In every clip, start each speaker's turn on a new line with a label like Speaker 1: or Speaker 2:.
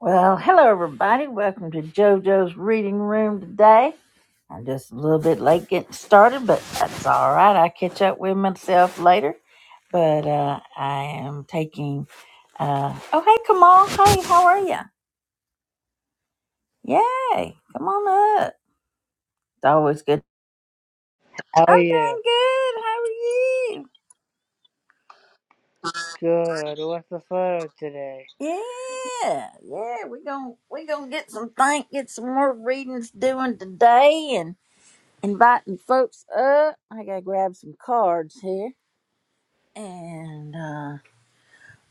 Speaker 1: Well, hello everybody. Welcome to JoJo's Reading Room today. I'm just a little bit late getting started, but that's all right. I'll catch up with myself later. But uh, I am taking. Uh, oh, hey, Kamal. Hey, how are you? Yay! Come on up. It's always good.
Speaker 2: How
Speaker 1: I'm
Speaker 2: are you?
Speaker 1: doing good. How are you?
Speaker 2: Good. What's the photo today?
Speaker 1: Yeah, yeah. We're going we're gonna get some think, get some more readings doing today, and inviting folks up. I gotta grab some cards here. And uh,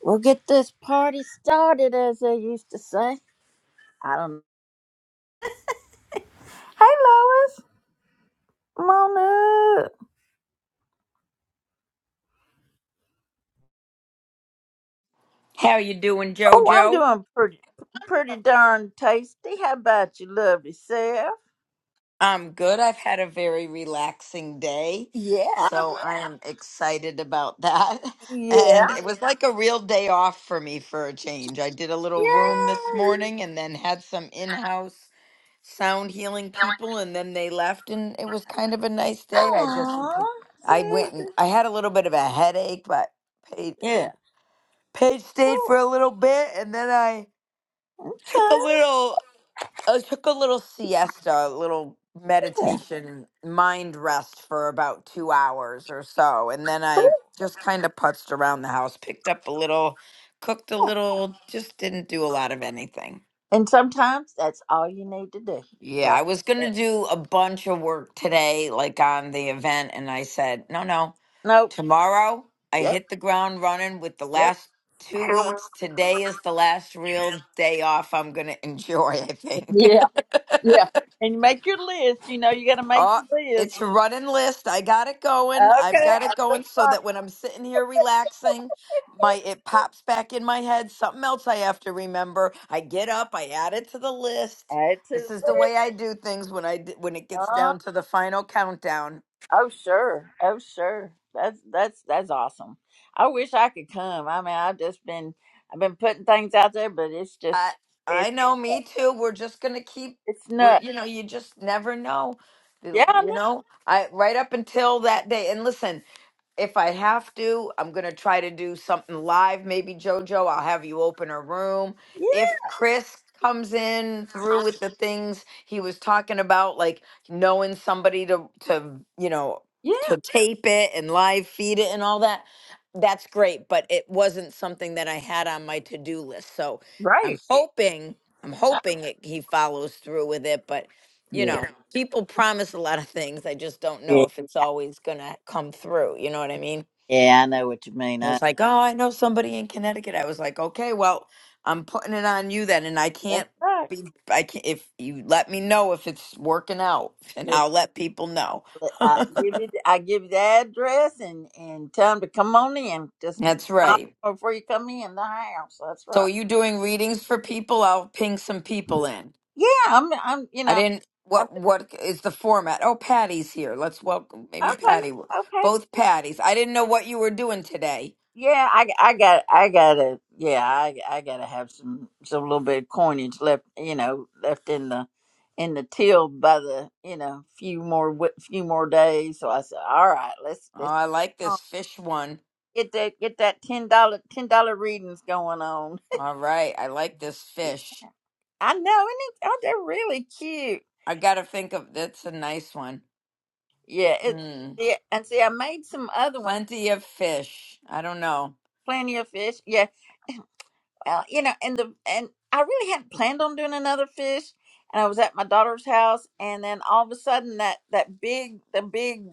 Speaker 1: we'll get this party started, as they used to say. I don't. Hey, Lois. Come on up.
Speaker 3: How you doing,
Speaker 1: Oh, I'm
Speaker 3: Jojo?
Speaker 1: doing pretty, pretty darn tasty. How about you, lovely self?
Speaker 3: I'm good. I've had a very relaxing day,
Speaker 1: Yeah.
Speaker 3: so I am excited about that.
Speaker 1: Yeah.
Speaker 3: And it was like a real day off for me for a change. I did a
Speaker 1: Yay.
Speaker 3: little room this morning and then had some in-house sound healing people and then they left and it was kind of a nice day. I just
Speaker 1: Aww.
Speaker 3: I
Speaker 1: See?
Speaker 3: went and I had a little bit of a headache, but Paige,
Speaker 1: Yeah.
Speaker 3: Paige stayed
Speaker 1: Cool.
Speaker 3: for a little bit and then I took a
Speaker 1: Okay.
Speaker 3: little I took a little siesta, a little meditation, mind rest for about two hours or so. And then I just kind of putzed around the house, picked up a little, cooked a little, just didn't do a lot of anything.
Speaker 1: And sometimes that's all you need to do.
Speaker 3: Yeah,
Speaker 1: So,
Speaker 3: I was going
Speaker 1: yeah.
Speaker 3: to do a bunch of work today, like on the event. And I said, no, no,
Speaker 1: Nope.
Speaker 3: tomorrow I
Speaker 1: Yep.
Speaker 3: hit the ground running with the
Speaker 1: Yep.
Speaker 3: last two weeks. Today is the last real day off I'm going to enjoy, I think.
Speaker 1: Yeah. Yeah. And you make your list. You know, you got to make
Speaker 3: Oh,
Speaker 1: your list.
Speaker 3: it's a running list. I got it going. I've
Speaker 1: Okay.
Speaker 3: got
Speaker 1: Add
Speaker 3: it
Speaker 1: to the
Speaker 3: going so that when I'm sitting here relaxing, my it pops back in my head. Something else I have to remember. I get up. I add it to the list.
Speaker 1: Add
Speaker 3: This
Speaker 1: to
Speaker 3: is
Speaker 1: the
Speaker 3: the
Speaker 1: list.
Speaker 3: way I do things when I d- when it gets
Speaker 1: Uh,
Speaker 3: down to the final countdown.
Speaker 1: oh, sure. Oh, sure. That's that's that's awesome. I wish I could come. I mean, I've just been I've been putting things out there, but it's just
Speaker 3: I I
Speaker 1: it's
Speaker 3: know. Me too. We're just gonna keep.
Speaker 1: it's
Speaker 3: We're,
Speaker 1: nuts.
Speaker 3: you know, you just never know.
Speaker 1: Yeah,
Speaker 3: You
Speaker 1: I
Speaker 3: you
Speaker 1: know.
Speaker 3: know, I right up until that day. And listen, if I have to, I'm gonna try to do something live. Maybe JoJo, I'll have you open a room.
Speaker 1: Yeah,
Speaker 3: If Chris comes in through with the things he was talking about, like knowing somebody to to you know
Speaker 1: yeah,
Speaker 3: to tape it and live feed it and all that, that's great. But it wasn't something that I had on my to do list. So I'm
Speaker 1: right.
Speaker 3: hoping I'm hoping it, he follows through with it. But you know
Speaker 1: Yeah,
Speaker 3: people promise a lot of things. I just don't know
Speaker 1: yeah,
Speaker 3: if it's always going to come through. You know what I mean?
Speaker 1: yeah, I know what you mean.
Speaker 3: He
Speaker 1: I,
Speaker 3: was like, Oh, I know somebody in Connecticut. I was like, Okay, well, I'm putting it on you then. And I
Speaker 1: that's
Speaker 3: can't
Speaker 1: right.
Speaker 3: be, I can't, if you let me know if it's working out, and I'll let people know.
Speaker 1: But I give you, I give you the address and and tell them to come on in. Just
Speaker 3: That's
Speaker 1: knock
Speaker 3: right.
Speaker 1: before you come in the house. That's
Speaker 3: So
Speaker 1: right.
Speaker 3: are you doing readings for people? I'll ping some people in.
Speaker 1: Yeah, I'm. I'm. You
Speaker 3: I
Speaker 1: know.
Speaker 3: didn't.
Speaker 1: I'm,
Speaker 3: What what is the format? Oh, Patty's here. Let's welcome maybe
Speaker 1: okay.
Speaker 3: Patty. will-
Speaker 1: Okay.
Speaker 3: Both Patties. I didn't know what you were doing today.
Speaker 1: Yeah, I, I got I gotta yeah I I gotta have some some little bit of coinage left you know left in the in the till by the you know few more wi- few more days so I said all right let's
Speaker 3: Oh,
Speaker 1: let's
Speaker 3: I like
Speaker 1: um,
Speaker 3: this fish one.
Speaker 1: get that get that ten dollar ten dollar readings going on
Speaker 3: All right, I like this fish.
Speaker 1: I know, and it, oh, they're really cute.
Speaker 3: I gotta think of that's a nice one.
Speaker 1: Yeah, it,
Speaker 3: Hmm.
Speaker 1: yeah, and see, I made some other ones,
Speaker 3: Plenty of fish. I don't know.
Speaker 1: plenty of fish. Yeah, well, you know, and the and I really hadn't planned on doing another fish, and I was at my daughter's house, and then all of a sudden that that big the big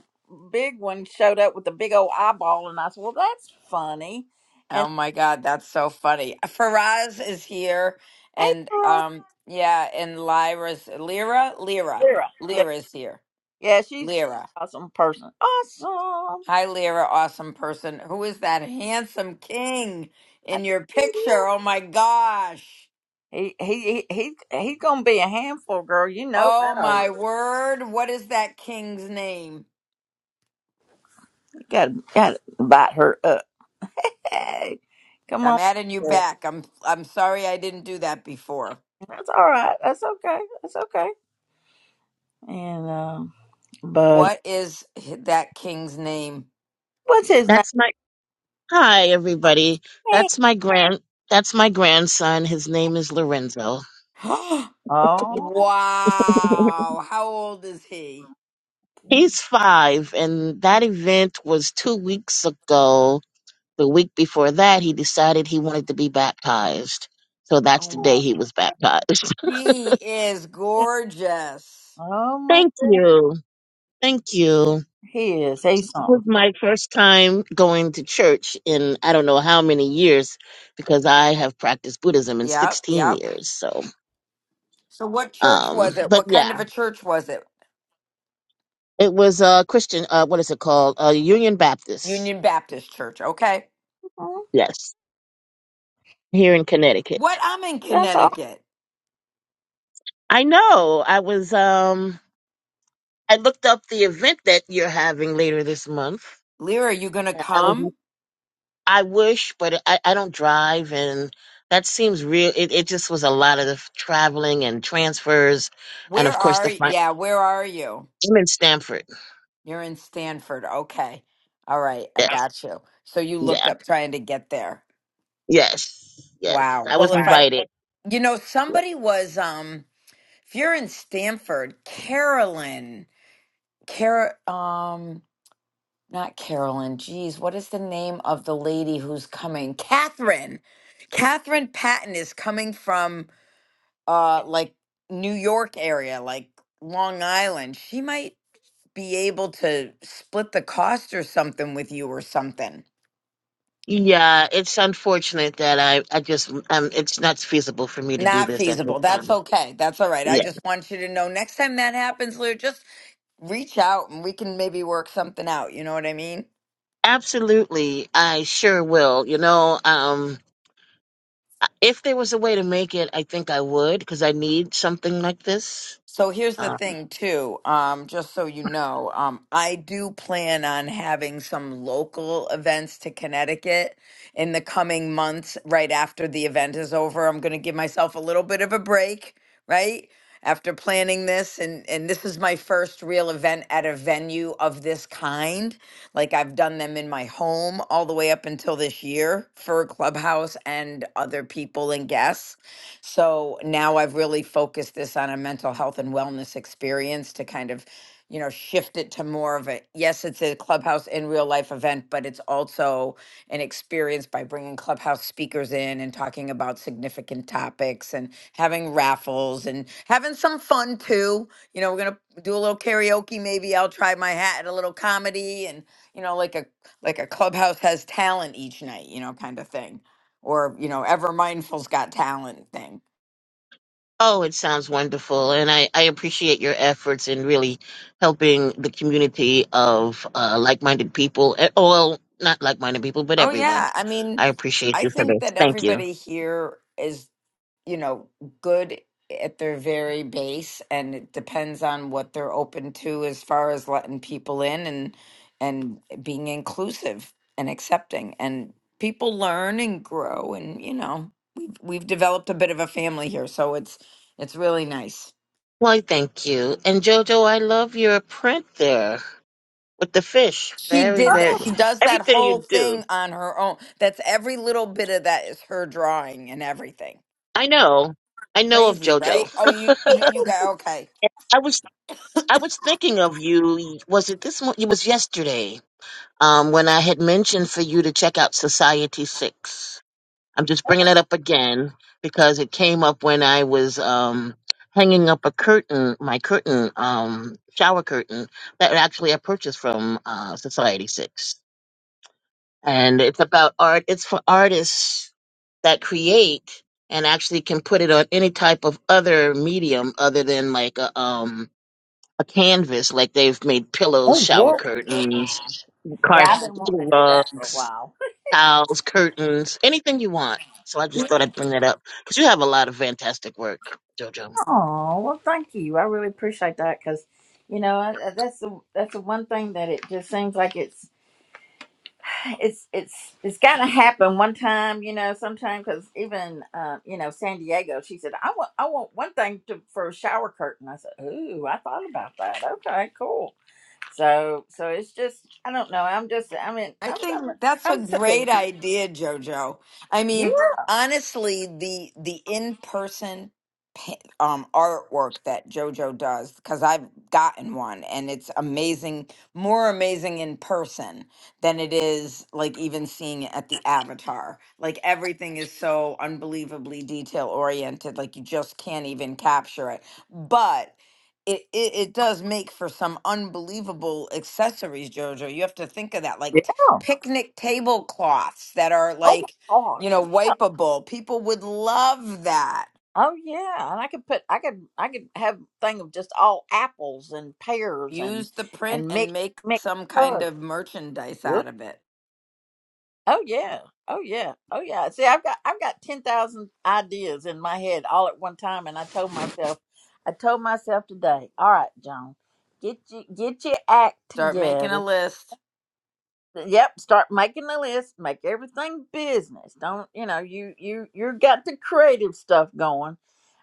Speaker 1: big one showed up with the big old eyeball, and I said, well, that's funny, and
Speaker 3: Oh my God, that's so funny. Uh, Faraz is here,
Speaker 1: hey,
Speaker 3: and
Speaker 1: Sarah,
Speaker 3: um, yeah, and Lyra's Lyra, Lyra,
Speaker 1: Sarah,
Speaker 3: Lyra is here.
Speaker 1: yeah, she's an
Speaker 3: Lyra,
Speaker 1: awesome person, awesome.
Speaker 3: hi, Lyra, awesome person. Who is that handsome king
Speaker 1: I,
Speaker 3: in your picture? Oh my gosh.
Speaker 1: He he he he he gonna be a handful, girl. You know
Speaker 3: Oh
Speaker 1: that
Speaker 3: my
Speaker 1: already.
Speaker 3: word, what is that king's name?
Speaker 1: You gotta gotta bite her up. Hey, come
Speaker 3: I'm
Speaker 1: on.
Speaker 3: adding you
Speaker 1: girl.
Speaker 3: back. I'm I'm sorry I didn't do that before.
Speaker 1: That's all right. That's okay. That's okay. And um, but
Speaker 3: What is that king's name?
Speaker 1: what's his name?
Speaker 4: That's my hi, everybody.
Speaker 1: Hey.
Speaker 4: That's my grand. That's my grandson. His name is Lorenzo.
Speaker 3: wow.
Speaker 1: Oh,
Speaker 3: How old is he?
Speaker 4: He's five, and that event was two weeks ago. The week before that, he decided he wanted to be baptized. So that's the day
Speaker 3: Um,
Speaker 4: he was baptized.
Speaker 3: he is gorgeous.
Speaker 1: oh my
Speaker 4: Thank
Speaker 1: goodness,
Speaker 4: you. Thank you.
Speaker 1: he is. He's
Speaker 4: It was
Speaker 1: something.
Speaker 4: my first time going to church in I don't know how many years because I have practiced Buddhism in
Speaker 3: Yep,
Speaker 4: 16
Speaker 3: yep.
Speaker 4: years. So,
Speaker 3: So what church was
Speaker 4: um,
Speaker 3: it?
Speaker 4: but
Speaker 3: What kind
Speaker 4: yeah.
Speaker 3: of a church was it?
Speaker 4: It was a Christian. Uh, what is it called? Uh, Union Baptist.
Speaker 3: Union Baptist Church. Okay.
Speaker 1: Mhm.
Speaker 4: Yes, here in
Speaker 3: What?
Speaker 4: Connecticut.
Speaker 3: I'm in
Speaker 1: That's all.
Speaker 3: Connecticut.
Speaker 4: I know. I was. Um, I looked up the event that you're having later this month.
Speaker 3: Lear, are you going to
Speaker 4: I I was.
Speaker 3: come?
Speaker 4: I wish, but I, I don't drive, and that seems real. It, it just was a lot of the f- traveling and transfers, and
Speaker 3: Where
Speaker 4: of course the.
Speaker 3: are
Speaker 4: Fin-
Speaker 3: Yeah, where are you?
Speaker 4: I'm in Stamford.
Speaker 3: You're in Stanford. Okay. All right. I
Speaker 4: Yes.
Speaker 3: got you. So you looked
Speaker 4: Yeah.
Speaker 3: up trying to get there.
Speaker 4: Yes. Yes.
Speaker 3: Wow.
Speaker 4: I was
Speaker 3: Well,
Speaker 4: Wow.
Speaker 3: if I,
Speaker 4: invited.
Speaker 3: you know, somebody was, um, if you're in Stanford, Carolyn, Car, um, not Carolyn. Geez, what is the name of the lady who's coming? Catherine. Catherine Patton is coming from, uh, like New York area, like Long Island. She might be able to split the cost or something with you or something.
Speaker 4: Yeah, it's unfortunate that I, I just, um, it's not feasible for me to do
Speaker 3: Not
Speaker 4: this at this
Speaker 3: feasible. That's
Speaker 4: time.
Speaker 3: okay. That's all right. I
Speaker 4: Yeah,
Speaker 3: just want you to know next time that happens, Lou, just reach out and we can maybe work something out. You know what I mean?
Speaker 4: absolutely. I sure will. You know, um, I- if there was a way to make it, I think I would because I need something like this.
Speaker 3: So here's the
Speaker 4: Uh,
Speaker 3: thing, too. Um, just so you know, um, I do plan on having some local events to Connecticut in the coming months. Right after the event is over, I'm going to give myself a little bit of a break. Right after planning this, and and this is my first real event at a venue of this kind. Like I've done them in my home all the way up until this year for Clubhouse and other people and guests. So now I've really focused this on a mental health and wellness experience to kind of, you know, shift it to more of a yes, it's a clubhouse in real life event, but it's also an experience by bringing clubhouse speakers in and talking about significant topics and having raffles and having some fun too. You know, we're going to do a little karaoke maybe. I'll try my hat at a little comedy and, you know, like a like a clubhouse has talent each night, you know, kind of thing. Or, you know, ever mindful's got talent thing
Speaker 4: oh, it sounds wonderful. And I, I appreciate your efforts in really helping the community of uh, like minded people. eh, Oh, well, not like minded people, but
Speaker 3: Oh,
Speaker 4: everyone.
Speaker 3: yeah. I mean,
Speaker 4: I appreciate
Speaker 3: I
Speaker 4: you for
Speaker 3: think
Speaker 4: this.
Speaker 3: that
Speaker 4: Thank you.
Speaker 3: everybody here is, you know, good at their very base, and it depends on what they're open to as far as letting people in and and being inclusive and accepting. And people learn and grow, and you know, we've we've developed a bit of a family here, so it's it's really nice.
Speaker 4: Why, thank you. And Jojo, I love your print there with the fish.
Speaker 3: She
Speaker 4: Very,
Speaker 3: did that.
Speaker 4: very
Speaker 3: She does that
Speaker 4: everything
Speaker 3: whole
Speaker 4: you
Speaker 3: thing
Speaker 4: do.
Speaker 3: on her own. That's every little bit of that is her drawing and everything.
Speaker 4: I know. I know of
Speaker 3: Crazy,
Speaker 4: Jojo.
Speaker 3: right? Oh, you you do- you got okay.
Speaker 4: I was I was thinking of you. Was it this morning? It was yesterday. Um, when I had mentioned for you to check out Society Six. I'm just bringing it up again because it came up when I was um hanging up a curtain, my curtain, um, shower curtain that actually I purchased from uh Society Six. and it's about art. It's for artists that create and actually can put it on any type of other medium other than like a um a canvas. Like they've made pillows,
Speaker 1: Oh
Speaker 4: shower
Speaker 1: yeah.
Speaker 4: curtains,
Speaker 1: Yeah, I've
Speaker 4: carpet,
Speaker 1: been wanting to do that for a
Speaker 4: rugs,
Speaker 1: while.
Speaker 4: towels, curtains, anything you want. So I just thought I'd bring that up because you have a lot of fantastic work, Jojo.
Speaker 1: Oh well, thank you. I really appreciate that because, you know, I, I- that's the that's the one thing that it just seems like it's it's it's it's gotta happen one time you know Sometimes because even uh, you know san diego she said i want i want one thing to, for a shower curtain i said ooh i thought about that okay cool so so it's just i don't know i'm just i mean
Speaker 3: I
Speaker 1: i'm
Speaker 3: think
Speaker 1: i'm,
Speaker 3: that's a
Speaker 1: I'm such a
Speaker 3: great
Speaker 1: weird
Speaker 3: idea, Jojo. I
Speaker 1: yeah
Speaker 3: mean, honestly, the the in person um, artwork that JoJo does because I've gotten one and it's amazing, more amazing in person than it is like even seeing it at the avatar. Like everything is so unbelievably detail oriented, like you just can't even capture it. But it, it, it does make for some unbelievable accessories, Jojo. You have to think of that, like
Speaker 1: yeah
Speaker 3: t- picnic tablecloths that are
Speaker 1: oh my
Speaker 3: like, you
Speaker 1: gosh
Speaker 3: know, wipeable. People would love that
Speaker 1: oh yeah and i could put i could i could have a thing of just all apples and pears and
Speaker 3: Use the print
Speaker 1: and mix
Speaker 3: and make
Speaker 1: mix
Speaker 3: some kind of merchandise out of it.
Speaker 1: Oh yeah. Oh yeah. Oh yeah. See, I've got I've got 10,000 ideas in my head all at one time and I told myself I told myself today, all right, Joan, get you get your act
Speaker 3: Start making a
Speaker 1: together.
Speaker 3: list.
Speaker 1: Yep, start making the list, make everything business. Don't, you know, you you you got the creative stuff going,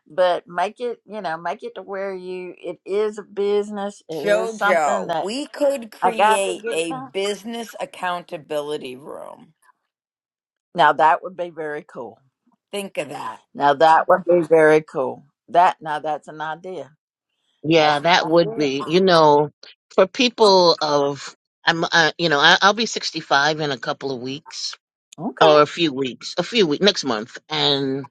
Speaker 1: but make it, you know, make it to where you it is a business. It is something
Speaker 3: Jojo,
Speaker 1: that
Speaker 3: we could
Speaker 1: I got to
Speaker 3: create
Speaker 1: get it
Speaker 3: a
Speaker 1: done.
Speaker 3: business accountability room.
Speaker 1: Now that would be very cool.
Speaker 3: Think of that.
Speaker 1: Now that would be very cool. That now that's an idea. That's
Speaker 4: Yeah, that
Speaker 1: an
Speaker 4: would
Speaker 1: idea.
Speaker 4: be you know for people of I'm uh, you know I, I'll be 65 in a couple of weeks
Speaker 1: Okay.
Speaker 4: or a few weeks, a few weeks next month, and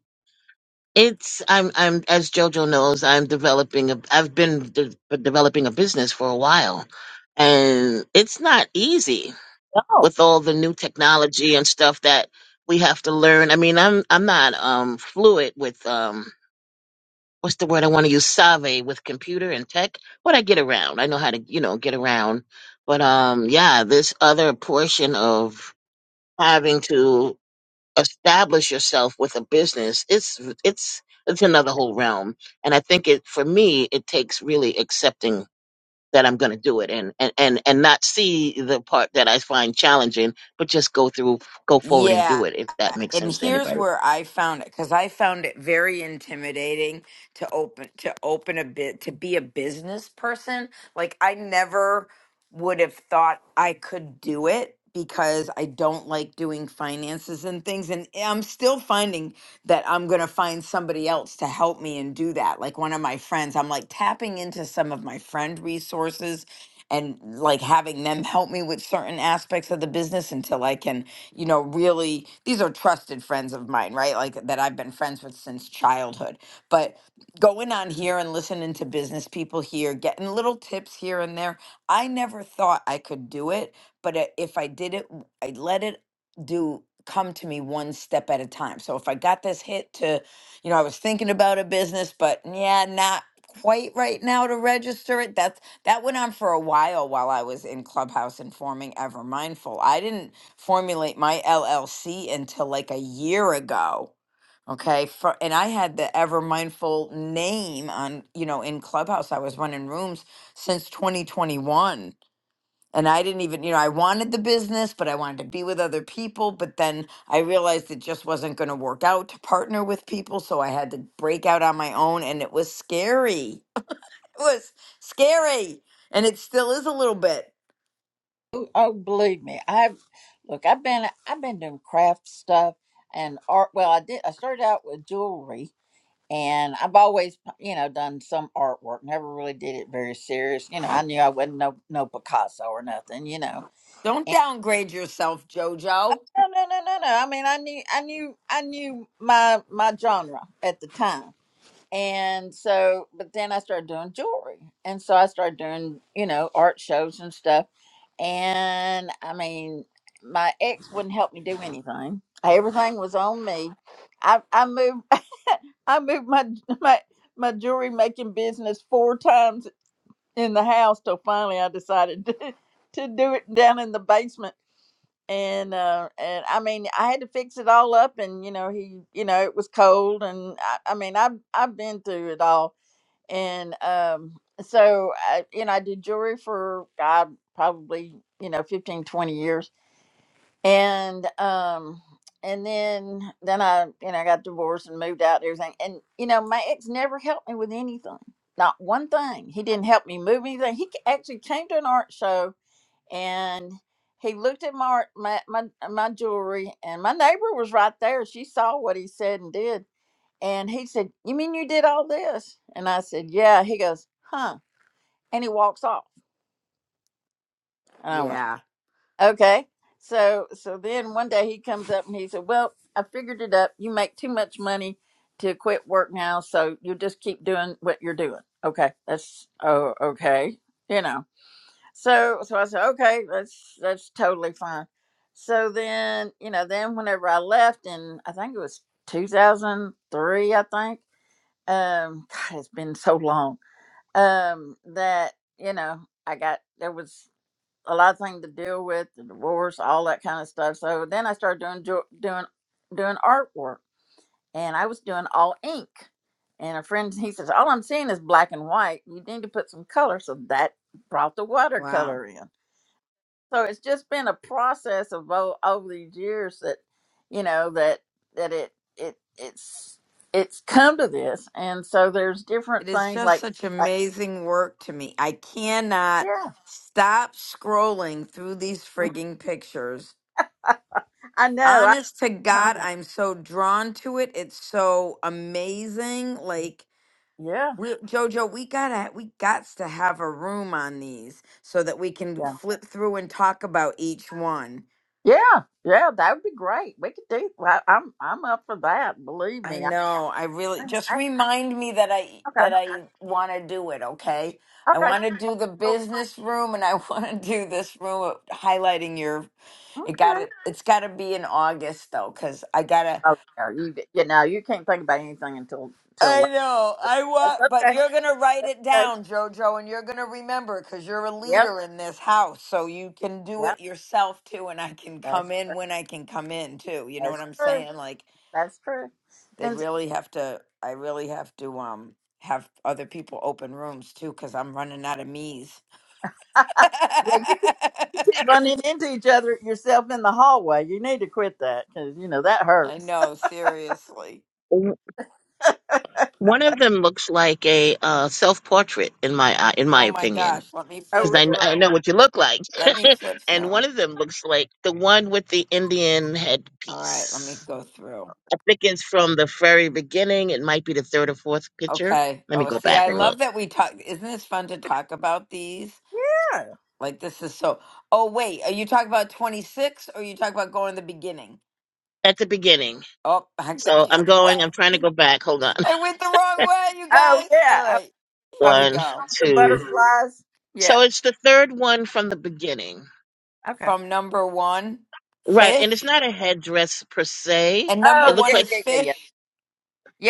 Speaker 4: it's I'm I'm as JoJo knows I'm developing a I've been de- developing a business for a while, and it's not easy
Speaker 1: No.
Speaker 4: with all the new technology and stuff that we have to learn. I mean I'm I'm not um fluid with um what's the word I want to use save with computer and tech, but I get around. I know how to you know get around, but um yeah this other portion of having to establish yourself with a business it's it's it's another whole realm and i think it for me it takes really accepting that i'm going to do it and, and and and not see the part that i find challenging but just go through go forward and do
Speaker 3: Yeah.
Speaker 4: it if that makes
Speaker 3: And
Speaker 4: sense to
Speaker 3: here's
Speaker 4: anybody
Speaker 3: where I found it because I found it very intimidating to open to open a bit to be a business person. Like I never would have thought I could do it because I don't like doing finances and things and I'm still finding that I'm going to find somebody else to help me and do that. Like one of my friends, I'm like tapping into some of my friend resources and like having them help me with certain aspects of the business until I can you know, really, these are trusted friends of mine, right? Like that I've been friends with since childhood. But going on here and listening to business people here, getting little tips here and there, I never thought I could do it. But i- if I did it, w- I let it do come to me one step at a time. So if I got this hit to, you know, I was thinking about a business, but yeah, not quite right now to register it. That's that went on for a while while I was in Clubhouse and forming Ever Mindful. I didn't formulate my LLC until like a year ago. Okay. For, and I had the ever mindful name on, you know, in Clubhouse. I was running rooms since 2021. And I didn't even, you know, I wanted the business, but I wanted to be with other people. But then I realized it just wasn't going to work out to partner with people. So I had to break out on my own. And it was scary. It was scary. And it still is a little bit.
Speaker 1: Oh, oh, believe me. I've look. I've been I've been doing craft stuff and art. Well, I did. I started out with jewelry, and I've always you know done some artwork. Never really did it very serious. You know, I knew I wasn't no no Picasso or nothing. You know.
Speaker 3: Don't
Speaker 1: And
Speaker 3: downgrade yourself, JoJo.
Speaker 1: no, no, no, no, no. I mean, I knew I knew I knew my my genre at the time. And so, but then I started doing jewelry. And so I started doing, you know, art shows and stuff. And I mean, my ex wouldn't help me do anything. Everything was on me. I, I moved I moved my my my jewelry making business four times in the house till finally I decided to, to do it down in the basement and uh and i mean i had to fix it all up and you know he you know it was cold and i, I mean i've i've been through it all and um so I, you know i did jewelry for god probably you know 15, 20 years and um and then then i you know I got divorced and moved out and everything and you know my ex never helped me with anything not one thing he didn't help me move anything he actually came to an art show and he looked at my my my, my jewelry and my neighbor was right there she saw what he said and did and he said you mean you did all this and i said yeah he goes huh and he walks off and i went
Speaker 3: Yeah.
Speaker 1: okay so so then one day he comes up and he said well i figured it up you make too much money to quit work now so you just keep doing what you're doing okay that's oh okay you know So so I said, okay, that's that's totally fine. So then, you know, then whenever I left in I think it was two thousand three, I think. Um God, it's been so long. Um that, you know, I got there was a lot of things to deal with, the divorce, all that kind of stuff. So then I started doing jo- doing doing artwork and I was doing all ink. And a friend he says, All I'm seeing is black and white. You need to put some color. So that brought the
Speaker 3: Wow.
Speaker 1: watercolor in so it's just been a process of o- over these years that you know that that it it it's it's come to this and so there's different
Speaker 3: It is
Speaker 1: things
Speaker 3: just
Speaker 1: like
Speaker 3: such
Speaker 1: uh,
Speaker 3: amazing work to me. I cannot
Speaker 1: yeah
Speaker 3: stop scrolling through these
Speaker 1: mm-hmm,
Speaker 3: frigging pictures.
Speaker 1: i know I,
Speaker 3: Honest to
Speaker 1: I'm
Speaker 3: God,
Speaker 1: a-
Speaker 3: I'm so drawn to it. It's so amazing. Like
Speaker 1: yeah
Speaker 3: we, Jojo, we gotta, we gots to have a room on these so that we can
Speaker 1: yeah
Speaker 3: flip through and talk about each one.
Speaker 1: yeah yeah that would be great we could do I, i'm i'm up for that believe
Speaker 3: I
Speaker 1: me I,
Speaker 3: know. I really just
Speaker 1: I,
Speaker 3: remind me that I that
Speaker 1: okay
Speaker 3: I want to do it, okay? I
Speaker 1: okay
Speaker 3: want to do the
Speaker 1: cool.
Speaker 3: business room and I want to do this room highlighting your it got
Speaker 1: okay
Speaker 3: to it's got to be in August though cuz I got to
Speaker 1: oh yeah you you know you can't think about anything until until
Speaker 3: I
Speaker 1: later.
Speaker 3: know. I
Speaker 1: that's
Speaker 3: want but
Speaker 1: okay
Speaker 3: you're going to write it
Speaker 1: okay
Speaker 3: down, Jojo, and you're going to remember cuz you're a
Speaker 1: yep
Speaker 3: leader in this house, so you can do
Speaker 1: yep
Speaker 3: it yourself too and I can
Speaker 1: that's
Speaker 3: come in
Speaker 1: true.
Speaker 3: when I can come in too. You know what
Speaker 1: that's
Speaker 3: I'm
Speaker 1: true
Speaker 3: saying? Like
Speaker 1: That's true.
Speaker 3: They
Speaker 1: And
Speaker 3: really have to, I really have to um have other people open rooms too, because I'm running out of me's.
Speaker 1: yeah, you keep, you keep
Speaker 3: I
Speaker 1: running into each other yourself in the hallway. You need to quit that because you know that hurts.
Speaker 3: know, seriously.
Speaker 4: W- one of them looks like a uh, self portrait in my eye- in my
Speaker 3: Oh my
Speaker 4: opinion
Speaker 3: gosh, let me
Speaker 1: Oh,
Speaker 3: flip
Speaker 4: because I, kn- I
Speaker 3: through.
Speaker 4: know what you look like
Speaker 3: Let me flip
Speaker 4: and one
Speaker 3: through. All
Speaker 4: of them looks like the one with the indian
Speaker 3: right, let
Speaker 4: headpiece
Speaker 3: me go through.
Speaker 4: I think it's from the very beginning. It might be the third or fourth picture.
Speaker 3: Okay.
Speaker 4: Let me
Speaker 3: Oh,
Speaker 4: go
Speaker 3: see,
Speaker 4: back
Speaker 3: I
Speaker 4: and look.
Speaker 3: love that we talk. Isn't this fun to talk about these?
Speaker 1: really?
Speaker 3: Like, this is so. Oh, wait, are you talking about 26 or you talking about going to the beginning?
Speaker 4: At the beginning.
Speaker 3: Oh, I went
Speaker 4: So
Speaker 3: the
Speaker 4: I'm
Speaker 3: other way.
Speaker 4: going, I'm trying to go back. Hold on.
Speaker 3: I went the wrong way, you
Speaker 1: oh
Speaker 3: guys.
Speaker 1: yeah.
Speaker 3: All
Speaker 1: I was
Speaker 3: right, here we
Speaker 1: talking
Speaker 4: One,
Speaker 3: go.
Speaker 1: about the
Speaker 4: two.
Speaker 1: butterflies. Yeah.
Speaker 4: So it's the third one from the beginning.
Speaker 1: Okay.
Speaker 3: From number one,
Speaker 4: Right. And
Speaker 3: fish,
Speaker 4: it's not a headdress per se.
Speaker 3: and number
Speaker 4: It
Speaker 1: Oh
Speaker 4: looks
Speaker 1: yeah,
Speaker 3: one
Speaker 4: like
Speaker 3: is
Speaker 1: yeah, yeah, yeah,
Speaker 3: fish.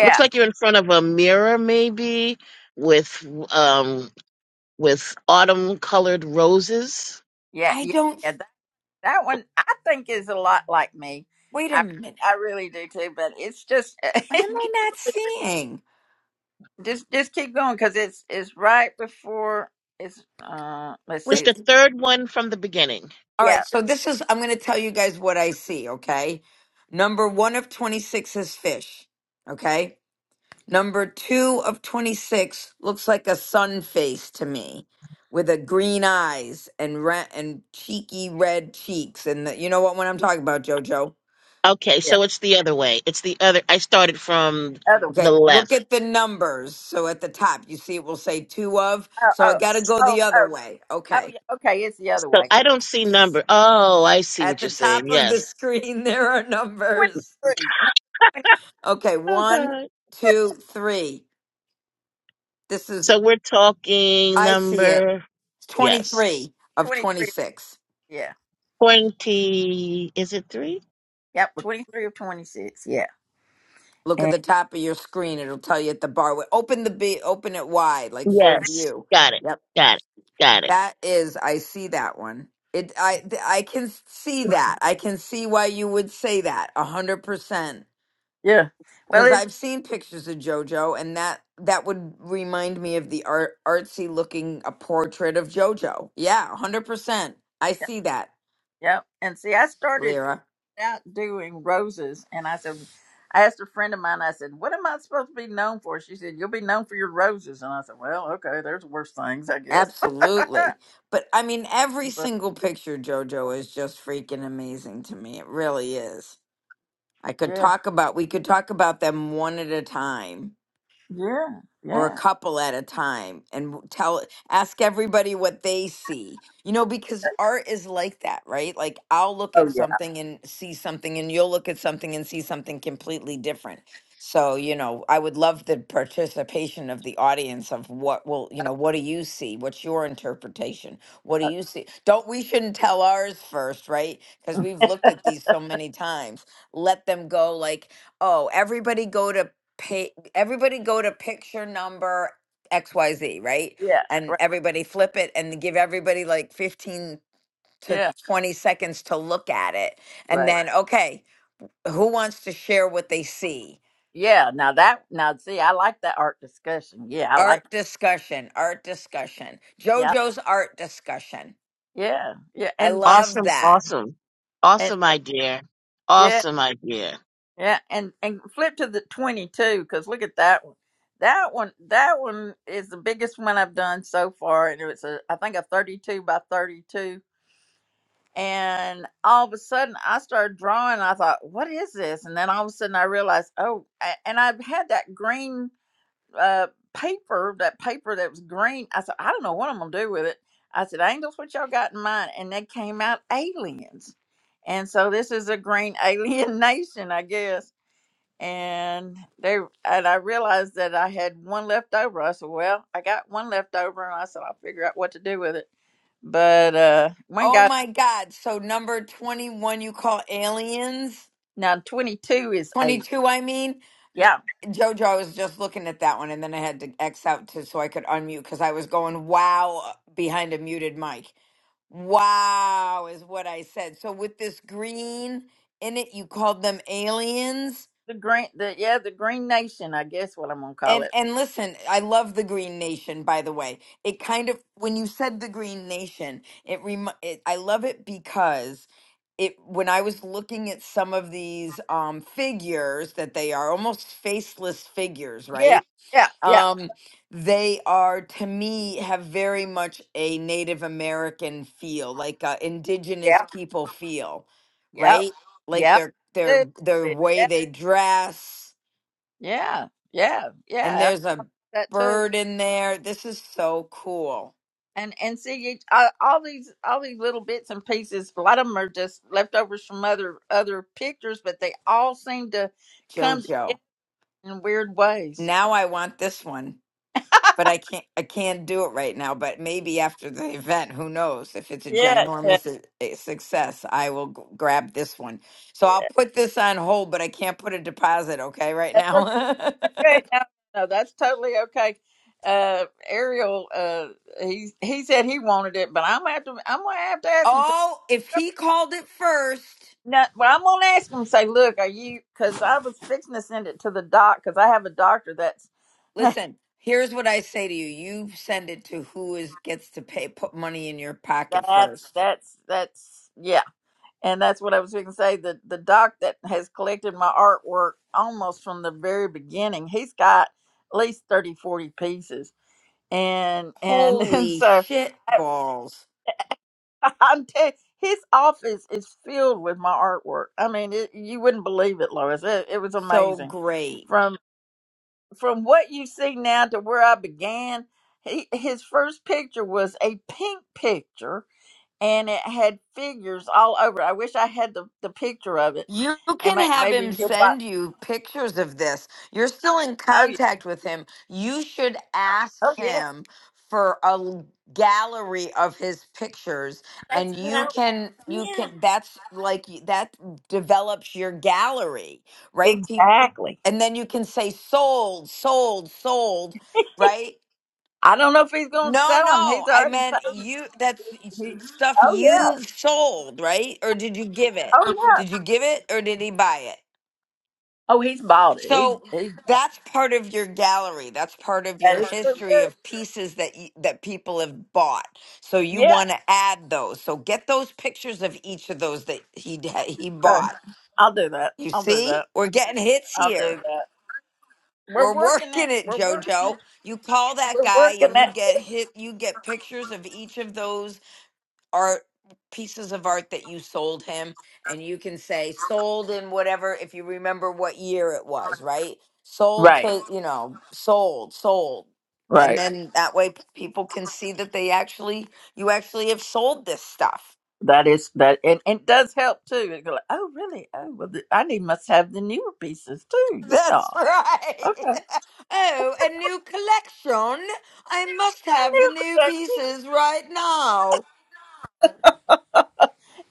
Speaker 4: looks like
Speaker 1: yeah,
Speaker 4: you're in front of a mirror maybe with um with autumn colored roses.
Speaker 1: yeah.
Speaker 3: I
Speaker 1: yeah.
Speaker 3: don't.
Speaker 1: That, that one I think is a lot like me.
Speaker 3: Wait a
Speaker 1: I
Speaker 3: minute.
Speaker 1: I really do too. But it's just
Speaker 3: What am I not seeing?
Speaker 1: just just keep going because it's it's right before it's uh let's
Speaker 4: It's
Speaker 3: Wait.
Speaker 1: see
Speaker 4: the third one from the beginning.
Speaker 3: All
Speaker 1: yeah
Speaker 3: right. So this is. I'm going to tell you guys what I see. Okay. Number one of twenty six is fish. Okay. Number two of twenty six looks like a sun face to me, with a green eyes and ra- and cheeky red cheeks. And the, you know what? When I'm talking about, Jojo.
Speaker 4: Okay,
Speaker 1: yeah
Speaker 4: so it's the other way. It's the other I started from
Speaker 1: other
Speaker 4: the
Speaker 3: Okay, look
Speaker 4: left.
Speaker 3: at the numbers. So at the top, you see it will say two of.
Speaker 1: oh
Speaker 3: So I
Speaker 1: oh
Speaker 3: got to go
Speaker 1: oh
Speaker 3: the other
Speaker 1: oh
Speaker 3: way.
Speaker 1: Oh
Speaker 3: Okay.
Speaker 1: yeah. Okay, it's the other
Speaker 4: So
Speaker 1: way.
Speaker 4: I
Speaker 1: 'cause
Speaker 4: don't see number. Oh, I see
Speaker 3: At
Speaker 4: what
Speaker 3: the
Speaker 4: you're saying.
Speaker 3: top of the
Speaker 4: Yes.
Speaker 3: screen, there are numbers.
Speaker 1: Twenty-three. No, 20,
Speaker 3: Okay,
Speaker 4: Oh
Speaker 1: no,
Speaker 3: one,
Speaker 4: God.
Speaker 3: two, three. This is,
Speaker 4: So we're talking
Speaker 3: I see it.
Speaker 4: number.
Speaker 3: It's
Speaker 4: Yes.
Speaker 3: 23 of
Speaker 1: twenty-three.
Speaker 3: 26.
Speaker 1: Yeah.
Speaker 4: Twenty. Is it three?
Speaker 1: Yep. Twenty-three of twenty-six. Yeah.
Speaker 3: Look at
Speaker 1: And
Speaker 3: the top of your screen. It'll tell you at the bar. Open the B, open it wide, like full
Speaker 4: Yes.
Speaker 3: view.
Speaker 4: Got it.
Speaker 3: Yep.
Speaker 4: Got it. Got it.
Speaker 3: That is, I see that one. It, I, th- I can see that. I can see why you would say that a hundred percent.
Speaker 1: yeah. Well,
Speaker 3: Because
Speaker 1: it's
Speaker 3: I've seen pictures of JoJo, and that that would remind me of the art, artsy looking a portrait of JoJo. Yeah, a hundred percent. I
Speaker 1: yep.
Speaker 3: see that,
Speaker 1: yep. And see, I started
Speaker 3: Lyra.
Speaker 1: out doing roses, and I said, I asked a friend of mine. I said, "What am I supposed to be known for?" She said, "You'll be known for your roses." And I said, "Well, okay. There's worse things, I guess."
Speaker 3: Absolutely. But I mean, every
Speaker 1: but
Speaker 3: single picture of JoJo is just freaking amazing to me. It really is. I could
Speaker 1: yeah.
Speaker 3: talk about. We could talk about them one at a time
Speaker 1: Yeah.
Speaker 3: or a
Speaker 1: Yeah.
Speaker 3: couple at a time and w- tell ask everybody what they see you know because art is like that right like i'll look at
Speaker 1: Oh yeah.
Speaker 3: something and see something and you'll look at something and see something completely different so you know i would love the participation of the audience of what will you know what do you see what's your interpretation what do
Speaker 1: Uh,
Speaker 3: you see don't we shouldn't tell ours first right because we've looked at these so many times let them go like oh everybody go to pay everybody go to picture number XYZ, right?
Speaker 1: yeah,
Speaker 3: And
Speaker 1: right.
Speaker 3: everybody flip it and give everybody like 15 to
Speaker 1: Yeah,
Speaker 3: 20 seconds to look at it. And
Speaker 1: right.
Speaker 3: then, okay, who wants to share what they see?
Speaker 1: Yeah. Now that now see, I like that art discussion. Yeah, I like.
Speaker 3: Art discussion, art discussion.
Speaker 1: Yeah,
Speaker 3: JoJo's art discussion.
Speaker 1: yeah, yeah,
Speaker 3: I
Speaker 1: and
Speaker 3: love
Speaker 4: Awesome.
Speaker 3: that.
Speaker 4: Awesome.
Speaker 1: and
Speaker 4: Awesome idea.
Speaker 1: yeah,
Speaker 4: Awesome idea.
Speaker 1: yeah, and and flip to the twenty-two because look at that one. That one, that one is the biggest one I've done so far, and it was a, I think a thirty-two by thirty-two. And all of a sudden, I started drawing. I thought, "What is this?" And then all of a sudden, I realized, "Oh!" a- And I've had that green uh, paper, that paper that was green. I said, I don't know what I'm gonna do with it. I said, Angels, what y'all got in mind? And they came out aliens. And so this is a green alien nation, I guess. And they and I realized that I had one left over. I said, Well, I got one left over and I said I'll figure out what to do with it. But uh one
Speaker 3: Oh
Speaker 1: guy
Speaker 3: my God. So, number 21, you call aliens?
Speaker 1: now twenty two is a
Speaker 3: 22, I mean.
Speaker 1: yeah.
Speaker 3: Th- Jojo, I was just looking at that one and then I had to X out to so I could unmute because I was going, wow, uh, behind a muted mic. Wow, is what I said. So with this green in it, you called them aliens.
Speaker 1: The green the yeah, the green nation, I guess what I'm gonna call
Speaker 3: And
Speaker 1: it.
Speaker 3: and listen, I love the Green Nation. By the way, it kind of when you said the Green Nation, it rem. It, I love it because it when I was looking at some of these um, figures that they are almost faceless figures,
Speaker 1: Yeah,
Speaker 3: right?
Speaker 1: yeah, yeah,
Speaker 3: Um, they are to me have very much a Native American feel, like a indigenous
Speaker 1: yeah.
Speaker 3: people feel,
Speaker 1: Yep.
Speaker 3: right? Like
Speaker 1: Yep.
Speaker 3: their their
Speaker 1: Too.
Speaker 3: their
Speaker 1: Yeah.
Speaker 3: way they dress
Speaker 1: Yeah. Yeah.
Speaker 3: and
Speaker 1: Yeah.
Speaker 3: there's a
Speaker 1: That too.
Speaker 3: bird in there. This is so cool,
Speaker 1: And and see you, uh, all these all these little bits and pieces. A lot of them are just leftovers from other other pictures, but they all seem to come
Speaker 3: Jojo.
Speaker 1: together in weird ways.
Speaker 3: Now I want this one, but I can't. I can't do it right now. But maybe after the event, who knows? If it's a
Speaker 1: Yeah. Yeah.
Speaker 3: ginormous uh, uh, success, I will g- grab this one. So
Speaker 1: yeah.
Speaker 3: I'll put this on hold, but I can't put a deposit. Okay, right
Speaker 1: That's
Speaker 3: now.
Speaker 1: okay. No, no, that's totally okay. Uh, Ariel, uh, he he said he wanted it, but I'm gonna have to I'm gonna have to ask him
Speaker 3: oh, if he called it first,
Speaker 1: No, well, I'm gonna ask him. Say, look, are you? Because I was fixing to send it to the doc because I have a doctor that's
Speaker 3: listen. Here's what I say to you: You send it to who is gets to pay, put money in your pocket
Speaker 1: that's
Speaker 3: first.
Speaker 1: that's that's yeah, and that's what I was going to say. The the doc that has collected my artwork almost from the very beginning. He's got at least 30, 40 pieces, and and and
Speaker 3: Holy
Speaker 1: so
Speaker 3: shit
Speaker 1: I,
Speaker 3: balls.
Speaker 1: I'm t- his office is filled with my artwork. I mean, it, you wouldn't believe it, Lois. It, it was
Speaker 3: So
Speaker 1: amazing
Speaker 3: great.
Speaker 1: from. from what you see now to where I began, he, his first picture was a pink picture and it had figures all over. I wish I had the, the picture of it
Speaker 3: You
Speaker 1: and
Speaker 3: can
Speaker 1: may,
Speaker 3: have
Speaker 1: maybe
Speaker 3: him
Speaker 1: he'll buy.
Speaker 3: send you pictures of this. You're still in
Speaker 1: Oh, yeah.
Speaker 3: contact with him. You should ask
Speaker 1: Oh, yeah.
Speaker 3: him for a l- gallery of his pictures
Speaker 1: That's
Speaker 3: and
Speaker 1: what
Speaker 3: you
Speaker 1: I.
Speaker 3: can you can
Speaker 1: Yeah.
Speaker 3: that's like y- that develops your gallery, right? Peop-
Speaker 1: Exactly.
Speaker 3: And then you can say sold, sold, sold, right?
Speaker 1: I don't know if he's going to
Speaker 3: No,
Speaker 1: sell them. He's
Speaker 3: no. I
Speaker 1: already
Speaker 3: meant
Speaker 1: paid.
Speaker 3: you. That's s-
Speaker 1: He,
Speaker 3: stuff
Speaker 1: oh, yeah.
Speaker 3: you've sold, right? Or did you give it?
Speaker 1: Oh, yeah.
Speaker 3: Did you give it or did he buy it?
Speaker 1: Oh, he's bought it. He's,
Speaker 3: So
Speaker 1: he's,
Speaker 3: that's part of your gallery. That's part of
Speaker 1: that
Speaker 3: your
Speaker 1: is for
Speaker 3: history
Speaker 1: sure.
Speaker 3: of pieces that you, that people have bought. So you
Speaker 1: Yeah.
Speaker 3: want to add those. So get those pictures of each of those that he d- he
Speaker 1: Okay.
Speaker 3: bought.
Speaker 1: I'll do that.
Speaker 3: You
Speaker 1: I'll do
Speaker 3: see?
Speaker 1: that.
Speaker 3: We're getting hits
Speaker 1: I'll
Speaker 3: here.
Speaker 1: do that. We're
Speaker 3: We're
Speaker 1: working it.
Speaker 3: working it,
Speaker 1: We're working.
Speaker 3: Jojo. You call that
Speaker 1: we're
Speaker 3: guy
Speaker 1: working
Speaker 3: and you
Speaker 1: that.
Speaker 3: get hit you get pictures of each of those art pieces of art that you sold him and you can say sold in whatever if you remember what year it was right sold
Speaker 1: Right,
Speaker 3: to you know sold sold and
Speaker 1: right.
Speaker 3: then that way p- people can see that they actually you actually have sold this stuff
Speaker 1: That is that, and, and it does help too. It go like, oh, really? Oh, well, the, I need must have the newer pieces too. Yeah.
Speaker 3: that's right
Speaker 1: Okay.
Speaker 3: oh a new collection i must have the
Speaker 1: New
Speaker 3: new
Speaker 1: collection.
Speaker 3: pieces right now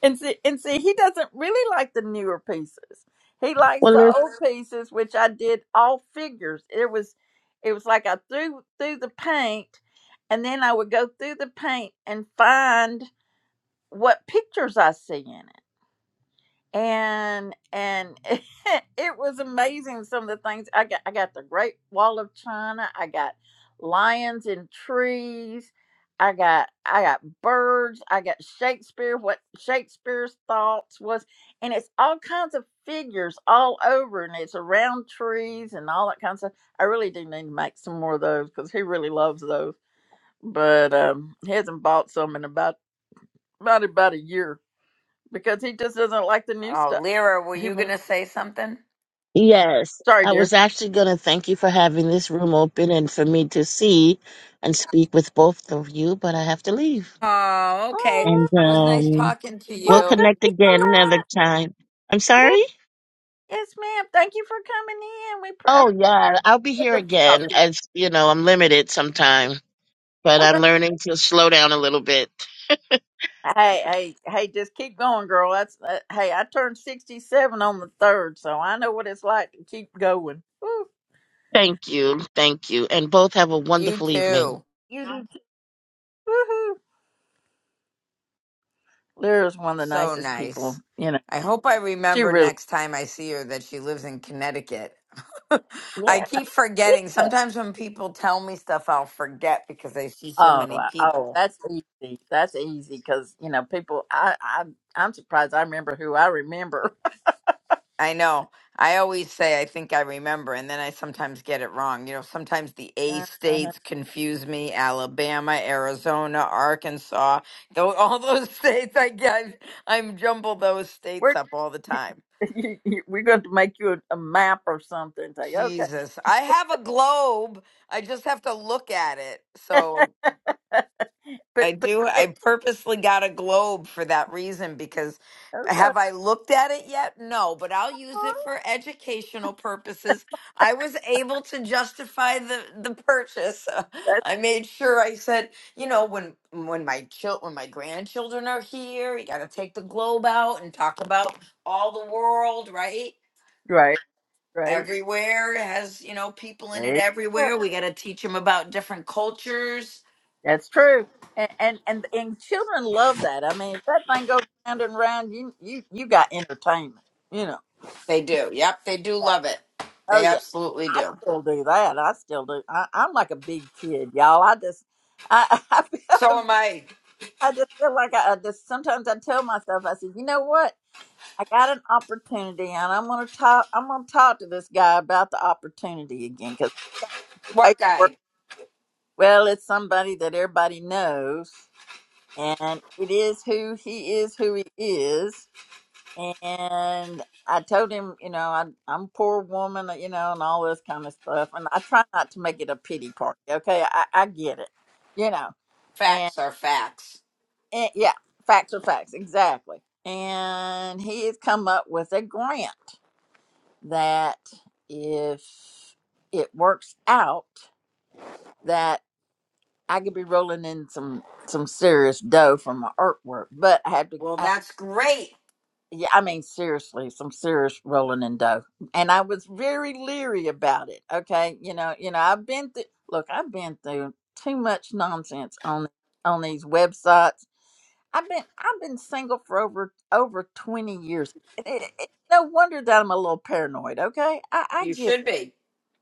Speaker 1: And see, and see, he doesn't really like the newer pieces. He likes
Speaker 4: Well,
Speaker 1: the
Speaker 4: let
Speaker 1: old pieces, which I did all figures. It was, it was like I threw through the paint, and then I would go through the paint and find what pictures I see in it. and and it was amazing some of the things i got i got the great wall of china i got lions in trees i got i got birds i got shakespeare what shakespeare's thoughts was and it's all kinds of figures all over and it's around trees and all that kind of stuff i really do need to make some more of those because he really loves those but um he hasn't bought some in about about about a year because he just doesn't like the new
Speaker 3: oh
Speaker 1: stuff
Speaker 3: lyra were
Speaker 1: he
Speaker 3: you
Speaker 1: wants
Speaker 3: gonna say something
Speaker 4: yes.
Speaker 1: Sorry,
Speaker 4: I was
Speaker 1: dear.
Speaker 4: actually going to thank you for having this room open and for me to see and speak with both of you, but I have to leave.
Speaker 3: oh okay
Speaker 1: Oh,
Speaker 4: And
Speaker 3: It was nice
Speaker 4: um,
Speaker 3: talking to
Speaker 1: well,
Speaker 4: we'll
Speaker 3: you
Speaker 1: thank
Speaker 4: connect
Speaker 1: you so
Speaker 4: again another
Speaker 1: much.
Speaker 4: time. I'm
Speaker 1: Yes,
Speaker 4: sorry?
Speaker 1: yes, ma'am. Thank you for coming in. We pr-
Speaker 4: Oh, yeah. I'll be here
Speaker 1: I-
Speaker 4: again. As you know, I'm limited sometime, but
Speaker 1: oh,
Speaker 4: I'm
Speaker 1: that-
Speaker 4: learning to slow down a little bit.
Speaker 1: hey,
Speaker 4: And
Speaker 1: hey, hey, just keep going, girl. That's uh, hey, I turned sixty-seven on the third, so I know what it's like to keep going. Woo,
Speaker 4: thank you. Thank you. And both have a
Speaker 3: You
Speaker 4: wonderful evening.
Speaker 3: too.
Speaker 1: you do. too. Woohoo! Lyra's one of the
Speaker 3: So
Speaker 1: nicest people.
Speaker 3: nice.
Speaker 1: You know,
Speaker 3: I hope I
Speaker 1: she
Speaker 3: remember
Speaker 1: really.
Speaker 3: next time I see her that she lives in Connecticut. I
Speaker 1: Yeah.
Speaker 3: keep forgetting.
Speaker 1: yeah.
Speaker 3: Sometimes when people tell me stuff, I'll forget because I see so
Speaker 1: Oh,
Speaker 3: many
Speaker 1: wow. oh,
Speaker 3: people.
Speaker 1: that's easy. That's easy because you know people. I, I, I'm surprised. I remember who I remember.
Speaker 3: I know. I always say I think I remember, and then I sometimes get it wrong. You know, sometimes the A
Speaker 1: Uh-huh.
Speaker 3: states confuse me Alabama, Arizona, Arkansas. Though all those states, I get, I'm jumble those states up all the time.
Speaker 1: You- you- We're going to make you a, a map or something. Say, okay,
Speaker 3: Jesus. I have a globe. I just have to look at it. So
Speaker 1: but
Speaker 3: I
Speaker 1: but
Speaker 3: do
Speaker 1: yeah,
Speaker 3: I purposely got a globe for that reason because
Speaker 1: okay,
Speaker 3: have I looked at it yet? No, but I'll use it for educational purposes. I was able to justify the the purchase.
Speaker 1: that's
Speaker 3: I made sure I said, you know, when when my chil- when my grandchildren are here, you got to take the globe out and talk about all the world, right?
Speaker 1: right, right.
Speaker 3: everywhere. It has, you know, people in it
Speaker 1: There you go.
Speaker 3: everywhere. We got to teach them about different cultures.
Speaker 1: That's true. And, and and and children love that. I mean, if that thing goes round and round, you you you got entertainment. You know.
Speaker 3: They do. Yep, they do
Speaker 1: Yeah.
Speaker 3: love it.
Speaker 1: Oh
Speaker 3: They
Speaker 1: yeah,
Speaker 3: absolutely
Speaker 1: I
Speaker 3: do.
Speaker 1: still do that. I still do. I, I'm like a big kid, y'all. I just I I, feel,
Speaker 3: So am I.
Speaker 1: I just feel like I, I just sometimes I tell myself I said, you know what? I got an opportunity, and I'm gonna talk. I'm gonna talk to this guy about the opportunity again because
Speaker 3: What
Speaker 1: paperwork.
Speaker 3: guy?
Speaker 1: Well, it's somebody that everybody knows, and it is who he is, who he is. And I told him, you know, I, I'm a poor woman, you know, and all this kind of stuff. And I try not to make it a pity party. Okay, I, I get it, you know. And,
Speaker 3: Facts are facts.
Speaker 1: and yeah, facts are facts, exactly. And he has come up with a grant that if it works out that I could be rolling in some some serious dough from my artwork, but I had to.
Speaker 3: Well,
Speaker 1: I,
Speaker 3: that's great.
Speaker 1: yeah, I mean seriously, some serious rolling in dough, and I was very leery about it. Okay, you know, you know, I've been through. Look, I've been through too much nonsense on on these websites. I've been I've been single for over over twenty years. It- it- it- no wonder that I'm a little paranoid. Okay, I, I
Speaker 3: You
Speaker 1: get.
Speaker 3: should be.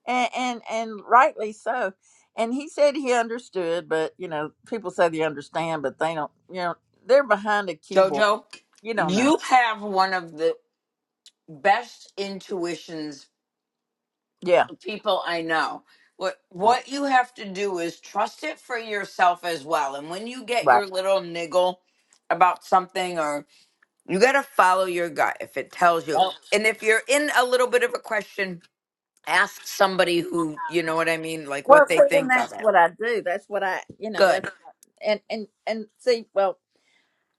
Speaker 1: and and, and rightly so. And he said he understood, but you know, people say they understand, but they don't. You know, they're behind a keyboard.
Speaker 3: Jojo,
Speaker 1: You don't know.
Speaker 3: you have one of the best intuitions
Speaker 1: Yeah,
Speaker 3: for people I know. What
Speaker 1: right.
Speaker 3: what you have to do is trust it for yourself as well. And when you get
Speaker 1: right.
Speaker 3: your little niggle about something or. You got to follow your gut if it tells you.
Speaker 1: Yep.
Speaker 3: And if you're in a little bit of a question, ask somebody who, you know what I mean, like what
Speaker 1: Well,
Speaker 3: they
Speaker 1: see, and
Speaker 3: think of
Speaker 1: that's
Speaker 3: it.
Speaker 1: what I do. That's what I, you know,
Speaker 3: Good.
Speaker 1: that's and and and see, well,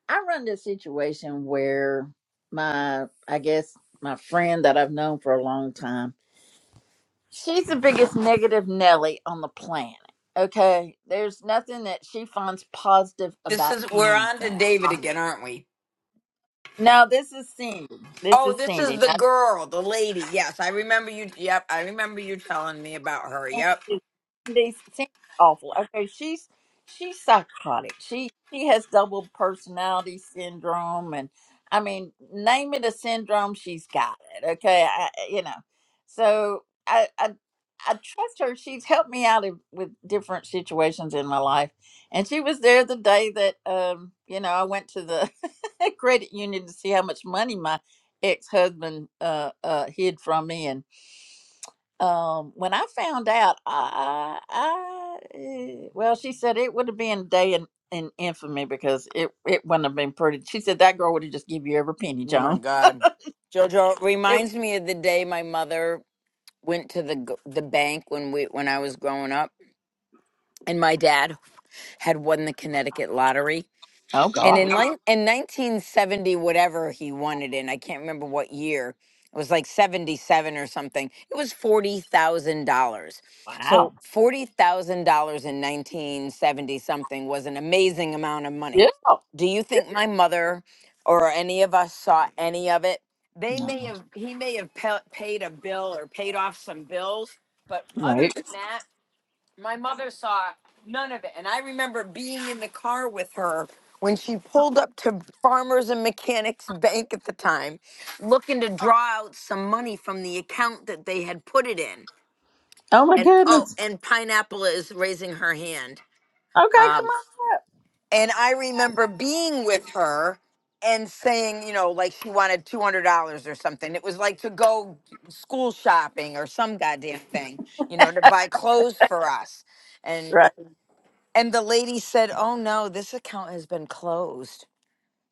Speaker 1: I run this situation where my, I guess, my friend that I've known for a long time, she's the biggest negative Nelly on the planet. Okay, there's nothing that she finds positive
Speaker 3: This
Speaker 1: about
Speaker 3: is, we're on to
Speaker 1: anything
Speaker 3: David again, aren't we?
Speaker 1: No, this is Cindy. This
Speaker 3: Oh,
Speaker 1: is
Speaker 3: this is
Speaker 1: Cindy. Now
Speaker 3: the girl, the lady. Yes, I remember you. Yep, I remember you telling me about her. Yep.
Speaker 1: Sandy's, Sandy's awful. Okay, she's she's psychotic. She she has double personality syndrome, and I mean, name it a syndrome, she's got it. Okay, I, I- you know, so I, I I trust her. She's helped me out in, with different situations in my life, and she was there the day that um you know I went to the credit union to see how much money my ex husband uh uh hid from me, um when i found out i i eh, well she said it would have been a day in, in infamy because it it wouldn't have been pretty she said that girl would have just give you every penny
Speaker 3: Oh my
Speaker 1: joan
Speaker 3: God. Jojo it
Speaker 1: it,
Speaker 3: reminds me of the day my mother went to the g- the bank when we when I was growing up, and my dad had won the Connecticut lottery
Speaker 1: oh
Speaker 3: And
Speaker 1: god
Speaker 3: in line, in 1970, whatever he won it in, I can't remember what year. It was like 77 or something. It was forty thousand dollars.
Speaker 1: wow
Speaker 3: So forty thousand dollars in 1970 something was an amazing amount of money.
Speaker 1: yeah
Speaker 3: Do you think my mother or any of us saw any of it? They
Speaker 1: no,
Speaker 3: may have. He may have pa- paid a bill or paid off some bills, but other
Speaker 1: right
Speaker 3: than that. My mother saw none of it. And I remember being in the car with her when she pulled up to Farmers and Mechanics Bank at the time, looking to draw out some money from the account that they had put it in.
Speaker 1: oh my
Speaker 3: And oh,
Speaker 1: goodness
Speaker 3: and Pineapple is raising her hand.
Speaker 1: okay come
Speaker 3: Um,
Speaker 1: on
Speaker 3: and I remember being with her and saying, you know, like she wanted $200 or something. It was like to go school shopping or some goddamn thing, you know, to buy clothes for us
Speaker 1: right
Speaker 3: and the lady said, Oh no, this account has been closed.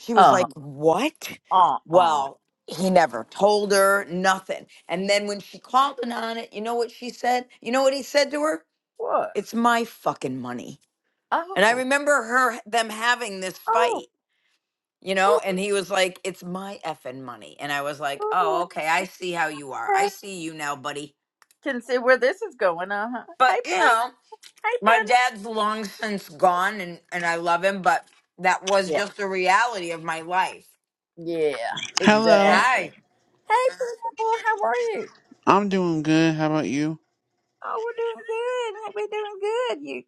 Speaker 3: She was
Speaker 1: uh
Speaker 3: like, What?
Speaker 1: uh uh
Speaker 3: Well, he never told her nothing. And then when she called in on it, you know what she said? You know what he said to her?
Speaker 1: what
Speaker 3: It's my fucking money. And I
Speaker 1: oh
Speaker 3: remember her them having this
Speaker 1: oh
Speaker 3: fight, you know, and he was like, It's my effing money. And I was like,
Speaker 1: oh,
Speaker 3: Oh, okay, I see how you are. I
Speaker 1: okay
Speaker 3: see you now, buddy.
Speaker 1: can see where this is going uh-huh hey
Speaker 3: But you
Speaker 1: pun-
Speaker 3: know.
Speaker 1: hey
Speaker 3: my
Speaker 1: pun
Speaker 3: dad's long since gone and, and I love him, but that was
Speaker 1: yeah
Speaker 3: just a reality of my life.
Speaker 1: yeah
Speaker 5: Hello,
Speaker 1: exactly
Speaker 3: Hi.
Speaker 1: hey Pineapple, how are you
Speaker 5: I'm doing good. How about you?
Speaker 1: Oh, we're doing good. Hey, We're doing good. You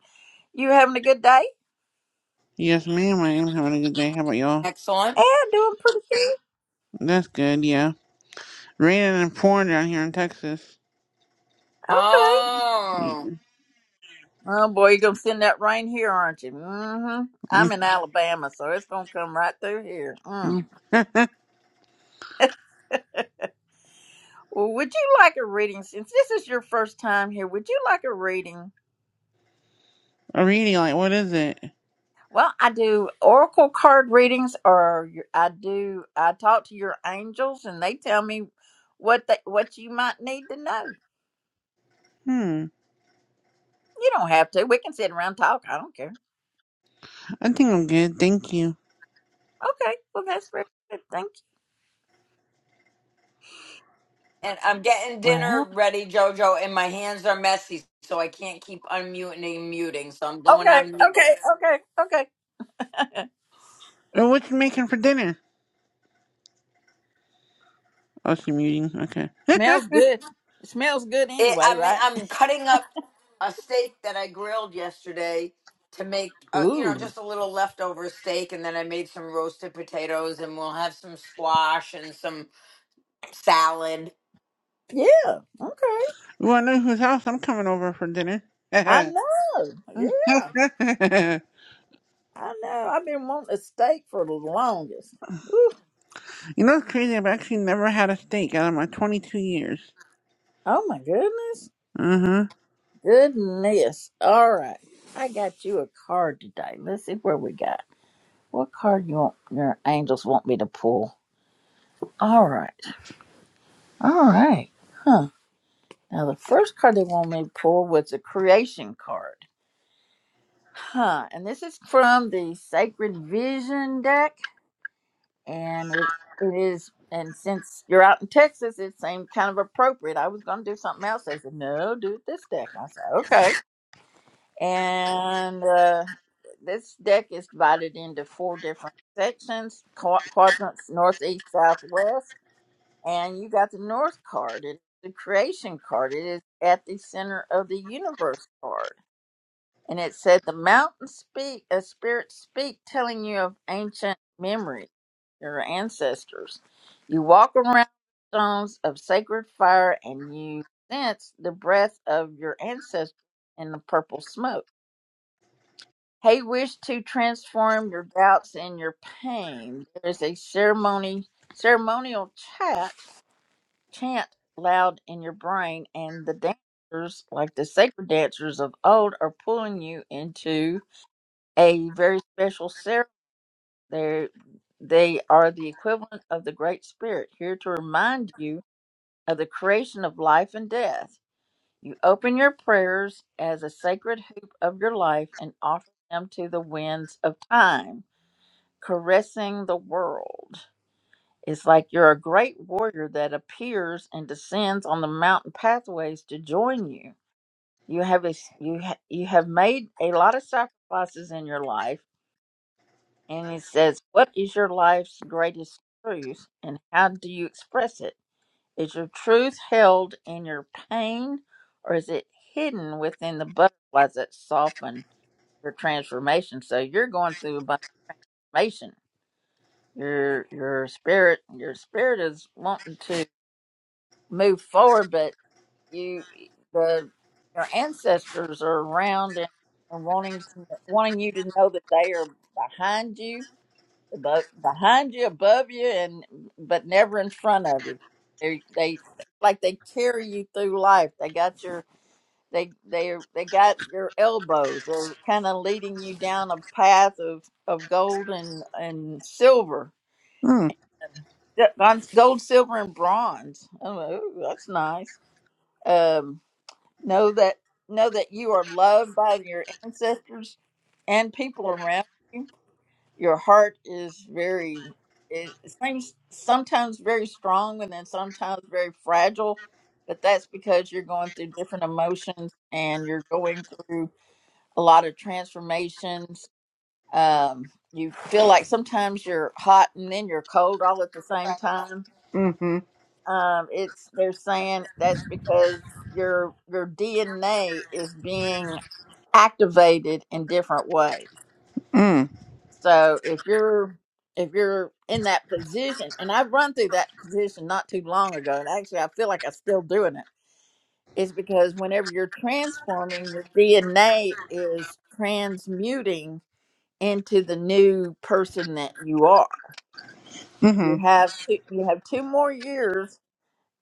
Speaker 1: you having a good day?
Speaker 5: Yes, ma'am, I am having a good day. How about y'all?
Speaker 3: Excellent.
Speaker 1: Yeah, doing pretty good.
Speaker 5: That's good, yeah. Raining and pouring down here in Texas.
Speaker 1: Okay.
Speaker 5: Yeah.
Speaker 3: Oh.
Speaker 1: Oh boy, you're gonna send that rain here, aren't you? Mm-hmm. I'm in Alabama, so it's gonna come right through here. Mm.
Speaker 5: Mhm.
Speaker 1: Well, would you like a reading? Since this is your first time here, would you like a reading?
Speaker 5: I'm reading, like, what is it?
Speaker 1: Well, I do oracle card readings, or your- I do I talk to your angels, and they tell me what they, what you might need to know.
Speaker 5: Hmm,
Speaker 1: You don't have to. We can sit around and talk. I don't care.
Speaker 5: I think I'm good, thank you.
Speaker 1: Okay. Well, that's very good. Thank you.
Speaker 3: And I'm getting dinner
Speaker 1: Well,
Speaker 3: ready, Jojo, and my hands are messy, so I can't keep unmuting and muting. So I'm going
Speaker 1: Okay.
Speaker 3: on.
Speaker 1: Okay. Okay. Okay.
Speaker 5: Oh, what you making for dinner? Oh, she muting, okay.
Speaker 1: smells good. It smells good
Speaker 3: It,
Speaker 1: anyway,
Speaker 3: I'm,
Speaker 1: right?
Speaker 3: I'm cutting up a steak that I grilled yesterday to make, uh, you know,
Speaker 1: Ooh.
Speaker 3: just a little leftover steak. And then I made some roasted potatoes, and we'll have some squash and some salad.
Speaker 1: Yeah. Okay.
Speaker 5: Well, I know whose house I'm coming over for dinner.
Speaker 1: I know. Yeah.
Speaker 5: you
Speaker 1: I know. I've been wanting a steak for the longest. Ooh.
Speaker 5: know what's crazy? I've actually never had a steak out of my 22 years.
Speaker 1: Oh my goodness.
Speaker 5: Uh-huh.
Speaker 1: Goodness. All right. I got you a card today. Let's see where we got. What card you want your angels want me to pull? All right. All right. Huh. Now, the first card they wanted me to pull was the creation card. Huh. And this is from the Sacred Vision deck. And it, it is, and since you're out in Texas, it seemed kind of appropriate. I was going to do something else. They said, no, do it this deck. I said, okay. And uh, this deck is divided into four different sections qua- quadrants, northeast, southwest. And you got the North card. It's the creation card. It is at the center of the universe card and it said the mountains speak a spirits speak telling you of ancient memory your ancestors you walk around the stones of sacred fire and you sense the breath of your ancestors in the purple smoke He wished to transform your doubts and your pain there is a ceremony ceremonial chant chant loud in your brain and the dancers like the sacred dancers of old are pulling you into a very special ceremony. They they are the equivalent of the Great Spirit, here to remind you of the creation of life and death. You open your prayers as a sacred hoop of your life and offer them to the winds of time, caressing the world. It's like you're a great warrior that appears and descends on the mountain pathways to join you. You have a, you ha, you have made a lot of sacrifices in your life And he says, What is your life's greatest truth and how do you express it? Is your truth held in your pain or is it hidden within the butterflies that soften your transformation? So you're going through a bunch of transformation. Your your spirit your spirit is wanting to move forward, but you the your ancestors are around and, and wanting to, wanting you to know that they are behind you above, behind you, above you, and but never in front of you. They they like they carry you through life. They got your they they they got your elbows. They're kind of leading you down a path of of gold and and silver.
Speaker 5: Mm.
Speaker 1: Yeah, on Gold, silver, and bronze. Oh, ooh, that's nice. Um, know that know that you are loved by your ancestors and people around. your heart is very it seems sometimes very strong and then sometimes very fragile but that's because you're going through different emotions and you're going through a lot of transformations um, you feel like sometimes you're hot and then you're cold all at the same time
Speaker 5: Mm-hmm.
Speaker 1: um, it's they're saying that's because your your dna is being activated in different ways
Speaker 5: Mm.
Speaker 1: So if you're if you're in that position, and I've run through that position not too long ago, and actually I feel like I'm still doing it, is because whenever you're transforming, your DNA is transmuting into the new person that you are. You
Speaker 5: Mm-hmm.
Speaker 1: have two you have two more years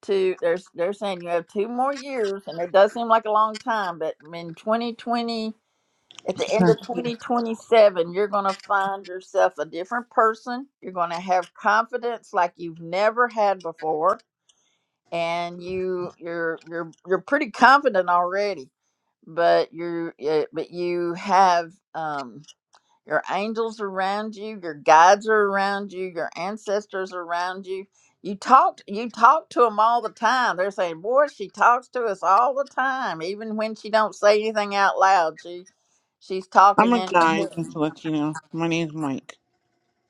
Speaker 1: to there's they're saying you have two more years and it does seem like a long time, but in twenty twenty at the end of 2027, you're going to find yourself a different person. You're going to have confidence like you've never had before, and you you're you're you're pretty confident already. But you uh, but you have um, your angels around you, your guides are around you, your ancestors are around you. You talk you talk to them all the time. They're saying, "Boy, she talks to us all the time, even when she don't say anything out loud. She. She's
Speaker 5: I'm
Speaker 1: talking
Speaker 5: a
Speaker 1: in her
Speaker 5: guy,
Speaker 1: head.
Speaker 5: just to let you know. My name's Mike.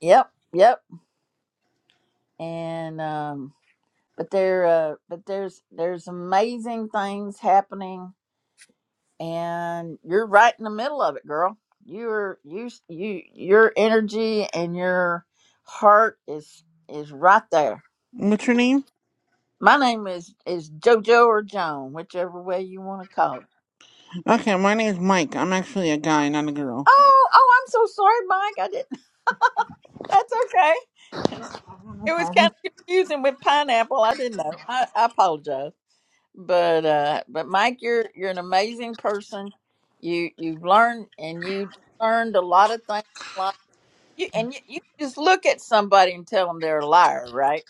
Speaker 1: Yep, yep. And um but there uh but there's there's amazing things happening and you're right in the middle of it, girl. You're you you your energy and your heart is is right there.
Speaker 5: What's your name?
Speaker 1: My name is is Jojo or Joan, whichever way you want to call it.
Speaker 5: Okay, my name's Mike. I'm actually a guy, not a girl.
Speaker 1: Oh, oh, I'm so sorry, Mike. I didn't. That's okay.
Speaker 5: Oh, no
Speaker 1: It was kind
Speaker 5: problem.
Speaker 1: of confusing with pineapple. I didn't know. I, I apologize. but uh but mike you're you're an amazing person you you've learned and you learned a lot of things in life. you and you, you just look at somebody and tell them they're a liar right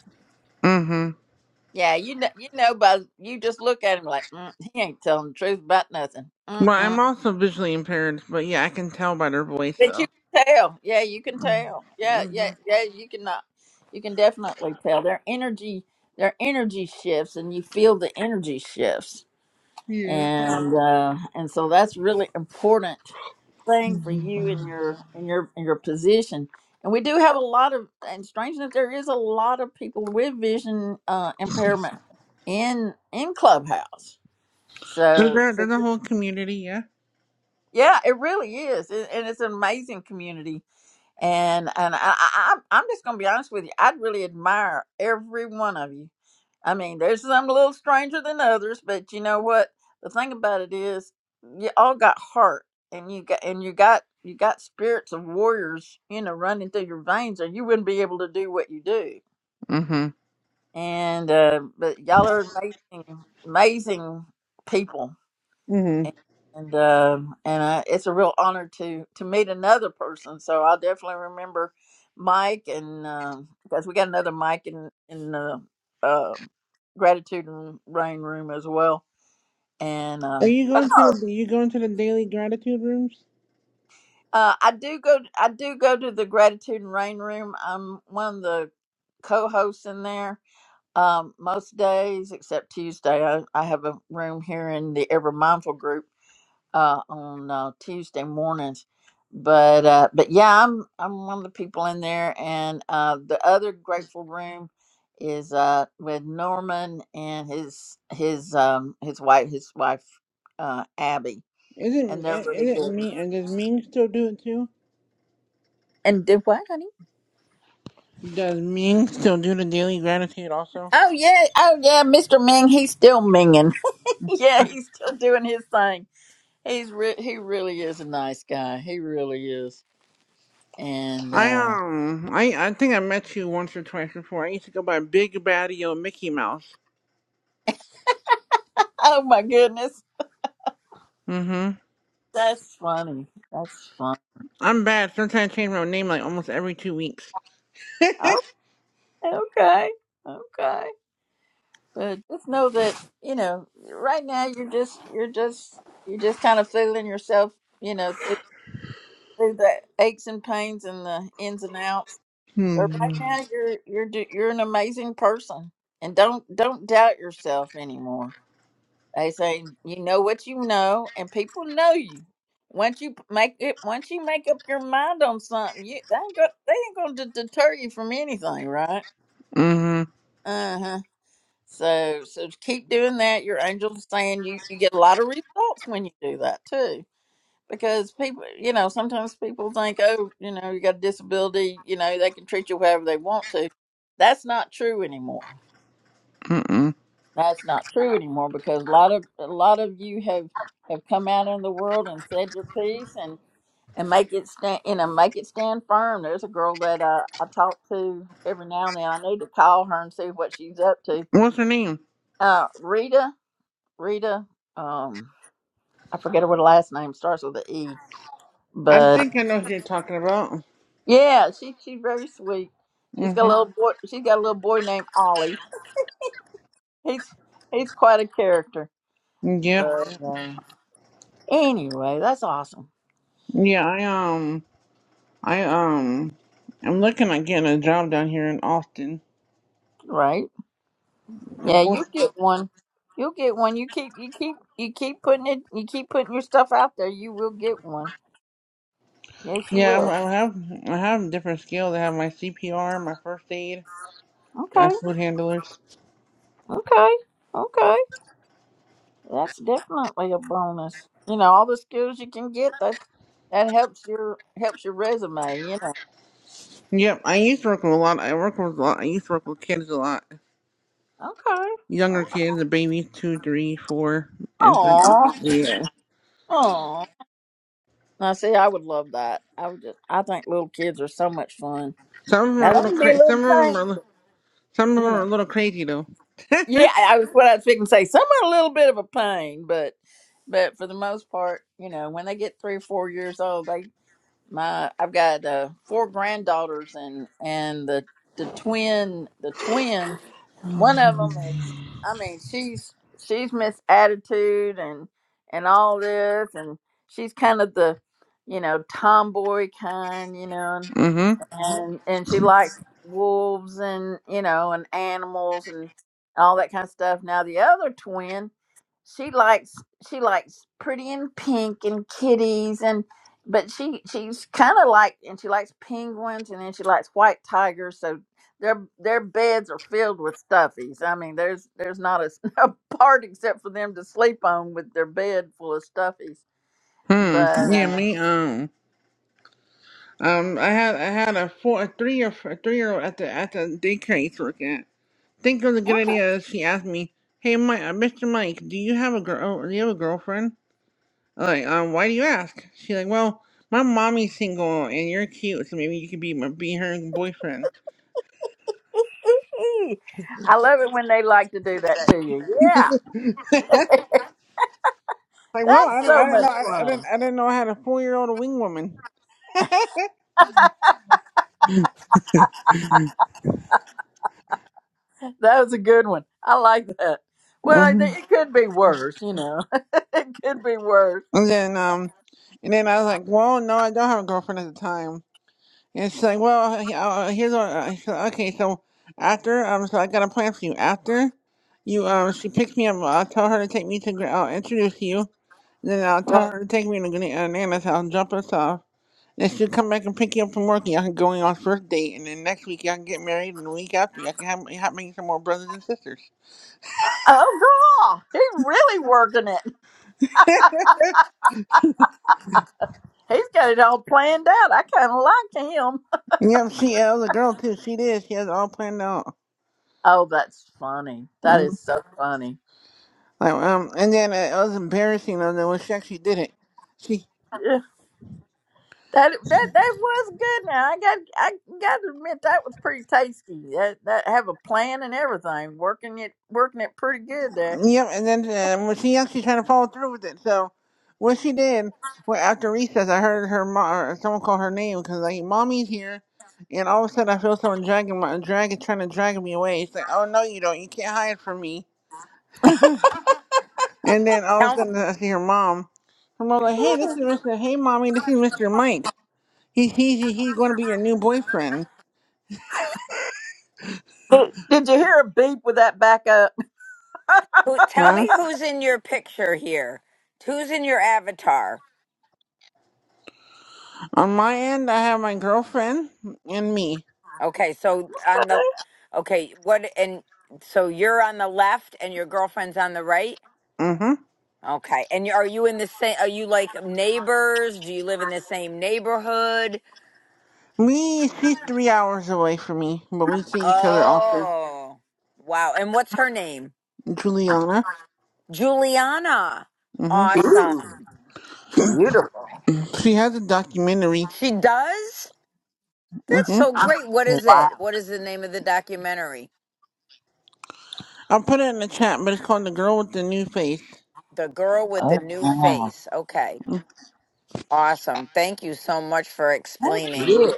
Speaker 5: Mm-hmm.
Speaker 1: yeah you know you know by you just look at him like mm, he ain't telling the truth about nothing Mm-mm.
Speaker 5: Well, I'm also visually impaired, but yeah, I can tell by their voice,
Speaker 1: but you
Speaker 5: though.
Speaker 1: can tell yeah you can tell yeah yeah
Speaker 5: Mm-hmm.
Speaker 1: yeah you can not you can definitely tell their energy their energy shifts and you feel the energy shifts
Speaker 5: Yeah.
Speaker 1: and uh, and so that's really important thing for you in your in your in your position. And we do have a lot of and strange enough, there is a lot of people with vision uh, impairment in in Clubhouse.
Speaker 5: There's
Speaker 1: So
Speaker 5: a,
Speaker 1: so,
Speaker 5: there's a whole community, yeah?
Speaker 1: yeah, it really is, and and it's an amazing community and and I, I I'm I'm just gonna be honest with you. I really admire every one of you. I mean, there's some a little stranger than others, but you know what? The thing about it is, you all got heart, and you got and you got you got spirits of warriors, you know, running through your veins, or you wouldn't be able to do what you do.
Speaker 5: Mm-hmm.
Speaker 1: And uh, but y'all are amazing, amazing people
Speaker 5: Mm-hmm.
Speaker 1: and um and I, it's a real honor to to meet another person. So I'll definitely remember Mike, and um, because we got another Mike in in the uh, gratitude and rain room as well. And
Speaker 5: Are
Speaker 1: uh,
Speaker 5: you
Speaker 1: well,
Speaker 5: going to
Speaker 1: no,
Speaker 5: the, you going to the daily gratitude rooms?
Speaker 1: uh, I do go I do go to the gratitude and rain room. I'm one of the co-hosts in there um, most days except Tuesday. I, I have a room here in the Ever Mindful group uh, on uh, Tuesday mornings. But uh, but yeah, I'm I'm one of the people in there, and uh, the other grateful room is uh, with Norman and his his um, his wife his wife uh, Abby,
Speaker 5: Is it,
Speaker 1: and they're really
Speaker 5: is it
Speaker 1: good.
Speaker 5: me, and does Ming still do it too?
Speaker 1: And did what, honey?
Speaker 5: Does Ming still do the daily gratitude also?
Speaker 1: Oh yeah, oh yeah, Mr. Ming, he's still minging. yeah, he's still doing his thing. He's re- he really is a nice guy. He really is. And
Speaker 5: I
Speaker 1: uh,
Speaker 5: um I I think I met you once or twice before. I used to go by Big Baddie O Mickey Mouse.
Speaker 1: oh my goodness,
Speaker 5: Mm-hmm.
Speaker 1: That's funny. That's funny.
Speaker 5: I'm bad. Sometimes I change my name like almost every two weeks.
Speaker 1: Okay, okay, okay. But just know that you know, right now you're just you're just you're just kind of fooling yourself, you know, through, through the aches and pains and the ins and outs. But
Speaker 5: hmm
Speaker 1: right now you're you're do- you're an amazing person, and don't don't doubt yourself anymore. They say you know what you know, and people know you. Once you p- make it, once you make up your mind on something, you they ain't gonna they ain't gonna d- deter you from anything, right?
Speaker 5: Mm-hmm.
Speaker 1: Uh huh. So so keep doing that. Your angels are saying you you get a lot of results when you do that too, because people you know sometimes people think oh you know you got a disability you know they can treat you however they want to. That's not true anymore.
Speaker 5: Mm-mm.
Speaker 1: That's not true anymore because a lot of a lot of you have have come out in the world and said your piece and and make it stand you know make it stand firm. There's a girl that uh, I talk to every now and then. I need to call her and see what she's up to.
Speaker 5: What's her name?
Speaker 1: Uh, Rita, Rita, um, I forget what her last name starts with a E,
Speaker 5: I
Speaker 1: but uh,
Speaker 5: think I know who you're talking about.
Speaker 1: yeah, she she's very sweet. She's got a
Speaker 5: Mm-hmm.
Speaker 1: little boy. She's got a little boy named Ollie. He's he's quite a character.
Speaker 5: Yep.
Speaker 1: But uh, anyway, that's awesome.
Speaker 5: Yeah, I um I um I'm looking at getting a job down here in Austin.
Speaker 1: Right? Yeah, you
Speaker 5: Unfortunately.
Speaker 1: get one. You'll get one. You keep you keep you keep putting it you keep putting your stuff out there, you will get one. Yes you
Speaker 5: Yeah, I
Speaker 1: will.
Speaker 5: I have I have different skills. I have my CPR, my first aid, my
Speaker 1: Okay.
Speaker 5: food handlers.
Speaker 1: Okay. Okay. That's definitely a bonus. You know, all the skills you can get that that helps your helps your resume, you know.
Speaker 5: Yep, I used to work with a lot. I work with a lot. I used to work with kids a lot.
Speaker 1: Okay.
Speaker 5: Younger kids, the babies, two, three, four, and three.
Speaker 1: Oh.
Speaker 5: Yeah.
Speaker 1: Oh. Now see I would love that. I would just I think little kids are so much fun.
Speaker 5: Some of them are
Speaker 1: Now
Speaker 5: a
Speaker 1: they
Speaker 5: little
Speaker 1: can be a
Speaker 5: crazy.
Speaker 1: little
Speaker 5: Some of them
Speaker 1: pain,
Speaker 5: are. li-
Speaker 1: but,
Speaker 5: Some of them
Speaker 1: you
Speaker 5: are
Speaker 1: know.
Speaker 5: a little crazy though.
Speaker 1: Yeah, I I was what I was fixing to say. Some are a little bit of a pain, but but for the most part, you know, when they get three or four years old, they my I've got uh, four granddaughters and and the the twin the twin one of them is I mean she's she's Miss Attitude and and all this and she's kind of the you know tomboy kind you know
Speaker 5: Mm-hmm.
Speaker 1: and and she likes wolves and you know and animals and all that kind of stuff. Now the other twin, she likes she likes pretty and pink and kitties and but she she's kind of like and she likes penguins and then she likes white tigers. So their their beds are filled with stuffies. I mean, there's there's not a, a part except for them to sleep on with their bed full of stuffies. But
Speaker 5: Hmm. Yeah.
Speaker 1: uh,
Speaker 5: Me. Um. Um. I had. I had a four, a three, or a three year old at the at the daycare I used to work at. think it was a good idea. She asked me, "Hey, Mike, uh, Mr. Mike, do you have a girl? Do you have a girlfriend?" I'm like, um, why do you ask? She's like, well, my mommy's single and you're cute, so maybe you could be my, be her boyfriend.
Speaker 1: I love it when they like to do that to you. Yeah.
Speaker 5: Like, well, I
Speaker 1: That's
Speaker 5: didn't, I
Speaker 1: so
Speaker 5: didn't
Speaker 1: much
Speaker 5: know, I, I didn't,
Speaker 1: fun.
Speaker 5: I didn't know I had a four year old wing woman.
Speaker 1: That was a good one. I like that. Well, I
Speaker 5: hmm
Speaker 1: think it could be worse, you know. it could be worse.
Speaker 5: And then, um, and then I was like, well, no, I don't have a girlfriend at the time. And she's like, well, he- uh, here's what, uh, she's like, okay, so after, um, so I got a plan for you. After you, um, she picks me up, I'll tell her to take me to, gra- I'll introduce you. Then I'll
Speaker 1: Oh,
Speaker 5: tell her to take me to Gr- uh, Nana's house, drop us off. I should come back and pick you up from work. and Y'all can go on your first date, and then next week y'all can get married, and the week after y'all can have, have me some more brothers and sisters.
Speaker 1: girl, he's really working it. He's got it all planned out. I kind of like him.
Speaker 5: And Yep, she uh, was a girl too. She did. She has it all planned out.
Speaker 1: Oh, that's funny. That
Speaker 5: Mm.
Speaker 1: is so funny.
Speaker 5: Like, um, and then uh, it was embarrassing though that when she actually did it. She,
Speaker 1: Yeah. That that that was good. Now I got I got to admit that was pretty tasty. That that have a plan and everything, working it working it pretty good there.
Speaker 5: yep, and then uh, when she actually tried to follow through with it. So what she did, well, after recess, I heard her mom or someone call her name because like mommy's here, and all of a sudden I feel someone dragging my dragging trying to drag me away. It's like, oh no, you don't. You can't hide from me. And then all of a sudden I see her mom. Her mom like, hey, this is Mr. Hey, mommy, this is Mr. Mike. He's he's he's going to be your new boyfriend,
Speaker 1: Did you hear a beep with that back up?
Speaker 3: Who, tell
Speaker 5: huh?
Speaker 3: me who's in your picture here. Who's in your avatar?
Speaker 5: On my end, I have my girlfriend and me.
Speaker 3: Okay, so on the okay, what and so you're on the left and your girlfriend's on the right?
Speaker 5: Mm-hmm.
Speaker 3: Okay. And you- are you in the same are you like neighbors? Do you live in the same neighborhood?
Speaker 5: Me, she's three hours away from me, but we see each other often.
Speaker 3: Oh. Wow. And what's her name?
Speaker 5: Juliana.
Speaker 3: Juliana.
Speaker 5: Mm-hmm.
Speaker 3: Awesome.
Speaker 1: Beautiful.
Speaker 5: She has a documentary.
Speaker 3: She does? That's
Speaker 5: Mm-hmm.
Speaker 3: so great. What is it? What is the name of the documentary?
Speaker 5: I'll put it in the chat, but it's called "The Girl with the New Face."
Speaker 3: The girl with the
Speaker 1: Oh,
Speaker 3: new
Speaker 1: wow.
Speaker 3: face. Okay. Awesome. Thank you so much for
Speaker 1: Thank you.
Speaker 3: explaining.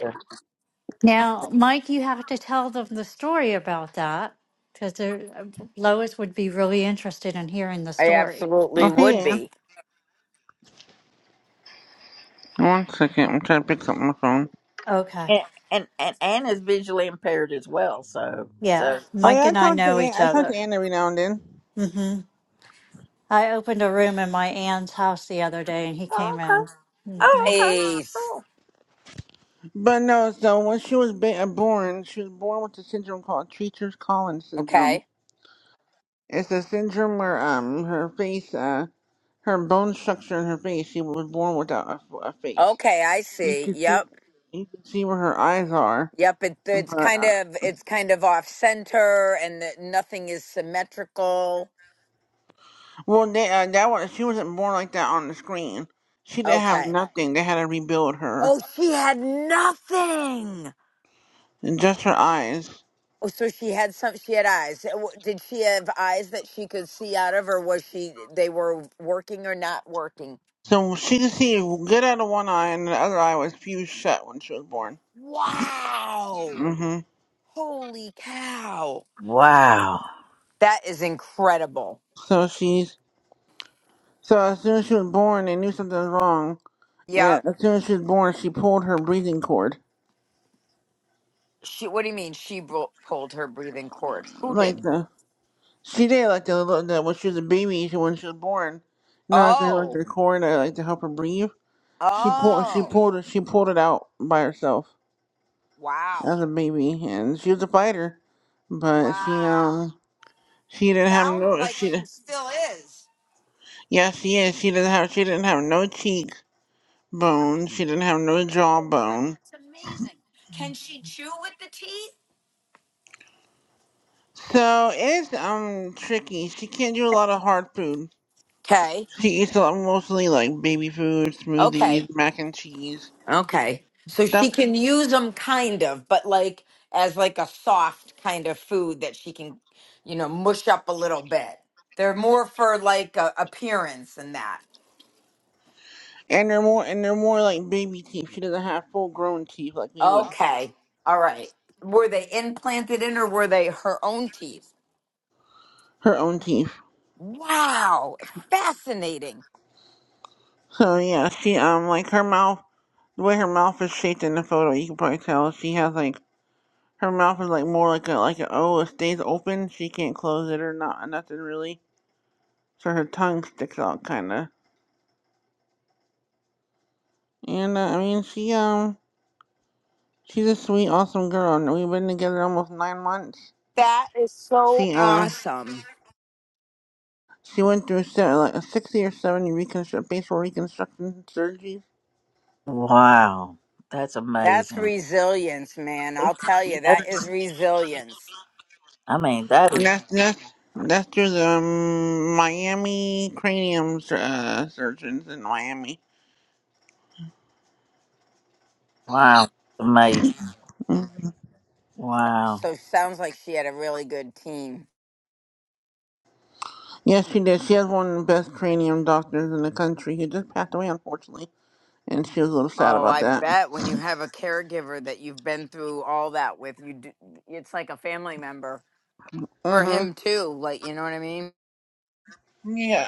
Speaker 6: Now, Mike, you have to tell them the story about that because Lois would be really interested in hearing the
Speaker 3: I
Speaker 6: story.
Speaker 3: absolutely
Speaker 5: Oh, hey,
Speaker 3: would
Speaker 5: Ann.
Speaker 3: be.
Speaker 5: One second, I'm trying to pick up my phone.
Speaker 6: Okay.
Speaker 1: and and and Anne is visually impaired as well. So
Speaker 6: Yeah.
Speaker 1: so
Speaker 5: Oh yeah,
Speaker 6: Mike
Speaker 5: I
Speaker 6: and I
Speaker 5: talk to
Speaker 6: know
Speaker 5: Ann.
Speaker 6: each
Speaker 5: I talk to
Speaker 6: other.
Speaker 5: Ann every now and then.
Speaker 6: hmm I opened a room in my aunt's house the other day and he came in. hmm
Speaker 1: Okay.
Speaker 3: Nice.
Speaker 5: But no, so when she was ba- uh, born, she was born with a syndrome called Treacher's Collins syndrome.
Speaker 3: Okay.
Speaker 5: It's a syndrome where um her face, uh, her bone structure in her face, she was born without a, f- a face.
Speaker 3: Okay, I
Speaker 5: You
Speaker 3: see.
Speaker 5: can see,
Speaker 3: Yep.
Speaker 5: you can see where her eyes are.
Speaker 3: Yep, it, it's
Speaker 5: But
Speaker 3: kind
Speaker 5: uh,
Speaker 3: of it's kind of off center and that nothing is symmetrical.
Speaker 5: well, they, uh, that was she wasn't born like that on the screen. She didn't have
Speaker 3: Okay.
Speaker 5: nothing. They had to rebuild her
Speaker 3: Oh, she had nothing.
Speaker 5: and just her eyes.
Speaker 3: Oh, so she had some she had eyes. Uh, w- Did she have eyes that she could see out of or was she they were working or not working?
Speaker 5: So she could see good out of one eye, and the other eye was fused shut when she was born.
Speaker 3: Wow.
Speaker 5: hmm
Speaker 3: Holy cow.
Speaker 1: Wow.
Speaker 3: That is incredible.
Speaker 5: So she's So as soon as she was born, they knew something was wrong. And
Speaker 3: Yep.
Speaker 5: as soon as she was born, she pulled her breathing cord.
Speaker 3: She. What do you mean? She bro- pulled her breathing cord. Who
Speaker 5: Like
Speaker 3: did?
Speaker 5: the she did like the, the when she was a baby, she- when she was born, you know, like they had, like
Speaker 3: Oh.
Speaker 5: the cord that like to help her breathe. She pulled she
Speaker 3: Oh.
Speaker 5: pulled it she pulled it out by herself
Speaker 3: Wow.
Speaker 5: as a baby, and she was a fighter, but she
Speaker 3: Wow.
Speaker 5: um she didn't have
Speaker 3: Sounds
Speaker 5: no
Speaker 3: like
Speaker 5: she
Speaker 3: she still is.
Speaker 5: yeah she is she didn't have she didn't have no cheek
Speaker 3: Wow.
Speaker 5: bone she didn't have no jawbone
Speaker 3: That's amazing. Can she chew with the teeth?
Speaker 5: So it's um tricky. She can't do a lot of hard food.
Speaker 3: Okay.
Speaker 5: She eats a lot mostly like baby food,
Speaker 3: Okay.
Speaker 5: smoothies, mac and cheese
Speaker 3: Okay. So
Speaker 5: stuff.
Speaker 3: she can use them kind of, but like as like a soft kind of food that she can, you know, mush up a little bit. They're more for like a appearance and that.
Speaker 5: And they're more and they're more like baby teeth. She doesn't have full grown teeth like we would.
Speaker 3: Okay. All right. Were they implanted in or were they her own teeth?
Speaker 5: Her own teeth.
Speaker 3: Wow. Fascinating.
Speaker 5: So yeah, she um like her mouth the way her mouth is shaped in the photo, you can probably tell she has like her mouth is like more like a like a O. It stays open. She can't close it or not nothing really. So her tongue sticks out kind of. And uh, I mean she um. She's a sweet, awesome girl, and we've been together almost nine months.
Speaker 3: That is so
Speaker 5: She um
Speaker 3: awesome.
Speaker 5: she went through se- like a sixty or seventy reconstru- facial reconstruction surgeries,
Speaker 1: Wow. that's
Speaker 3: That's
Speaker 1: amazing.
Speaker 3: resilience, man. I'll tell you,
Speaker 5: and
Speaker 3: that is
Speaker 1: That's
Speaker 3: resilience.
Speaker 1: I mean that is
Speaker 5: that's that's that's through the um, Miami cranium sur- uh, surgeons in Miami.
Speaker 1: wow amazing. Wow.
Speaker 3: So sounds like she had a really good team.
Speaker 5: Yes, she did. She has one of the best cranium doctors in the country. He just passed away, unfortunately, and she was a little sad
Speaker 3: Oh,
Speaker 5: about
Speaker 3: I
Speaker 5: that.
Speaker 3: bet when you have a caregiver that you've been through all that with, you do, it's like a family member for
Speaker 5: Mm-hmm.
Speaker 3: him too. Like, you know what I mean?
Speaker 5: Yeah.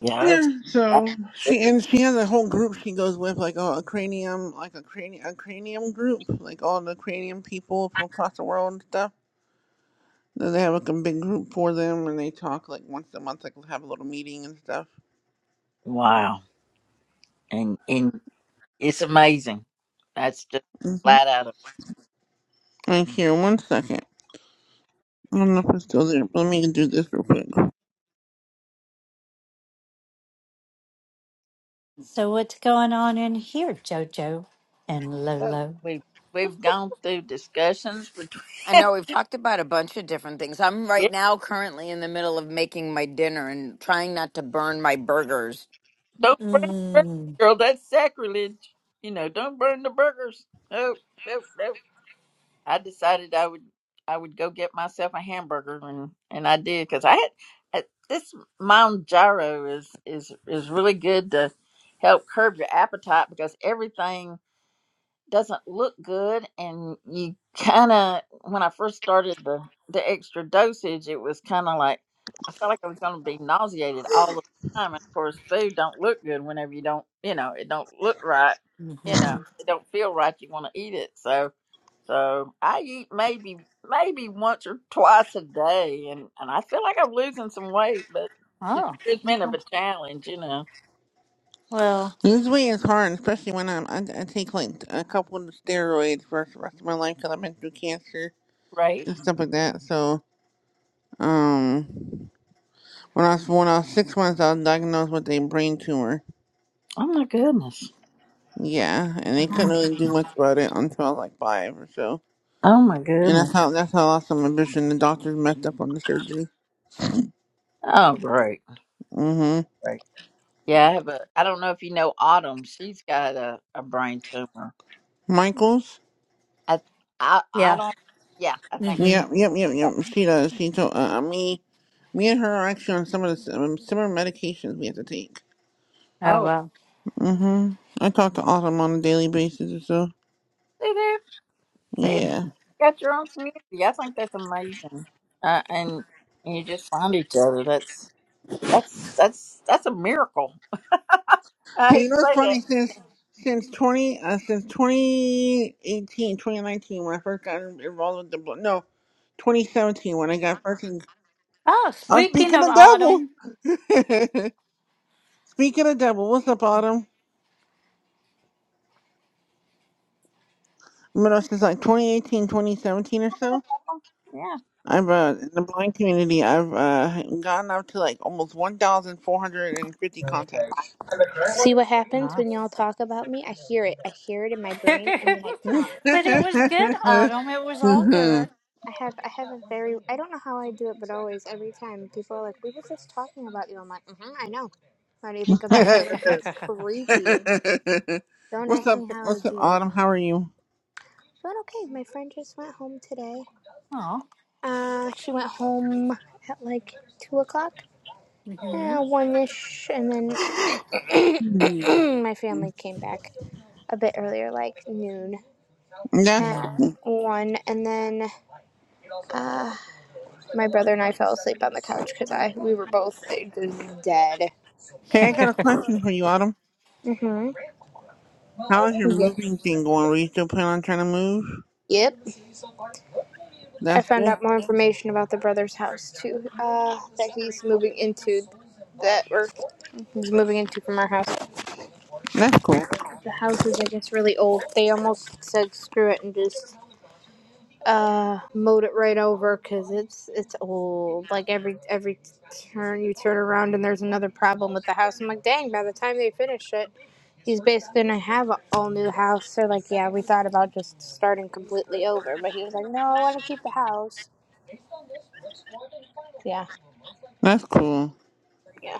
Speaker 1: Yeah. I've-
Speaker 5: Yeah, so she and she has a whole group she goes with, like oh, a cranium, like a cranium, a cranium group, like all the cranium people from across the world and stuff. Then they have like a big group for them, and they talk like once a month, like have a little meeting and stuff.
Speaker 1: Wow. And and it's amazing. That's just
Speaker 5: Mm-hmm.
Speaker 1: flat out. Of,
Speaker 5: Right here, one second. I don't know if it's still there. But let me do this real quick.
Speaker 6: So, what's going on in here, JoJo and
Speaker 1: so
Speaker 6: Lolo?
Speaker 1: we we've gone through discussions
Speaker 3: I
Speaker 1: between.
Speaker 3: know we've talked about a bunch of different things. I'm right now currently in the middle of making my dinner and trying not to burn my burgers.
Speaker 1: Don't burn the burgers,
Speaker 6: Mm-hmm.
Speaker 1: girl. That's sacrilege. You know, don't burn the burgers. No, no, no. I decided I would I would go get myself a hamburger, and and I did because I had uh, this Mount Gyro is is is really good to help curb your appetite because everything doesn't look good and you kind of when i first started the the extra dosage it was kind of like i felt like i was going to be nauseated all the time and of course food don't look good whenever you don't you know it don't look right you know it don't feel right you want to eat it so so i eat maybe maybe once or twice a day and and i feel like i'm losing some weight but it's
Speaker 6: Oh,
Speaker 1: it's been of
Speaker 6: okay.
Speaker 1: a challenge you know
Speaker 6: well,
Speaker 5: Lose weight is hard, especially when I'm I, I take like a couple of steroids for the rest of my life because I've been through cancer
Speaker 1: right
Speaker 5: and stuff like that. So, um. When I was when I was six months, I was diagnosed with a brain tumor.
Speaker 1: oh my goodness
Speaker 5: Yeah, and they couldn't really do much about it until I was like five or so.
Speaker 1: oh my
Speaker 5: And
Speaker 1: goodness
Speaker 5: that's how that's how I lost some vision. The doctors messed up on the surgery.
Speaker 1: Oh, great,
Speaker 5: Mm-hmm.
Speaker 1: great. Yeah, I have a. I don't know if you know Autumn. She's got a, a brain tumor.
Speaker 5: Michaels.
Speaker 1: I, I, I
Speaker 6: yeah.
Speaker 1: don't. Yeah, I think so.
Speaker 6: hmm
Speaker 5: Yep, yep, yep,
Speaker 1: Yeah.
Speaker 5: yep. She does. She told uh, me me and her are actually on some of the s- um, similar medications we have to take.
Speaker 6: Oh,
Speaker 1: Oh,
Speaker 6: well.
Speaker 5: Mm-hmm. I talk to Autumn on a daily basis or so.
Speaker 1: see there, see,
Speaker 5: Yeah.
Speaker 1: got your own community. Yeah, I think that's amazing. Uh, and and you just find each other. That's that's that's that's a miracle. I
Speaker 5: Hey,
Speaker 1: hate
Speaker 5: you
Speaker 1: to
Speaker 5: know what's
Speaker 1: say that.
Speaker 5: funny? Since since twenty uh, since 2018 2019 when I first got involved with the blo- no, twenty seventeen when I got fucking.
Speaker 6: Oh,
Speaker 5: I'm
Speaker 6: speaking
Speaker 5: speaking
Speaker 6: of
Speaker 5: of devil.
Speaker 6: autumn.
Speaker 5: speaking of devil, what's up, Autumn? You know, since like 2018 2017 or so,
Speaker 1: Yeah.
Speaker 5: I've uh, in the blind community, I've uh, gotten up to like almost one thousand four hundred and fifty contacts.
Speaker 7: See what happens when y'all talk about me? I hear it. I hear it in my
Speaker 6: but
Speaker 7: brain, and then I comment.
Speaker 6: it was good, Autumn. It was all
Speaker 5: Mhm.
Speaker 6: good.
Speaker 7: I have I have a very I don't know how I do it, but always every time people are like, "We were just talking about you." I'm like, mm-hmm, "I know." Why do you think I'm here? They're like, "That's creepy." I'm like, don't
Speaker 5: what's
Speaker 7: ask
Speaker 5: up?
Speaker 7: me how I
Speaker 5: What's up,
Speaker 7: do it.
Speaker 5: Autumn? How are you?
Speaker 7: But okay, my friend just went home today.
Speaker 6: oh.
Speaker 7: Uh, she went home at like two o'clock,
Speaker 6: Mm-hmm.
Speaker 7: uh, one ish, and
Speaker 5: Mhm.
Speaker 7: then my family came back a bit earlier, like noon,
Speaker 5: That's
Speaker 7: at
Speaker 5: cool.
Speaker 7: one, and then. uh. My brother and I fell asleep on the couch because I we were both just dead.
Speaker 5: Hey, I got a question for you, Autumn.
Speaker 7: Mhm.
Speaker 5: How is your
Speaker 7: Yeah.
Speaker 5: moving thing going? Were you still planning on trying to move?
Speaker 7: Yep. I
Speaker 5: That's
Speaker 7: found
Speaker 5: good.
Speaker 7: out more information about the brother's house too. Uh, that he's moving into. That we're he's moving into from our house.
Speaker 5: That's cool.
Speaker 7: The house is, I guess, really old. They almost said screw it and just uh mowed it right over because it's it's old. Like every every turn you turn around and there's another problem with the house. I'm like, dang. By the time they finish it. He's basically gonna have an all new house. So like, yeah, we thought about just starting completely over, but he was like, no, I want to keep the house. Yeah,
Speaker 5: That's cool.
Speaker 7: yeah.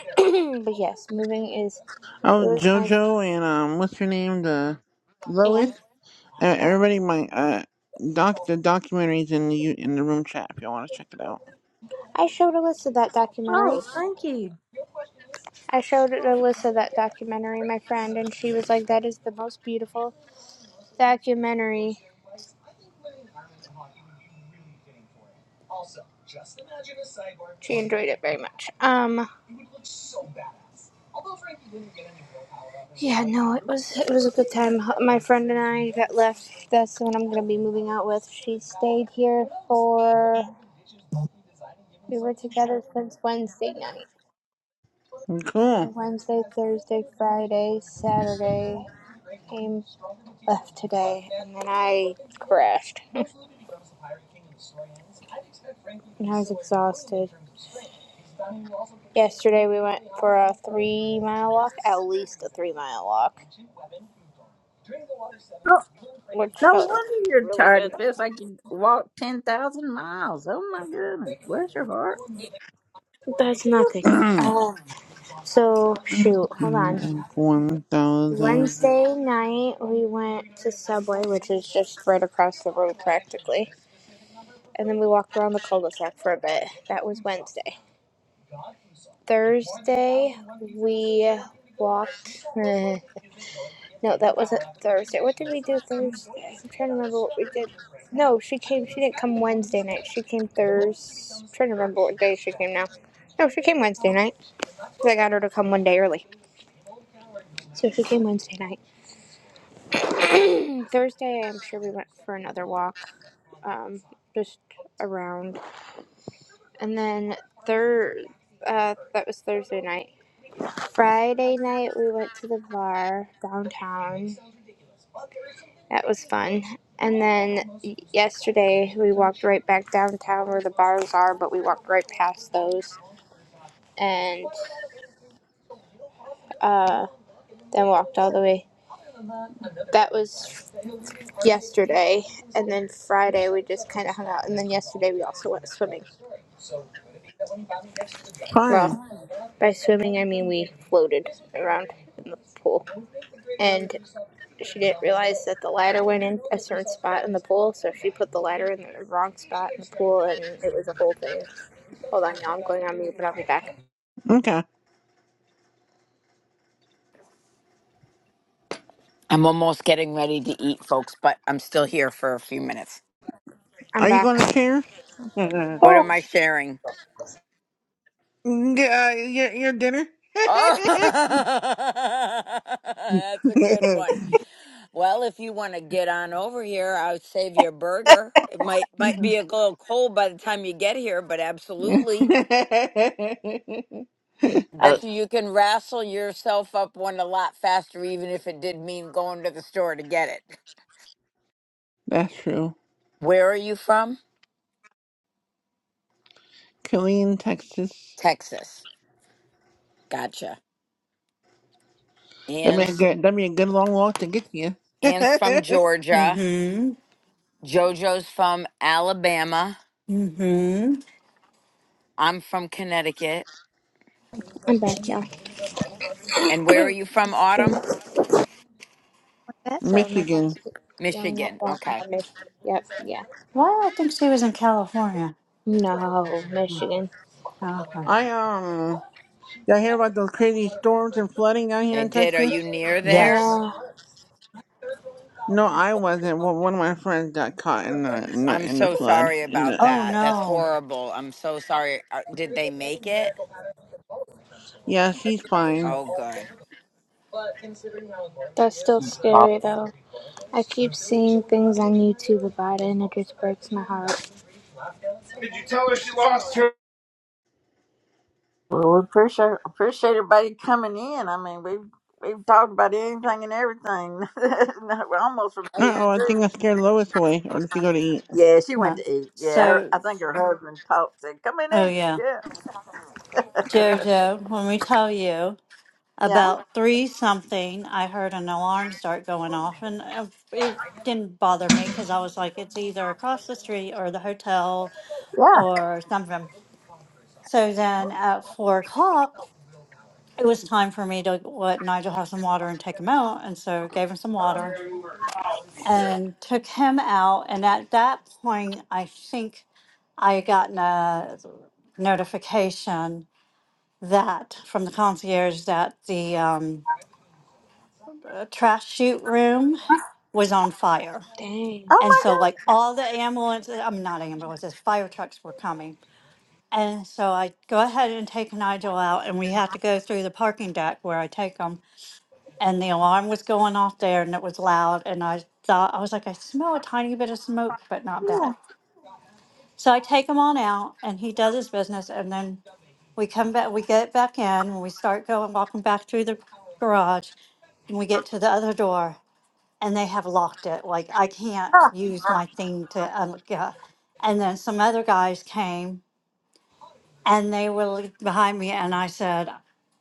Speaker 7: but yes, moving is it
Speaker 5: Oh,
Speaker 7: was nice.
Speaker 5: JoJo and um, what's her name? The Lois.
Speaker 7: And
Speaker 5: Uh,
Speaker 7: oh,
Speaker 5: everybody, my uh, doc, the documentaries in the u- in the room chat. If y'all want to check it out.
Speaker 7: I showed Alyssa that
Speaker 1: Oh,
Speaker 7: documentary.
Speaker 1: thank you.
Speaker 7: I showed Alyssa that documentary, my friend, and she was like, that is the most beautiful documentary. She enjoyed it very much. Um, yeah, no, it was it was a good time. My friend and I that left, that's the one I'm gonna be moving out with. She stayed here for We were together since Wednesday night. So
Speaker 5: Cool.
Speaker 7: Wednesday, Thursday, Friday, Saturday. Came, left today, and then I crashed. And I was exhausted. Yesterday we went for a three mile walk, at least a three mile walk,
Speaker 1: No,
Speaker 7: which
Speaker 1: no
Speaker 7: felt
Speaker 1: wonder you're tired. It feels like you walked ten thousand miles. Oh my goodness, bless your heart.
Speaker 7: that's nothing. Um, so shoot, hold on.
Speaker 5: One thousand.
Speaker 7: Wednesday night we went to Subway, which is just right across the road practically, and then we walked around the cul-de-sac for a bit. That was Wednesday. Thursday we walked. Uh, no, that wasn't Thursday. What did we do Thursday? I'm trying to remember what we did. No, she came. She didn't come Wednesday night. She came Thursday. I'm Trying to remember what day she came now. No, she came Wednesday night. 'cause I got her to come one day early, so she came Wednesday night. Thursday, I'm sure we went for another walk, um, just around, and then third. Uh, that was Thursday night. Friday night, we went to the bar downtown That was fun. And then y- yesterday we walked right back downtown where the bars are, but we walked right past those and uh, then walked all the way. That was yesterday. And then Friday we just kind of hung out. And then yesterday we also went swimming.
Speaker 5: Fun.
Speaker 7: Well, by swimming I mean we floated around in the pool. And she didn't realize that the ladder went in a certain spot in the pool, so she put the ladder in the wrong spot in the pool and it was a whole thing. Hold on, y'all. I'm going on mute, but I'll be back.
Speaker 5: Okay.
Speaker 3: I'm almost getting ready to eat, folks, but I'm still here for a few minutes.
Speaker 7: I'm
Speaker 5: Are you
Speaker 7: back.
Speaker 5: going to share? yeah,
Speaker 3: What
Speaker 1: Oh,
Speaker 3: am I sharing?
Speaker 5: your, your dinner.
Speaker 3: Oh, that's a good one. Well, if you want to get on over here, I'll save your burger. It might might be a little cold by the time you get here, but
Speaker 5: That's
Speaker 3: absolutely. Bet you you can wrestle yourself up one a lot faster, even if it did mean going to the store to get it.
Speaker 5: true.
Speaker 3: Where are you from?
Speaker 5: Killeen, Texas.
Speaker 3: Texas. Gotcha.
Speaker 5: That'd be a
Speaker 3: Ann's
Speaker 5: good, that'd be a good long walk to get to you.
Speaker 3: Ann's from Georgia.
Speaker 6: mm-hmm.
Speaker 3: Jojo's from Alabama.
Speaker 6: Mm-hmm.
Speaker 3: I'm from Connecticut.
Speaker 7: I'm back, y'all.
Speaker 3: And where are you from,
Speaker 7: Thank you
Speaker 3: Autumn?
Speaker 7: for That sorry, my phone's
Speaker 5: Michigan.
Speaker 7: yelling at
Speaker 3: Michigan.
Speaker 7: that. Yeah,
Speaker 3: Okay.
Speaker 7: Michigan. Yep. Yeah.
Speaker 6: Well, I think she was in California.
Speaker 7: No,
Speaker 6: Mm,
Speaker 7: Michigan.
Speaker 6: Okay.
Speaker 5: I um, y'all hear about those crazy storms and flooding down here
Speaker 3: I
Speaker 5: in
Speaker 3: did. Are you
Speaker 5: Texas?
Speaker 3: near there?
Speaker 6: Yes.
Speaker 7: Yeah.
Speaker 5: No, I wasn't. Well, one of my friends got caught in the in the,
Speaker 3: I'm
Speaker 5: in the
Speaker 3: so
Speaker 5: flood.
Speaker 3: sorry
Speaker 5: In
Speaker 3: about
Speaker 5: the
Speaker 6: Oh
Speaker 3: that. That's
Speaker 6: no.
Speaker 3: horrible. I'm so sorry. Are- Did they make it?
Speaker 5: yeah, she's fine.
Speaker 3: Oh, good.
Speaker 7: That's still
Speaker 1: I,
Speaker 7: scary though. I keep seeing things on YouTube about it, and it just breaks my heart. Did you tell her she lost her?
Speaker 1: Well, we appreciate appreciate everybody coming in. I mean, we've we've talked about anything and everything. No, We're almost from A
Speaker 5: Uh
Speaker 1: to
Speaker 5: oh, I
Speaker 1: Z.
Speaker 5: think I scared Lois away. Or did she go to eat?
Speaker 1: Yeah, she went
Speaker 6: No.
Speaker 1: to eat. Yeah, her,
Speaker 6: So
Speaker 1: I think her husband talked said, "Come and
Speaker 6: oh
Speaker 1: eat."
Speaker 6: yeah.
Speaker 1: Yeah,
Speaker 6: Jojo, when we tell you
Speaker 1: yeah,
Speaker 6: about three something, I heard an alarm start going off and uh, it didn't bother me because I was like, it's either across the street or the hotel
Speaker 1: yeah.
Speaker 6: or something. So then at four o'clock, it was time for me to let Nigel have some water and take him out. And so gave him some water and took him out. And at that point, I think I had gotten a notification that from the concierge that the um, uh, trash chute room was on fire.
Speaker 7: Dang.
Speaker 1: Oh
Speaker 6: And
Speaker 1: my
Speaker 6: so, like all the ambulances, I'm not ambulances, fire trucks were coming. And so I go ahead and take Nigel out, and we have to go through the parking deck where I take him and the alarm was going off there and it was loud and i thought i was like i smell a tiny bit of smoke but not
Speaker 1: God.
Speaker 6: bad
Speaker 1: Yeah.
Speaker 6: so i take him on out and he does his business and then we come back we get back in and we start going walking back through the garage and we get to the other door and they have locked it like i can't
Speaker 1: Ah,
Speaker 6: use my thing to un- yeah. and then some other guys came and they were like, behind me and i said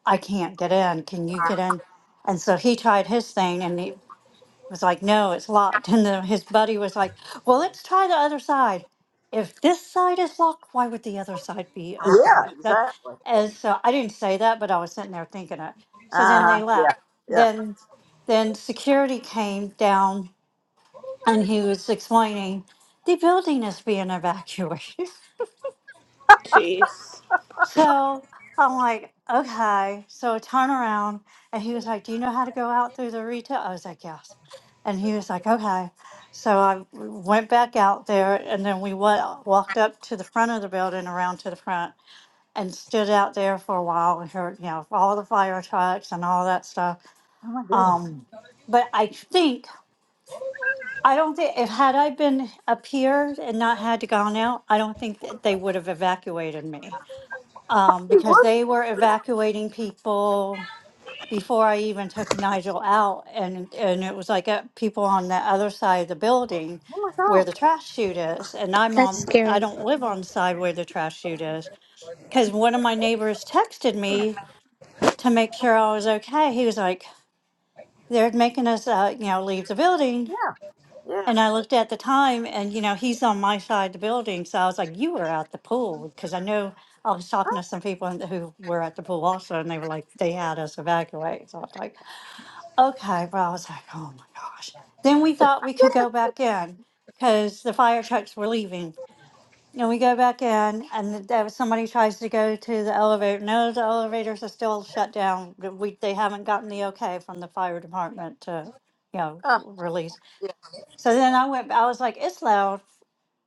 Speaker 6: i can't get in can you get in and so he tried his thing and he was like, no, it's locked. And then his buddy was like, well, let's try the other side. If this side is locked, why would the other side be
Speaker 1: yeah.
Speaker 6: open? That,
Speaker 1: Exactly. Uh
Speaker 6: and so I didn't say that, but I was sitting there thinking it. So then
Speaker 1: huh.
Speaker 6: they left.
Speaker 1: Yeah. Yeah.
Speaker 6: Then, then security came down and he was explaining the building is being evacuated.
Speaker 7: Jeez.
Speaker 6: So I'm like, okay. So I turn around and he was like, Do you know how to go out through the retail? I was like, Yes. And he was like, Okay. So I went back out there and then we wa- walked up to the front of the building around to the front and stood out there for a while and heard, you know, all the fire trucks and all that stuff.
Speaker 1: Oh my goodness.
Speaker 6: Um, but I think, I don't think, if had I been up here and not had to gone out, I don't think that they would have evacuated me um,
Speaker 1: She
Speaker 6: because
Speaker 1: would.
Speaker 6: they were evacuating people before I even took Nigel out, and and it was like uh, people on the other side of the building
Speaker 1: Oh my
Speaker 6: where the
Speaker 1: God.
Speaker 6: trash chute is, and I'm
Speaker 7: That's
Speaker 6: on. I
Speaker 7: scary.
Speaker 6: don't live on the side where the trash chute is because one of my neighbors texted me to make sure I was okay. He was like, "They're making us, uh, you know, leave the building."
Speaker 1: Yeah. Yeah.
Speaker 6: And I looked at the time, and you know, he's on my side of the building. So I was like, "You were at the pool," because I know I was talking to some people in- who were at the pool also, and they were like, "They had us evacuate." So I was like, "Okay." Well, I was like, "Oh my gosh." Then we thought we could go back in because the fire trucks were leaving. And we go back in, and th- there was somebody tries to go to the elevator. No, the elevators are still shut down. We they haven't gotten the okay from the fire department to, you know,
Speaker 1: Uh,
Speaker 6: release.
Speaker 1: yeah.
Speaker 6: So then I went, I was like, it's loud.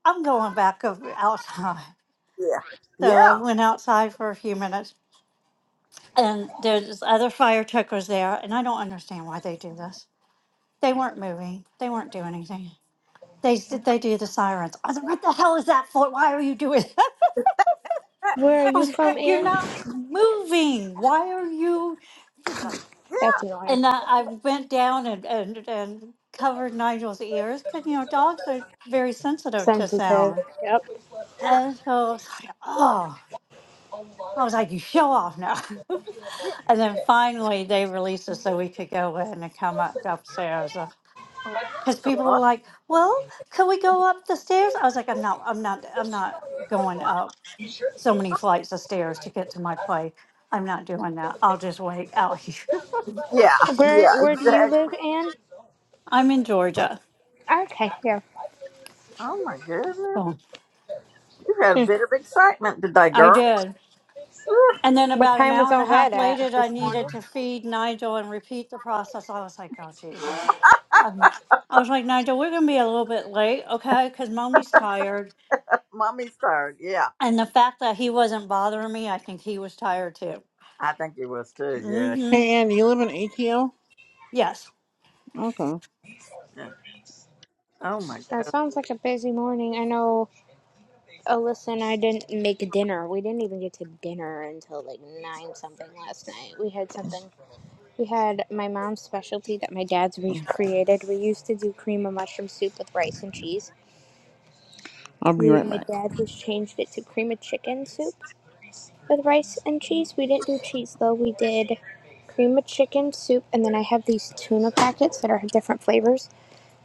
Speaker 6: I'm going back over outside.
Speaker 1: Yeah.
Speaker 6: So I
Speaker 1: Yeah.
Speaker 6: went outside for a few minutes and there's other fire truck there. And I don't understand why they do this. They weren't moving. They weren't doing anything. They s- they do the sirens. I was like, what the hell is that for? Why are you doing that?
Speaker 7: Where are
Speaker 6: I
Speaker 7: you
Speaker 6: was like,
Speaker 7: from,
Speaker 6: you're
Speaker 7: Anne?
Speaker 6: not moving. Why are you?
Speaker 1: Yeah.
Speaker 7: That's annoying.
Speaker 6: And I, I went down and, and, and covered Nigel's ears because, you know, dogs are very sensitive to
Speaker 7: Sensitive.
Speaker 6: sound.
Speaker 1: Yeah.
Speaker 6: And so it's like, oh, I was like, you show off now.
Speaker 1: Yeah.
Speaker 6: and then finally they released us so we could go in and come up upstairs. Because people were
Speaker 1: Yeah.
Speaker 6: like, well, could we go up the stairs? I was like, I'm not, I'm not, I'm not going up so many flights of stairs to get to my play. I'm not doing that. I'll just wait out here.
Speaker 1: Yeah, yeah,
Speaker 7: Where Where do you live,
Speaker 1: exactly.
Speaker 7: Anne?
Speaker 6: I'm in Georgia.
Speaker 7: Okay. yeah.
Speaker 1: Oh my goodness.
Speaker 6: So
Speaker 1: You had a
Speaker 7: Hmm.
Speaker 1: bit of excitement today,
Speaker 6: I
Speaker 1: girl.
Speaker 6: did. And then
Speaker 7: What
Speaker 6: about an
Speaker 7: time was
Speaker 6: hour and
Speaker 7: all
Speaker 6: a
Speaker 7: that
Speaker 6: half
Speaker 7: at
Speaker 6: later, I
Speaker 7: this
Speaker 6: needed
Speaker 7: morning?
Speaker 6: to feed Nigel and repeat the process. I was like, oh, Jesus. Um, I was like, Nigel, we're going to be a little bit late, okay? Because mommy's tired.
Speaker 1: Mommy's tired. Yeah,
Speaker 6: And the fact that he wasn't bothering me, I think he was tired too.
Speaker 1: I think you was too.
Speaker 6: mm
Speaker 1: Yeah.
Speaker 6: hmm
Speaker 5: Hey, Andy, you live in ATL?
Speaker 6: Yes.
Speaker 5: Okay,
Speaker 1: yeah. Oh my
Speaker 7: That
Speaker 1: goodness.
Speaker 7: sounds like a busy morning. I know Alyssa and I didn't make dinner. We didn't even get to dinner until like nine something last night. We had something. We had my mom's specialty that my dad's recreated. We used to do cream of mushroom soup with rice and cheese.
Speaker 5: I'll be
Speaker 7: We,
Speaker 5: right
Speaker 7: my
Speaker 5: back.
Speaker 7: dad has changed it to cream of chicken soup with rice and cheese. We didn't do cheese though. We did cream of chicken soup, and then I have these tuna packets that are different flavors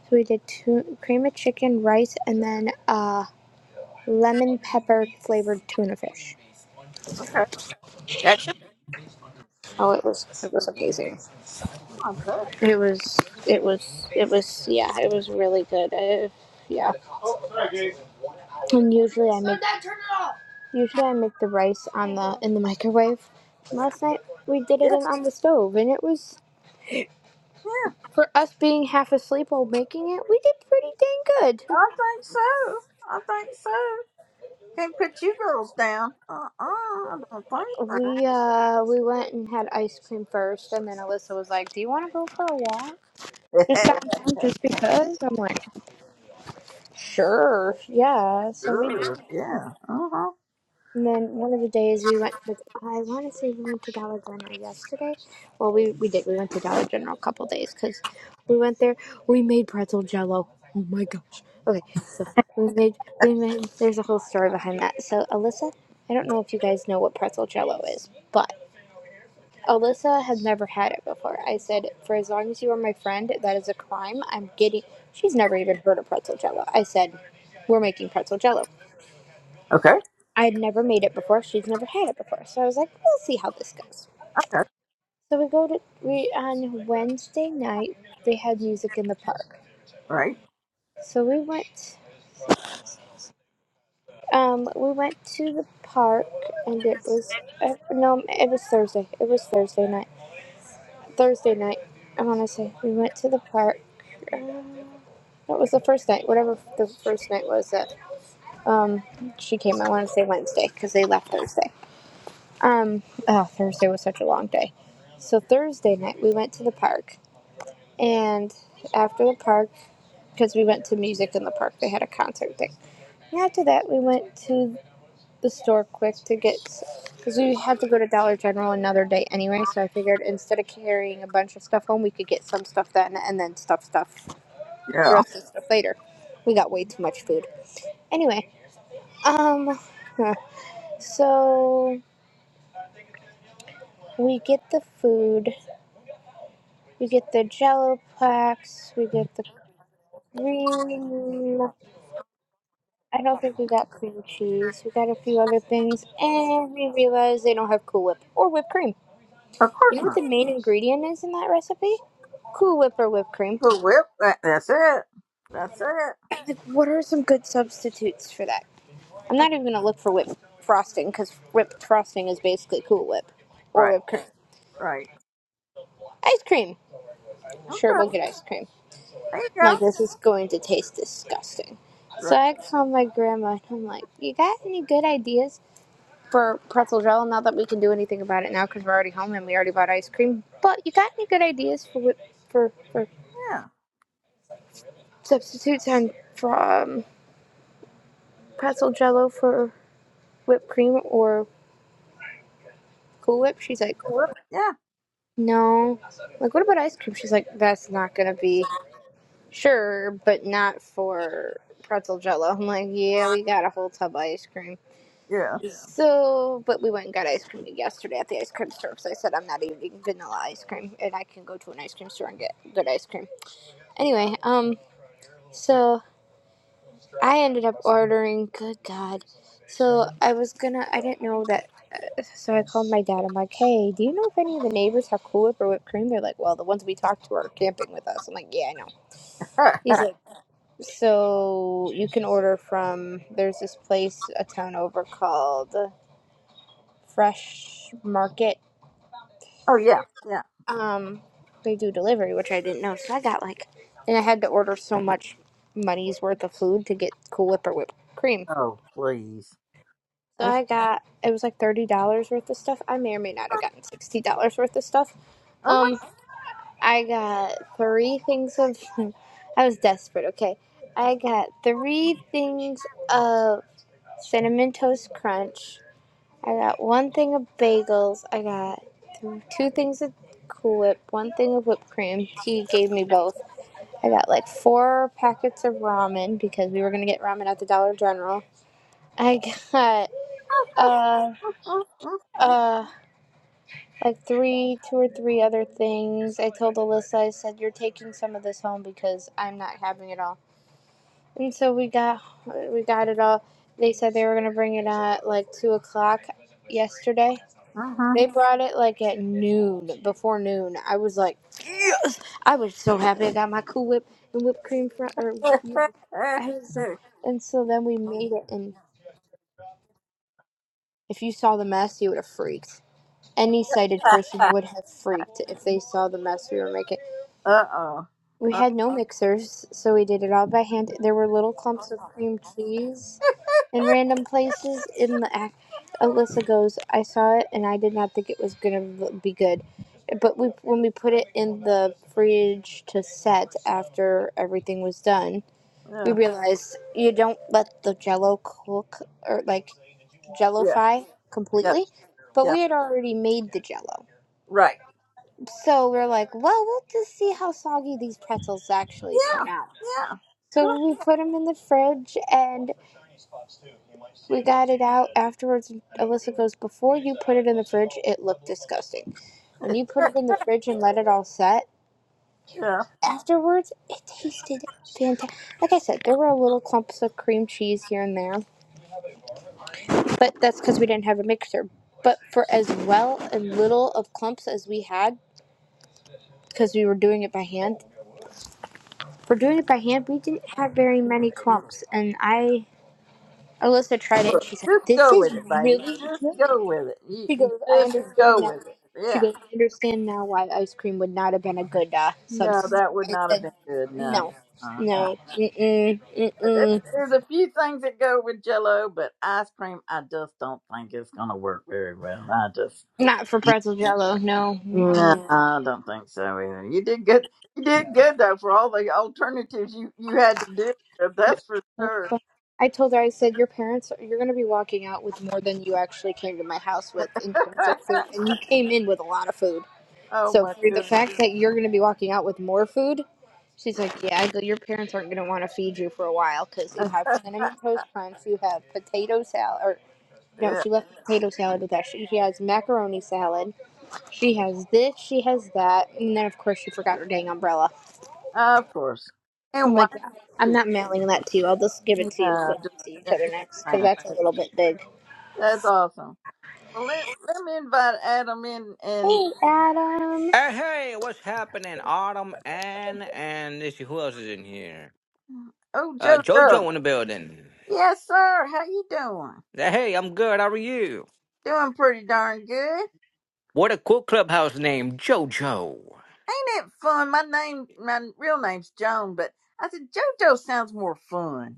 Speaker 7: So we did tu- cream of chicken, rice, and then uh, lemon pepper flavored tuna fish.
Speaker 1: Okay. That's your mom, huh?
Speaker 7: It was, it was, it was, yeah, it was really good. Uh, yeah. And usually I make usually I make the rice on the in the microwave. Last night we did
Speaker 1: Yeah.
Speaker 7: it in, on the stove, and it was
Speaker 1: yeah.
Speaker 7: for us being half asleep while making it. We did pretty dang good.
Speaker 1: I think so. I think so. Can't put you girls down. Uh uh I don't think
Speaker 7: We uh we went and had ice cream first, and then Alyssa was like, "Do you want to go for a walk?"
Speaker 1: so.
Speaker 7: just downtown just because I'm like, yeah. So we
Speaker 1: Sure. yeah. Uh huh.
Speaker 7: and then one of the days we went to I want to say we went to Dollar General yesterday. Well, we we did. We went to Dollar General a couple days because we went there. We made pretzel jello. Oh my gosh. Okay, so we made we made. There's a whole story behind that. So Alyssa, I don't know if you guys know what pretzel jello is, but. Alyssa has never had it before. I said, for as long as you are my friend, that is a crime. I'm getting. She's never even heard of pretzel jello. I said, we're making pretzel jello.
Speaker 1: Okay.
Speaker 7: I had never made it before. She's never had it before. So I was like, we'll see how this goes.
Speaker 1: Okay.
Speaker 7: So we go to we on Wednesday night. They had music in the park.
Speaker 1: Right.
Speaker 7: So we went. Um, we went to the park, and it was uh, no, it was Thursday. It was Thursday night. Thursday night. I want to say we went to the park What was the first night? Whatever the first night was that um, she came. I want to say Wednesday because they left Thursday. Um, oh, Thursday was such a long day. So Thursday night we went to the park, and after the park, because we went to music in the park, they had a concert thing. And after that, we went to the store quick to get, because we had to go to Dollar General another day anyway. So I figured instead of carrying a bunch of stuff home, we could get some stuff then and then stuff stuff the
Speaker 1: Yeah.
Speaker 7: rest of the stuff later. We got way too much food. Anyway, um, huh. so we get the food, we get the Jello packs, we get the cream. I don't think we got cream cheese. We got a few other things, and we realize they don't have Cool Whip or whipped cream.
Speaker 1: Of
Speaker 7: You
Speaker 1: course
Speaker 7: know what the
Speaker 1: not.
Speaker 7: main ingredient is in that recipe? Cool Whip or whipped cream.
Speaker 1: Cool whip. That, that's it. That's it.
Speaker 7: Like, what are some good substitutes for that? I'm not even gonna look for whipped frosting because whipped frosting is basically Cool Whip or
Speaker 1: Right.
Speaker 7: whipped cream.
Speaker 1: Right.
Speaker 7: Ice cream. Sure,
Speaker 1: Okay.
Speaker 7: we'll get ice cream.
Speaker 1: There you
Speaker 7: I'm
Speaker 1: go.
Speaker 7: like, this is going to taste disgusting. So
Speaker 1: Right.
Speaker 7: I called my grandma and I'm like, you got any good ideas for pretzel jello? Not that we can do anything about it now because we're already home and we already bought ice cream. But you got any good ideas for whip, for, for
Speaker 1: Yeah.
Speaker 7: substitutes and for um, pretzel jello for whipped cream or Cool Whip? She's like,
Speaker 1: Cool whip. Yeah.
Speaker 7: no. I'm Like, what about ice cream? She's like, that's not gonna be sure, but not for pretzel jello. I'm like, yeah, we got a whole tub of ice cream.
Speaker 1: Yeah.
Speaker 7: So, but we went and got ice cream yesterday at the ice cream store because I said I'm not eating vanilla ice cream and I can go to an ice cream store and get good ice cream. Anyway, um, so I ended up ordering, good God. So I was gonna, I didn't know that. So I called my dad. I'm like, hey, do you know if any of the neighbors have Cool Whip or whipped cream? They're like, well, the ones we talked to are camping with us. I'm like, yeah, I know. He's like, so you can order from, there's this place a town over called Fresh Market
Speaker 1: Oh yeah, yeah.
Speaker 7: um they do delivery which i didn't know so i got like and i had to order so much money's worth of food to get cool whip or whipped cream
Speaker 1: Oh please.
Speaker 7: so
Speaker 1: That's,
Speaker 7: i got it was like $30 worth of stuff i may or may not have gotten $60 worth of stuff
Speaker 1: oh
Speaker 7: um i got three things of i was desperate okay i got three things of cinnamon toast crunch I got one thing of bagels. I got two things of Cool Whip, one thing of whipped cream. He gave me both. I got like four packets of ramen because we were gonna get ramen at the Dollar General. I got uh
Speaker 1: my.
Speaker 7: uh like three, two or three other things. I told Alyssa, I said, "You're taking some of this home because I'm not having it all." And so we got we got it all. They said they were gonna bring it at like two o'clock yesterday
Speaker 1: Mm-hmm.
Speaker 7: They brought it like at noon, before noon. I was like, yes! I was so happy I got my Cool Whip and whipped cream fr or you know, I was like, and so then we made it. And if you saw the mess, you would have freaked. Any sighted person would have freaked if they saw the mess we were making.
Speaker 1: Uh oh.
Speaker 7: We
Speaker 1: Uh,
Speaker 7: had no mixers, so we did it all by hand. There were little clumps of cream cheese in random places in the act. Alyssa goes, I saw it and I did not think it was gonna be good, but we when we put it in the fridge to set after everything was done, we
Speaker 1: yeah,
Speaker 7: realized you don't let the Jello cook or like
Speaker 1: yeah,
Speaker 7: Jellify
Speaker 1: yeah,
Speaker 7: completely, but
Speaker 1: yeah.
Speaker 7: we had already made the Jello,
Speaker 1: Right.
Speaker 7: so we're like, well, we'll just see how soggy these pretzels actually turn
Speaker 1: Yeah,
Speaker 7: out.
Speaker 1: yeah. Good
Speaker 7: So we put them in the fridge, and We got it out afterwards. and Alyssa goes, Before you put it in the fridge, it looked disgusting.
Speaker 1: on
Speaker 7: When you put it in the fridge and let it all set,
Speaker 1: yeah.
Speaker 7: afterwards, it tasted fantastic. Like I said, there were little clumps of cream cheese here and there, but that's because we didn't have a mixer. But for as well and little of clumps as we had, because we were doing it by hand, for doing it by hand, we didn't have very many clumps. And I, Alyssa tried it.
Speaker 1: Look,
Speaker 7: She's like,
Speaker 1: just
Speaker 7: This
Speaker 1: go
Speaker 7: is
Speaker 1: with it, baby.
Speaker 7: really good.
Speaker 1: Just go with it. You,
Speaker 7: She
Speaker 1: you
Speaker 7: goes, I
Speaker 1: just
Speaker 7: understand
Speaker 1: go
Speaker 7: now.
Speaker 1: with it.
Speaker 7: She
Speaker 1: Yeah.
Speaker 7: goes, I understand now why ice cream would not have been a good uh,
Speaker 1: No,
Speaker 7: substitute.
Speaker 1: that would
Speaker 7: I
Speaker 1: not have
Speaker 7: said,
Speaker 1: been good. No.
Speaker 7: no,
Speaker 1: Uh, no.
Speaker 7: no, mm-mm,
Speaker 1: There-
Speaker 7: mm-mm.
Speaker 1: There's a few things that go with Jello, but ice cream, I just don't think it's gonna work very well. I just.
Speaker 7: Not for pretzel jello, no.
Speaker 1: No,
Speaker 7: Mm-mm.
Speaker 1: I don't think so either. You did good. You did good though for all the alternatives you you had to do. That's for sure.
Speaker 7: I told her, I said, your parents, you're going to be walking out with more than you actually came to my house with in terms of food. And you came in with a lot of food.
Speaker 1: oh
Speaker 7: So
Speaker 1: my
Speaker 7: for the
Speaker 1: goodness.
Speaker 7: fact that you're going to be walking out with more food, she's like, yeah, I go, your parents aren't going to want to feed you for a while because you have cinnamon toast crunch, you have potato salad, or no,
Speaker 1: yeah,
Speaker 7: she left potato salad with that. She, she has macaroni salad, she has this, she has that, and then of course she forgot her dang umbrella.
Speaker 1: of course. And
Speaker 7: I'm
Speaker 1: why?
Speaker 7: like, yeah, I'm
Speaker 1: would
Speaker 7: not mailing that to you. I'll just give it
Speaker 1: you?
Speaker 7: to you
Speaker 1: No,
Speaker 7: when
Speaker 1: just,
Speaker 7: we see each
Speaker 1: yeah,
Speaker 7: other
Speaker 1: that's
Speaker 7: next because that's a
Speaker 1: fine.
Speaker 7: little bit big.
Speaker 1: That's awesome. Well, let let me invite Adam in and
Speaker 7: Hey, Adam.
Speaker 8: Hey, hey, what's happening? Autumn and and let's see who else is in here?
Speaker 1: oh
Speaker 8: Uh
Speaker 1: Joe
Speaker 8: Jojo
Speaker 1: Joe.
Speaker 8: in the building.
Speaker 1: Yes, sir. How you doing?
Speaker 8: Uh, Hey, I'm good. How are you?
Speaker 1: Doing pretty darn good.
Speaker 8: What a cool clubhouse name, Jojo.
Speaker 1: Ain't it fun? My name, my real name's Joan, but I said JoJo sounds more fun.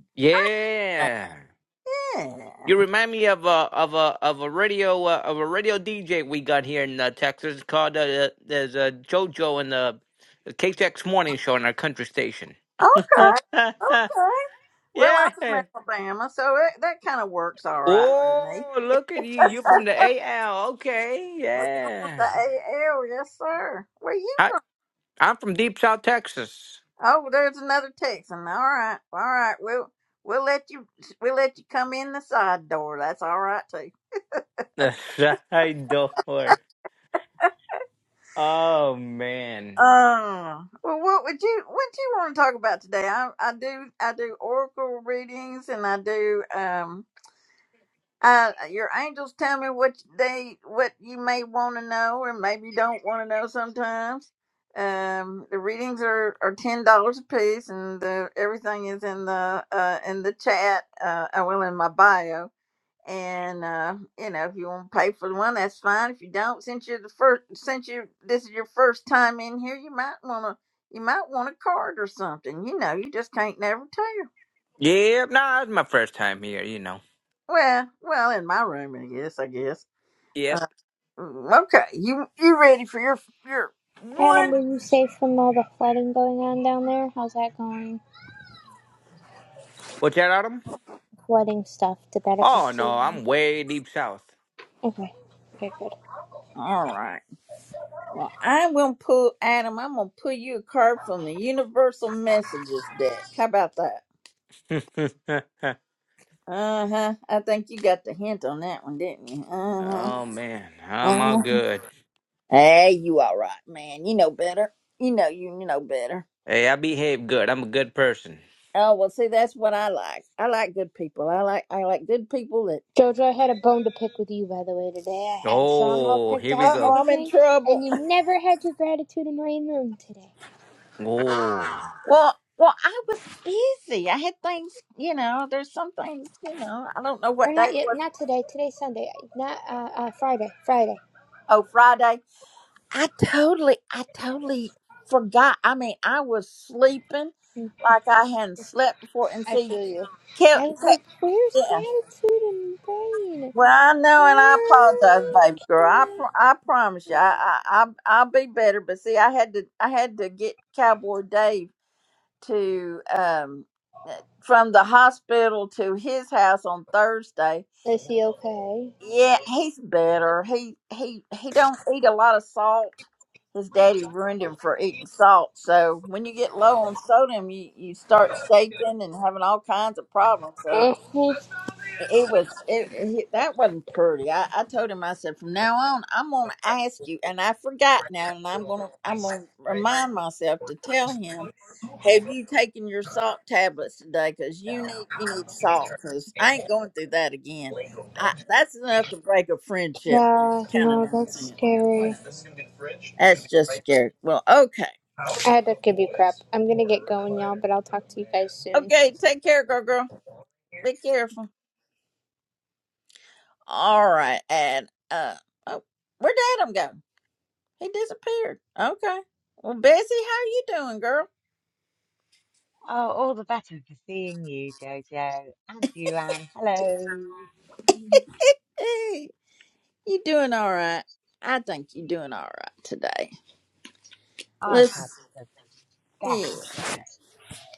Speaker 1: I
Speaker 8: Yeah.
Speaker 1: yeah.
Speaker 8: You remind me of a of a of a radio uh, of a radio DJ we got here in uh, Texas It's called uh, uh, there's uh, Jojo in the the KTX morning show on our country station.
Speaker 1: Okay.
Speaker 8: yeah.
Speaker 1: Okay. Well, I'm from Alabama, so it, that kind of works all right with me.
Speaker 8: Oh, look at you. You're from the AL. Okay.
Speaker 1: The
Speaker 8: Yeah.
Speaker 1: AL, yes, sir. Where you
Speaker 8: I
Speaker 1: from?
Speaker 8: I'm from Deep South Texas.
Speaker 1: Oh, there's another Texan. All right. All right. We'll we'll let you we'll let you come in the side door. That's all right too.
Speaker 8: I don't. Oh man.
Speaker 1: Uh, well, what would you what do you want to talk about today? I I do I do oracle readings and I do um I your angels tell me what they what you may want to know or maybe don't want to know sometimes. Um, the readings are are ten dollars a piece and the everything is in the uh in the chat uh well in my bio and uh, you know if you want to pay for the one that's fine if you don't since you're the first since you this is your first time in here you might want to you might want a card or something you know you just can't never tell
Speaker 8: Yep, nah, it's my first time here, you know.
Speaker 1: well well in my room i guess i guess
Speaker 8: Yep.
Speaker 1: Mm, okay you you ready for your your
Speaker 7: Adam,
Speaker 1: one
Speaker 7: were you safe from all the flooding going on down there? How's that going?
Speaker 8: What's that, Autumn?
Speaker 7: wedding stuff. Did that
Speaker 8: Oh
Speaker 7: affect
Speaker 8: no,
Speaker 7: you?
Speaker 8: I'm way deep south.
Speaker 7: Okay. Okay, good.
Speaker 1: all right well i'm gonna pull adam i'm gonna pull you a card from the universal messages deck how about that Uh huh. I think you got the hint on that one, didn't you? Uh huh.
Speaker 8: oh man, I'm all
Speaker 1: Uh-huh.
Speaker 8: good.
Speaker 1: Hey, you all right, man. You know better. You know you you know better.
Speaker 8: Hey, I behave good. I'm a good person.
Speaker 1: Oh well see that's what I like. I like good people. I like I like good people that
Speaker 7: Jojo, I had a bone to pick with you, by the way, today. I had a song all
Speaker 8: Oh,
Speaker 7: picked
Speaker 8: here we
Speaker 7: out
Speaker 1: uh
Speaker 7: and
Speaker 8: go.
Speaker 1: oh I'm in
Speaker 7: everything,
Speaker 1: trouble.
Speaker 7: and you never had your gratitude in rain room today.
Speaker 8: Oh.
Speaker 1: Well well I was busy. I had things you know, there's some things, you know, I don't know
Speaker 7: Or
Speaker 1: what day
Speaker 7: not
Speaker 1: it
Speaker 7: yet,
Speaker 1: was.
Speaker 7: not today. Today's Sunday. Not, uh, uh, Friday. Friday.
Speaker 1: Oh Friday. I totally, I totally forgot. I mean, I was sleeping
Speaker 7: Mm,
Speaker 1: like I hadn't slept before. And
Speaker 7: I
Speaker 1: see,
Speaker 7: feel you.
Speaker 1: Kel,
Speaker 7: I was
Speaker 1: Kel,
Speaker 7: like, where's
Speaker 1: yeah.
Speaker 7: gratitude in rain?
Speaker 1: Well, I know,
Speaker 7: Okay.
Speaker 1: and I apologize, baby girl. I, pr- I promise you, I, I, I, I'll be better. But see, I had to, I had to get Cowboy Dave to, um, from the hospital to his house on Thursday
Speaker 7: Is he okay?
Speaker 1: Yeah, he's better. He he he don't eat a lot of salt. His daddy ruined him for eating salt. So when you get low on sodium, you you start shaking and having all kinds of problems. So. It was it, it that wasn't pretty. I, I told him I said from now on I'm gonna ask you, and I forgot now, and I'm gonna I'm gonna remind myself to tell him, have you taken your salt tablets today? Because you need you need salt. Because I ain't going through that again. I that's enough to break a friendship with.
Speaker 7: Uh,
Speaker 1: Kind of
Speaker 7: no, that's
Speaker 1: nonsense, you
Speaker 7: scary.
Speaker 1: know. That's just scary. Well, okay,
Speaker 7: I had a kibby crap. I'm gonna get going, y'all, but I'll talk to you guys soon.
Speaker 1: okay. Take care, girl, girl. Be careful. All right, and uh, oh, where'd Adam go? He disappeared. Okay. Well, Bessie, how you doing, girl?
Speaker 9: Oh, all the better for seeing you, Jojo, and you, Anne. Hello.
Speaker 1: Hey, you doing all right? I think you're doing all right today.
Speaker 9: I've had
Speaker 1: Let's.
Speaker 9: the
Speaker 1: Yeah.
Speaker 9: best day,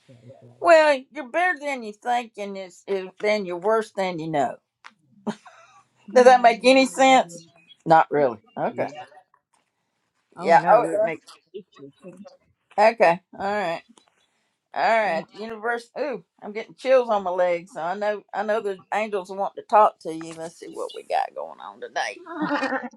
Speaker 9: Jojo.
Speaker 1: Well, you're better than you think, and it's, it's then you're worse than you know. Does that make any sense? Not really. Okay.
Speaker 9: Yeah. Oh
Speaker 1: Yeah. Oh,
Speaker 9: no,
Speaker 1: it
Speaker 9: it makes total sense.
Speaker 1: does. Okay. All right. All
Speaker 9: Yeah.
Speaker 1: right. Universe. Ooh, I'm getting chills on my legs. So I know. I know the angels want to talk to you. Let's see what we got going on today.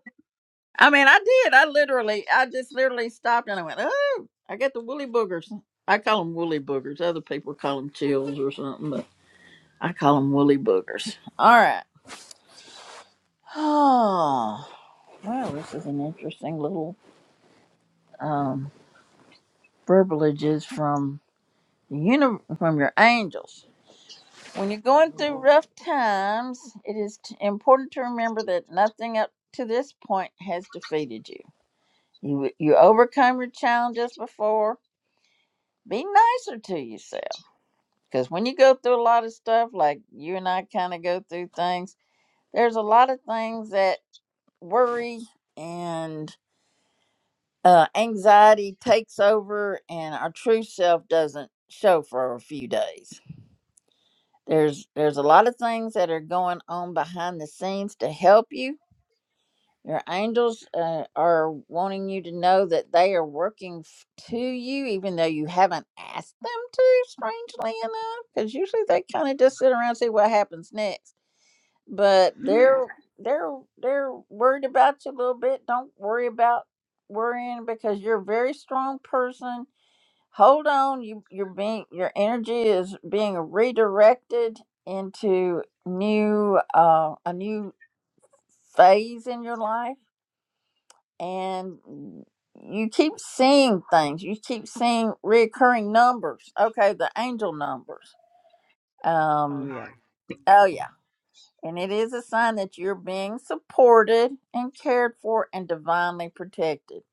Speaker 1: I mean, I did. I literally, I just literally stopped and I went, oh, I got the woolly boogers. I call them woolly boogers. Other people call them chills or something, but I call them woolly boogers. All right. Oh, well, this is an interesting little um, verbalages from the uni- from your angels. When you're going through
Speaker 9: Oh,
Speaker 1: rough times, it is t- important to remember that nothing up to this point has defeated you. You you overcome your challenges before be nicer to yourself because when you go through a lot of stuff like you and i kind of go through things there's a lot of things that worry and uh, anxiety takes over and our true self doesn't show for a few days there's there's a lot of things that are going on behind the scenes to help you Your angels uh, are wanting you to know that they are working f- to you, even though you haven't asked them to, strangely enough, because usually they kind of just sit around and see what happens next. But they're they're they're worried about you a little bit. Don't worry about worrying because you're a very strong person. Hold on, you you're being your energy is being redirected into new uh, a new phase in your life and you keep seeing things. You keep seeing reoccurring numbers. Okay, the angel numbers.
Speaker 9: oh,
Speaker 1: Um,
Speaker 9: yeah.
Speaker 1: oh yeah, and it is a sign that you're being supported and cared for and divinely protected,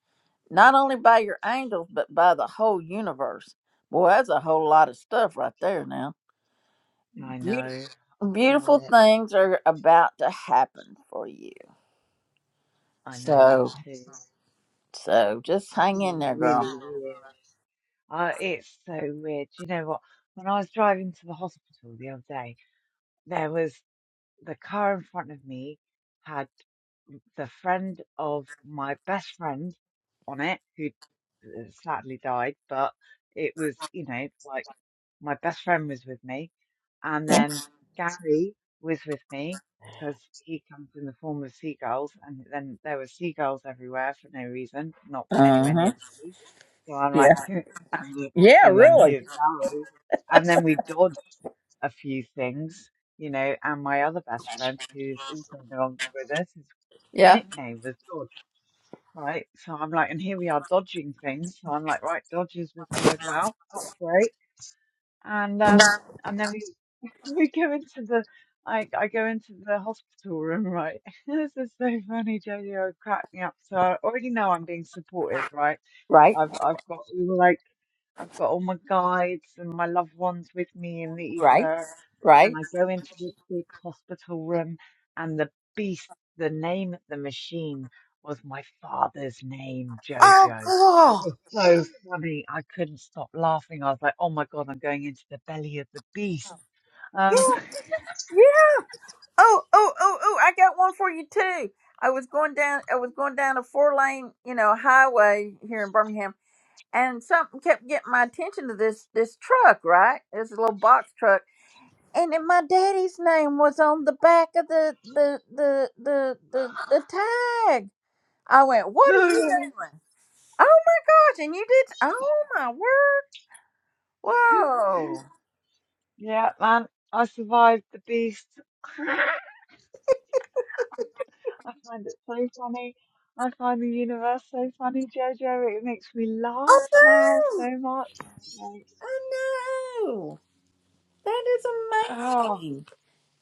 Speaker 1: not only by your angels but by the whole universe. Boy, that's a whole lot of stuff right there. Now,
Speaker 9: I
Speaker 1: beautiful,
Speaker 9: know. I feel
Speaker 1: beautiful things are about to happen for you.
Speaker 9: it. I know that
Speaker 1: So,
Speaker 9: too.
Speaker 1: so just
Speaker 9: It's
Speaker 1: hang in there, girl.
Speaker 9: really weird. Uh, it's so weird. Do you know what? When I was driving to the hospital the other day, there was. the car in front of me had the friend of my best friend on it, who uh, sadly died, but it was, you know, like my best friend was with me. And
Speaker 1: Uh
Speaker 9: then Gary was with me because he comes in the form of seagulls. And then there were seagulls everywhere for no reason, not anywhere near
Speaker 1: huh.
Speaker 9: the sea. So I'm
Speaker 1: Yeah.
Speaker 9: like, and,
Speaker 1: Yeah.
Speaker 9: and then
Speaker 1: Really.
Speaker 9: here's Barry. And then we dodged a few things, you know, and my other best friend, who's also no longer with us, his
Speaker 1: Yeah.
Speaker 9: nickname was Dodge, right? So I'm like, and here we are dodging things. So I'm like, right, Dodge is with me as well. That's great. And um, and then we we go into the. I, I go into the hospital room, right? this is so funny, Jojo. Cracked me up. So I already know I'm being supported, right?
Speaker 1: Right,
Speaker 9: I've I've got all, like I've got all my guides and my loved ones with me in the
Speaker 1: right,
Speaker 9: ether and
Speaker 1: right.
Speaker 9: I go into this big hospital room, and the beast, the name of the machine was my father's name,
Speaker 1: Oh,
Speaker 9: Jojo.
Speaker 1: cool.
Speaker 9: It was so funny. I couldn't stop laughing. I was like, oh my God, I'm going into the belly of the beast. Um,
Speaker 1: Yeah. Yeah. Oh, oh, oh, oh! I got one for you too. I was going down. I was going down a four lane, you know, highway here in Birmingham, and something kept getting my attention to this this truck. Right, this little box truck, and then my daddy's name was on the back of the the the the the, the tag. I went, "What are you
Speaker 9: so, yeah,
Speaker 1: doing?" Oh my gosh! And you did? Oh my word! Whoa!
Speaker 9: Yeah, man, I survived the beast. I find it so funny. I find the universe so funny, Jojo. It makes me laugh now
Speaker 1: Oh
Speaker 9: so much. Like,
Speaker 1: I know. That is
Speaker 9: oh,
Speaker 1: amazing.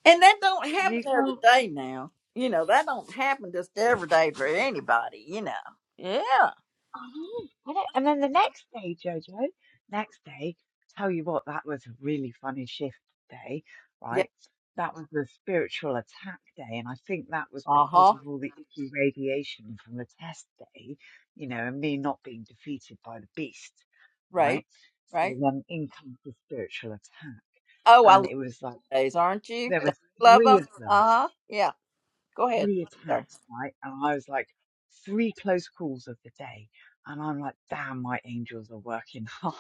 Speaker 1: And that don't happen
Speaker 9: you
Speaker 1: every
Speaker 9: can't.
Speaker 1: day now. You know, that don't happen just every day for anybody, you know. Yeah.
Speaker 9: I know. I know. And then the next day, Jojo, next day, tell you what, that was a really funny shift day,
Speaker 1: Yeah.
Speaker 9: right? That was the spiritual attack day. And I think that was
Speaker 1: Uh
Speaker 9: because
Speaker 1: huh.
Speaker 9: of all the icky radiation from the test day, you know, and me not being defeated by the beast,
Speaker 1: Right.
Speaker 9: right? So
Speaker 1: Right.
Speaker 9: then in comes the spiritual attack.
Speaker 1: Oh, I
Speaker 9: And
Speaker 1: love
Speaker 9: it was like,
Speaker 1: those, aren't you?
Speaker 9: there were
Speaker 1: Don't you love
Speaker 9: three
Speaker 1: them?
Speaker 9: of them
Speaker 1: Uh huh. Yeah. Go ahead. Sorry.
Speaker 9: reattacked, right? And I was like, three close calls of the day. And I'm like, damn, my angels are working hard.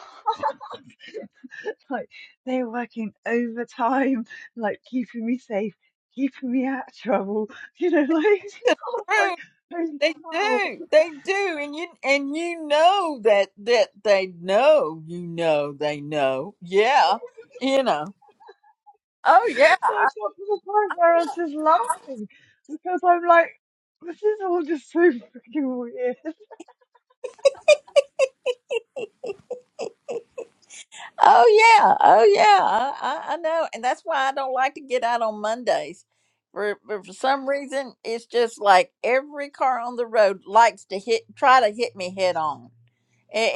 Speaker 9: like, they're working overtime, like, keeping me safe, keeping me out of trouble. You know, like, it's just sort of like,
Speaker 1: Right.
Speaker 9: holy
Speaker 1: They
Speaker 9: cow.
Speaker 1: do. They do. And you and you know that that they know, you know they know. Yeah. You know. Oh yeah.
Speaker 9: So I got to the point where I was just laughing because I'm like, this is all just so freaking weird.
Speaker 1: Oh yeah, oh yeah, I, I, I know, and that's why I don't like to get out on Mondays. For for for some reason, it's just like every car on the road likes to hit, try to hit me head on.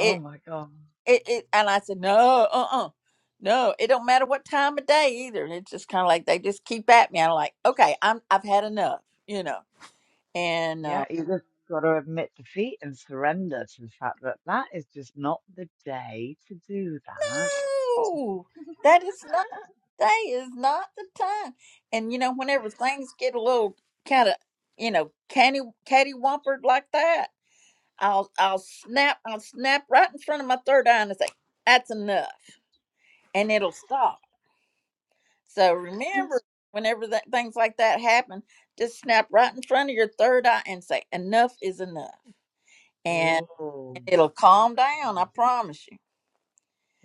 Speaker 9: Oh my God.
Speaker 1: it it, it and I said no, uh uh no. It don't matter what time of day either. It's just kind of like they just keep at me. I'm like, okay, I'm I've had enough, you know. And
Speaker 9: Yeah,
Speaker 1: uh,
Speaker 9: you just got to admit defeat and surrender to the fact that that is just not the day to do that.
Speaker 1: no, that is not. Day is not the time. And you know, whenever things get a little kind of, you know, candy cattywampered like that, I'll I'll snap I'll snap right in front of my third eye and say, "That's enough," and it'll stop. So remember, whenever that things like that happen, just snap right in front of your third eye and say, "Enough is enough," and
Speaker 9: Oh,
Speaker 1: it'll
Speaker 9: that's
Speaker 1: calm down.
Speaker 9: good.
Speaker 1: I promise you.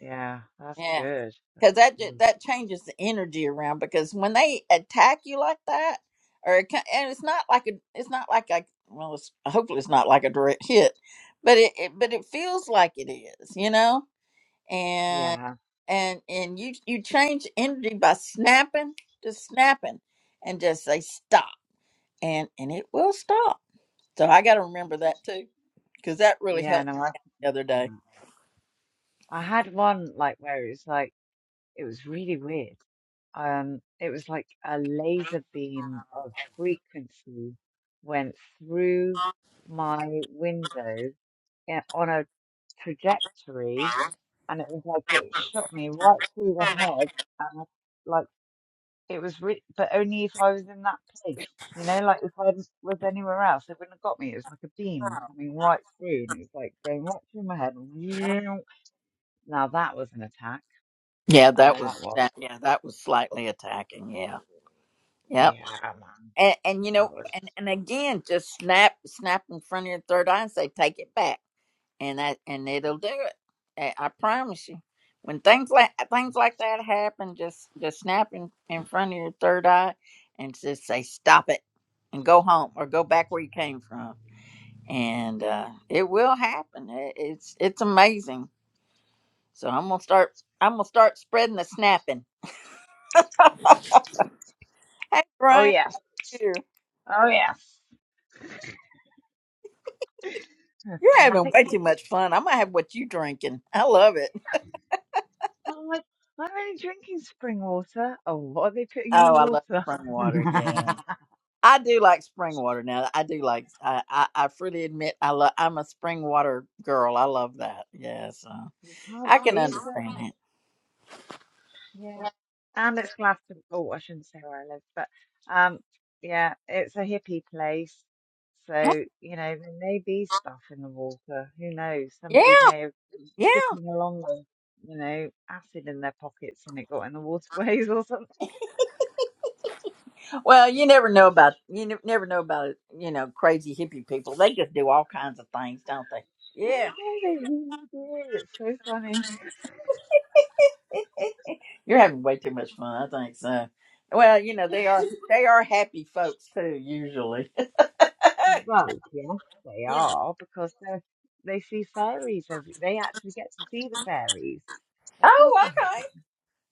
Speaker 9: Yeah, that's
Speaker 1: Yeah,
Speaker 9: good. That's
Speaker 1: because that ju-
Speaker 9: good.
Speaker 1: that changes the energy around. Because when they attack you like that, or it, ca- and it's not like a, it's not like a, well, it's, hopefully it's not like a direct hit, but it, it but it feels like it is, you know. And
Speaker 9: Yeah,
Speaker 1: and and you you change energy by snapping, just snapping, and just say stop, and and it will stop. So I got to remember that too, because that really
Speaker 9: yeah,
Speaker 1: helped
Speaker 9: no, I think
Speaker 1: the other
Speaker 9: that's
Speaker 1: day.
Speaker 9: right. I had one like where it was like it was really weird. Um, it was like a laser beam of frequency went through my window yeah, on a trajectory and it was like it shot me right through the head and I, like it was re- but only if I was in that place you know like if I was anywhere else it wouldn't have got me it was like a beam coming right through and it was like going right through my head now that was an attack
Speaker 1: Yeah,
Speaker 9: I
Speaker 1: that
Speaker 9: know that
Speaker 1: was
Speaker 9: was
Speaker 1: that. Yeah, that was slightly attacking. Yeah, yep.
Speaker 9: yeah man
Speaker 1: And, and you know,
Speaker 9: that was
Speaker 1: and, and again, just snap, snap in front of your third eye and say, "Take it back," and that, and it'll do it. I, I promise you. When things like things like that happen, just just snap in, in front of your third eye and just say, "Stop it," and go home or go back where you came from, and uh, it will happen. It, it's it's amazing. So I'm gonna start. I'm gonna start spreading the snapping. Hey,
Speaker 9: uh, oh
Speaker 1: Brian,
Speaker 9: yes
Speaker 1: here.
Speaker 9: oh yes Gonna
Speaker 1: You're
Speaker 9: snap
Speaker 1: having
Speaker 9: it
Speaker 1: way
Speaker 9: good
Speaker 1: too much fun. I might have what you drinking. I love it.
Speaker 9: I'm like I'm only drinking spring water oh what are they putting in the
Speaker 1: Oh, I love
Speaker 9: water
Speaker 1: spring water. Yeah, I do like spring water. Now, I do like. I I, I freely admit, I love. I'm a spring water girl. I love that. Yeah, so
Speaker 9: you can't
Speaker 1: I can
Speaker 9: beat it
Speaker 1: understand
Speaker 9: Yeah.
Speaker 1: it.
Speaker 9: And it's Glastonbury. Oh, I shouldn't say where I live, but um, yeah, it's a hippie place. So, you know, there may be stuff in the water. Who knows?
Speaker 1: Yeah,
Speaker 9: Somebody may have been
Speaker 1: yeah.
Speaker 9: skipping along with, you know, acid in their pockets and it got in the waterways or something.
Speaker 1: Well, you never know about you ne- never know about you know crazy hippie people. They just do all kinds of things, don't they?
Speaker 9: I
Speaker 1: Yeah.
Speaker 9: don't know, they really do. It's so funny.
Speaker 1: You're having way too much fun, I think so. Well, you know, they are they are happy folks too, usually.
Speaker 9: Well, yes, they
Speaker 1: you know.
Speaker 9: are because they they see fairies every, they actually get to see the fairies. Of course
Speaker 1: Oh,
Speaker 9: they're
Speaker 1: okay.
Speaker 9: happy.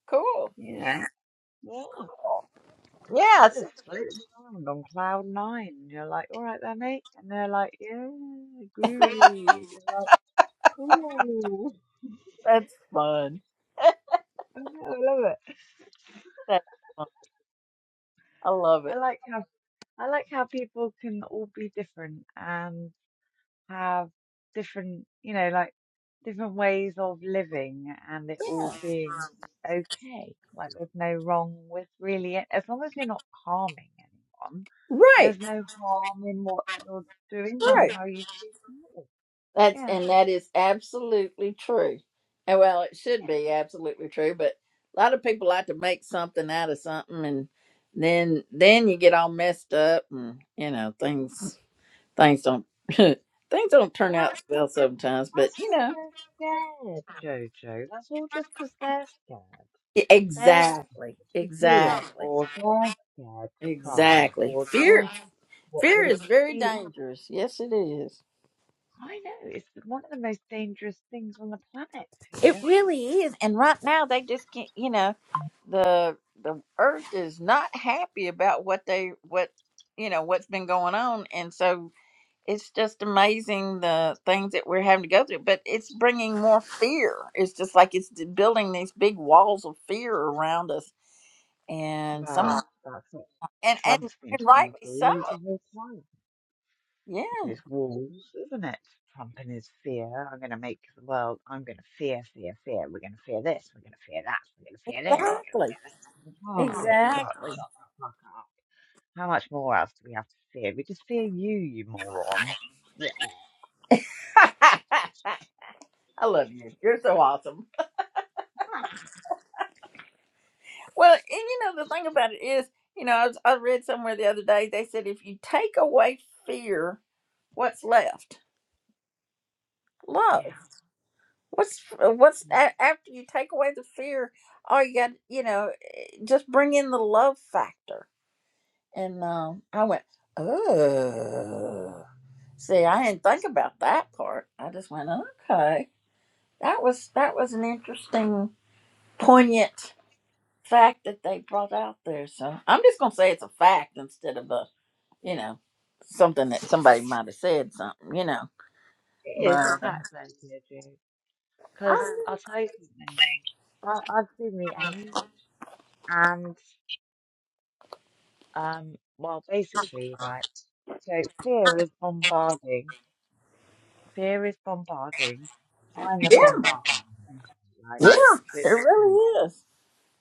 Speaker 1: Cool.
Speaker 9: Yeah. Yeah.
Speaker 1: Yeah,
Speaker 9: That
Speaker 1: it's-
Speaker 9: just floating around on cloud nine. And you're like, all right then, mate. And they're like, yeah, groovy. And you're like, cool.
Speaker 1: that's fun.
Speaker 9: I know, I love it.
Speaker 1: That's fun. I love
Speaker 9: I
Speaker 1: it.
Speaker 9: like how I like how people can all be different and have different, you know, like different ways of living and it all
Speaker 1: Yeah.
Speaker 9: being okay. Like there's no wrong with really As long as you're not harming anyone,
Speaker 1: Right.
Speaker 9: there's no harm in what you're doing on
Speaker 1: Right.
Speaker 9: how you choose to live.
Speaker 1: That's
Speaker 9: Yeah.
Speaker 1: and that is absolutely true. And well, it should
Speaker 9: yeah.
Speaker 1: be absolutely true, but a lot of people like to make something out of something and then then you get all messed up and you know things Things don't things don't turn
Speaker 9: Well, that's
Speaker 1: out
Speaker 9: cause,
Speaker 1: well sometimes, but
Speaker 9: that's
Speaker 1: you know.
Speaker 9: 'cause they're scared, Jojo. That's all just 'cause they're scared.
Speaker 1: e-
Speaker 9: They're
Speaker 1: Exactly.
Speaker 9: scared to do it,
Speaker 1: Exactly.
Speaker 9: or they're scared to try,
Speaker 1: Exactly.
Speaker 9: or
Speaker 1: Fear
Speaker 9: they're, what
Speaker 1: fear
Speaker 9: would it
Speaker 1: is very
Speaker 9: be
Speaker 1: dangerous. Yes it is.
Speaker 9: like? I know, it's one of the most dangerous things on the planet,
Speaker 1: It
Speaker 9: fear.
Speaker 1: really is. And right now they just can't you know, the the earth is not happy about what they what you know, what's been going on and so it's just amazing the things that we're having to go through, but it's bringing more fear. It's just like it's building these big walls of fear around us and some Right.
Speaker 9: Well, that's what
Speaker 1: and and,
Speaker 9: Trump's been
Speaker 1: and
Speaker 9: trying to
Speaker 1: rightly so.
Speaker 9: do the whole time.
Speaker 1: Yeah,
Speaker 9: With There's walls, isn't it? Trump and his fear. I'm going to make the world, I'm going to fear, fear, fear. We're going to fear this. We're going to fear that. We're going to fear this. We're going to
Speaker 1: Exactly.
Speaker 9: fear this. Oh, dear God,
Speaker 1: exactly.
Speaker 9: shut the fuck up. How much more else do we have to fear? We just fear you, you moron.
Speaker 1: I love you. You're so awesome. Well, and you know the thing about it is, you know, I, was, I read somewhere the other day they said if you take away fear, what's left? Love.
Speaker 9: Yeah.
Speaker 1: What's what's a- after you take away the fear? All you got, you know, eh, just bring in the love factor. And um, I went, oh. See, I didn't think about that part. I just went, okay. That was that was an interesting, poignant fact that they brought out there. So I'm just gonna say it's a fact instead of a, you know, something that somebody might have said something, you know.
Speaker 9: It
Speaker 1: But
Speaker 9: is a fact
Speaker 1: uh,
Speaker 9: though, Deirdre. Because
Speaker 1: I,
Speaker 9: I'll tell you something. I, I've seen the end, and um, well, basically, right. So fear is bombarding. fear is bombarding, trying a
Speaker 1: yeah,
Speaker 9: bombardment, and like
Speaker 1: yeah,
Speaker 9: that's
Speaker 1: it
Speaker 9: its intent.
Speaker 1: really is.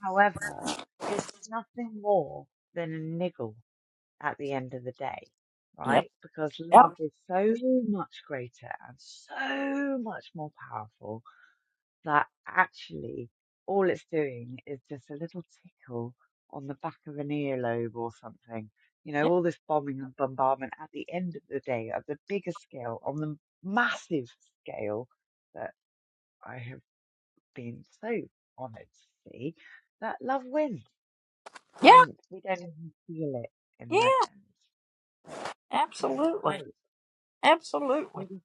Speaker 9: However, it's nothing more than a niggle at the end of the day,
Speaker 1: Yep,
Speaker 9: right? Because
Speaker 1: yep,
Speaker 9: love is so much greater and so much more powerful that actually all it's doing is just a little tickle on the back of an earlobe or something. You
Speaker 1: yeah,
Speaker 9: know, all this bombing and bombardment at the end of the day, at the bigger scale, on the massive scale that I have been so honored to see, that love wins
Speaker 1: yeah,
Speaker 9: and we don't even feel it in
Speaker 1: yeah.
Speaker 9: the end. So, yeah, it's great.
Speaker 1: Absolutely, absolutely,
Speaker 9: We just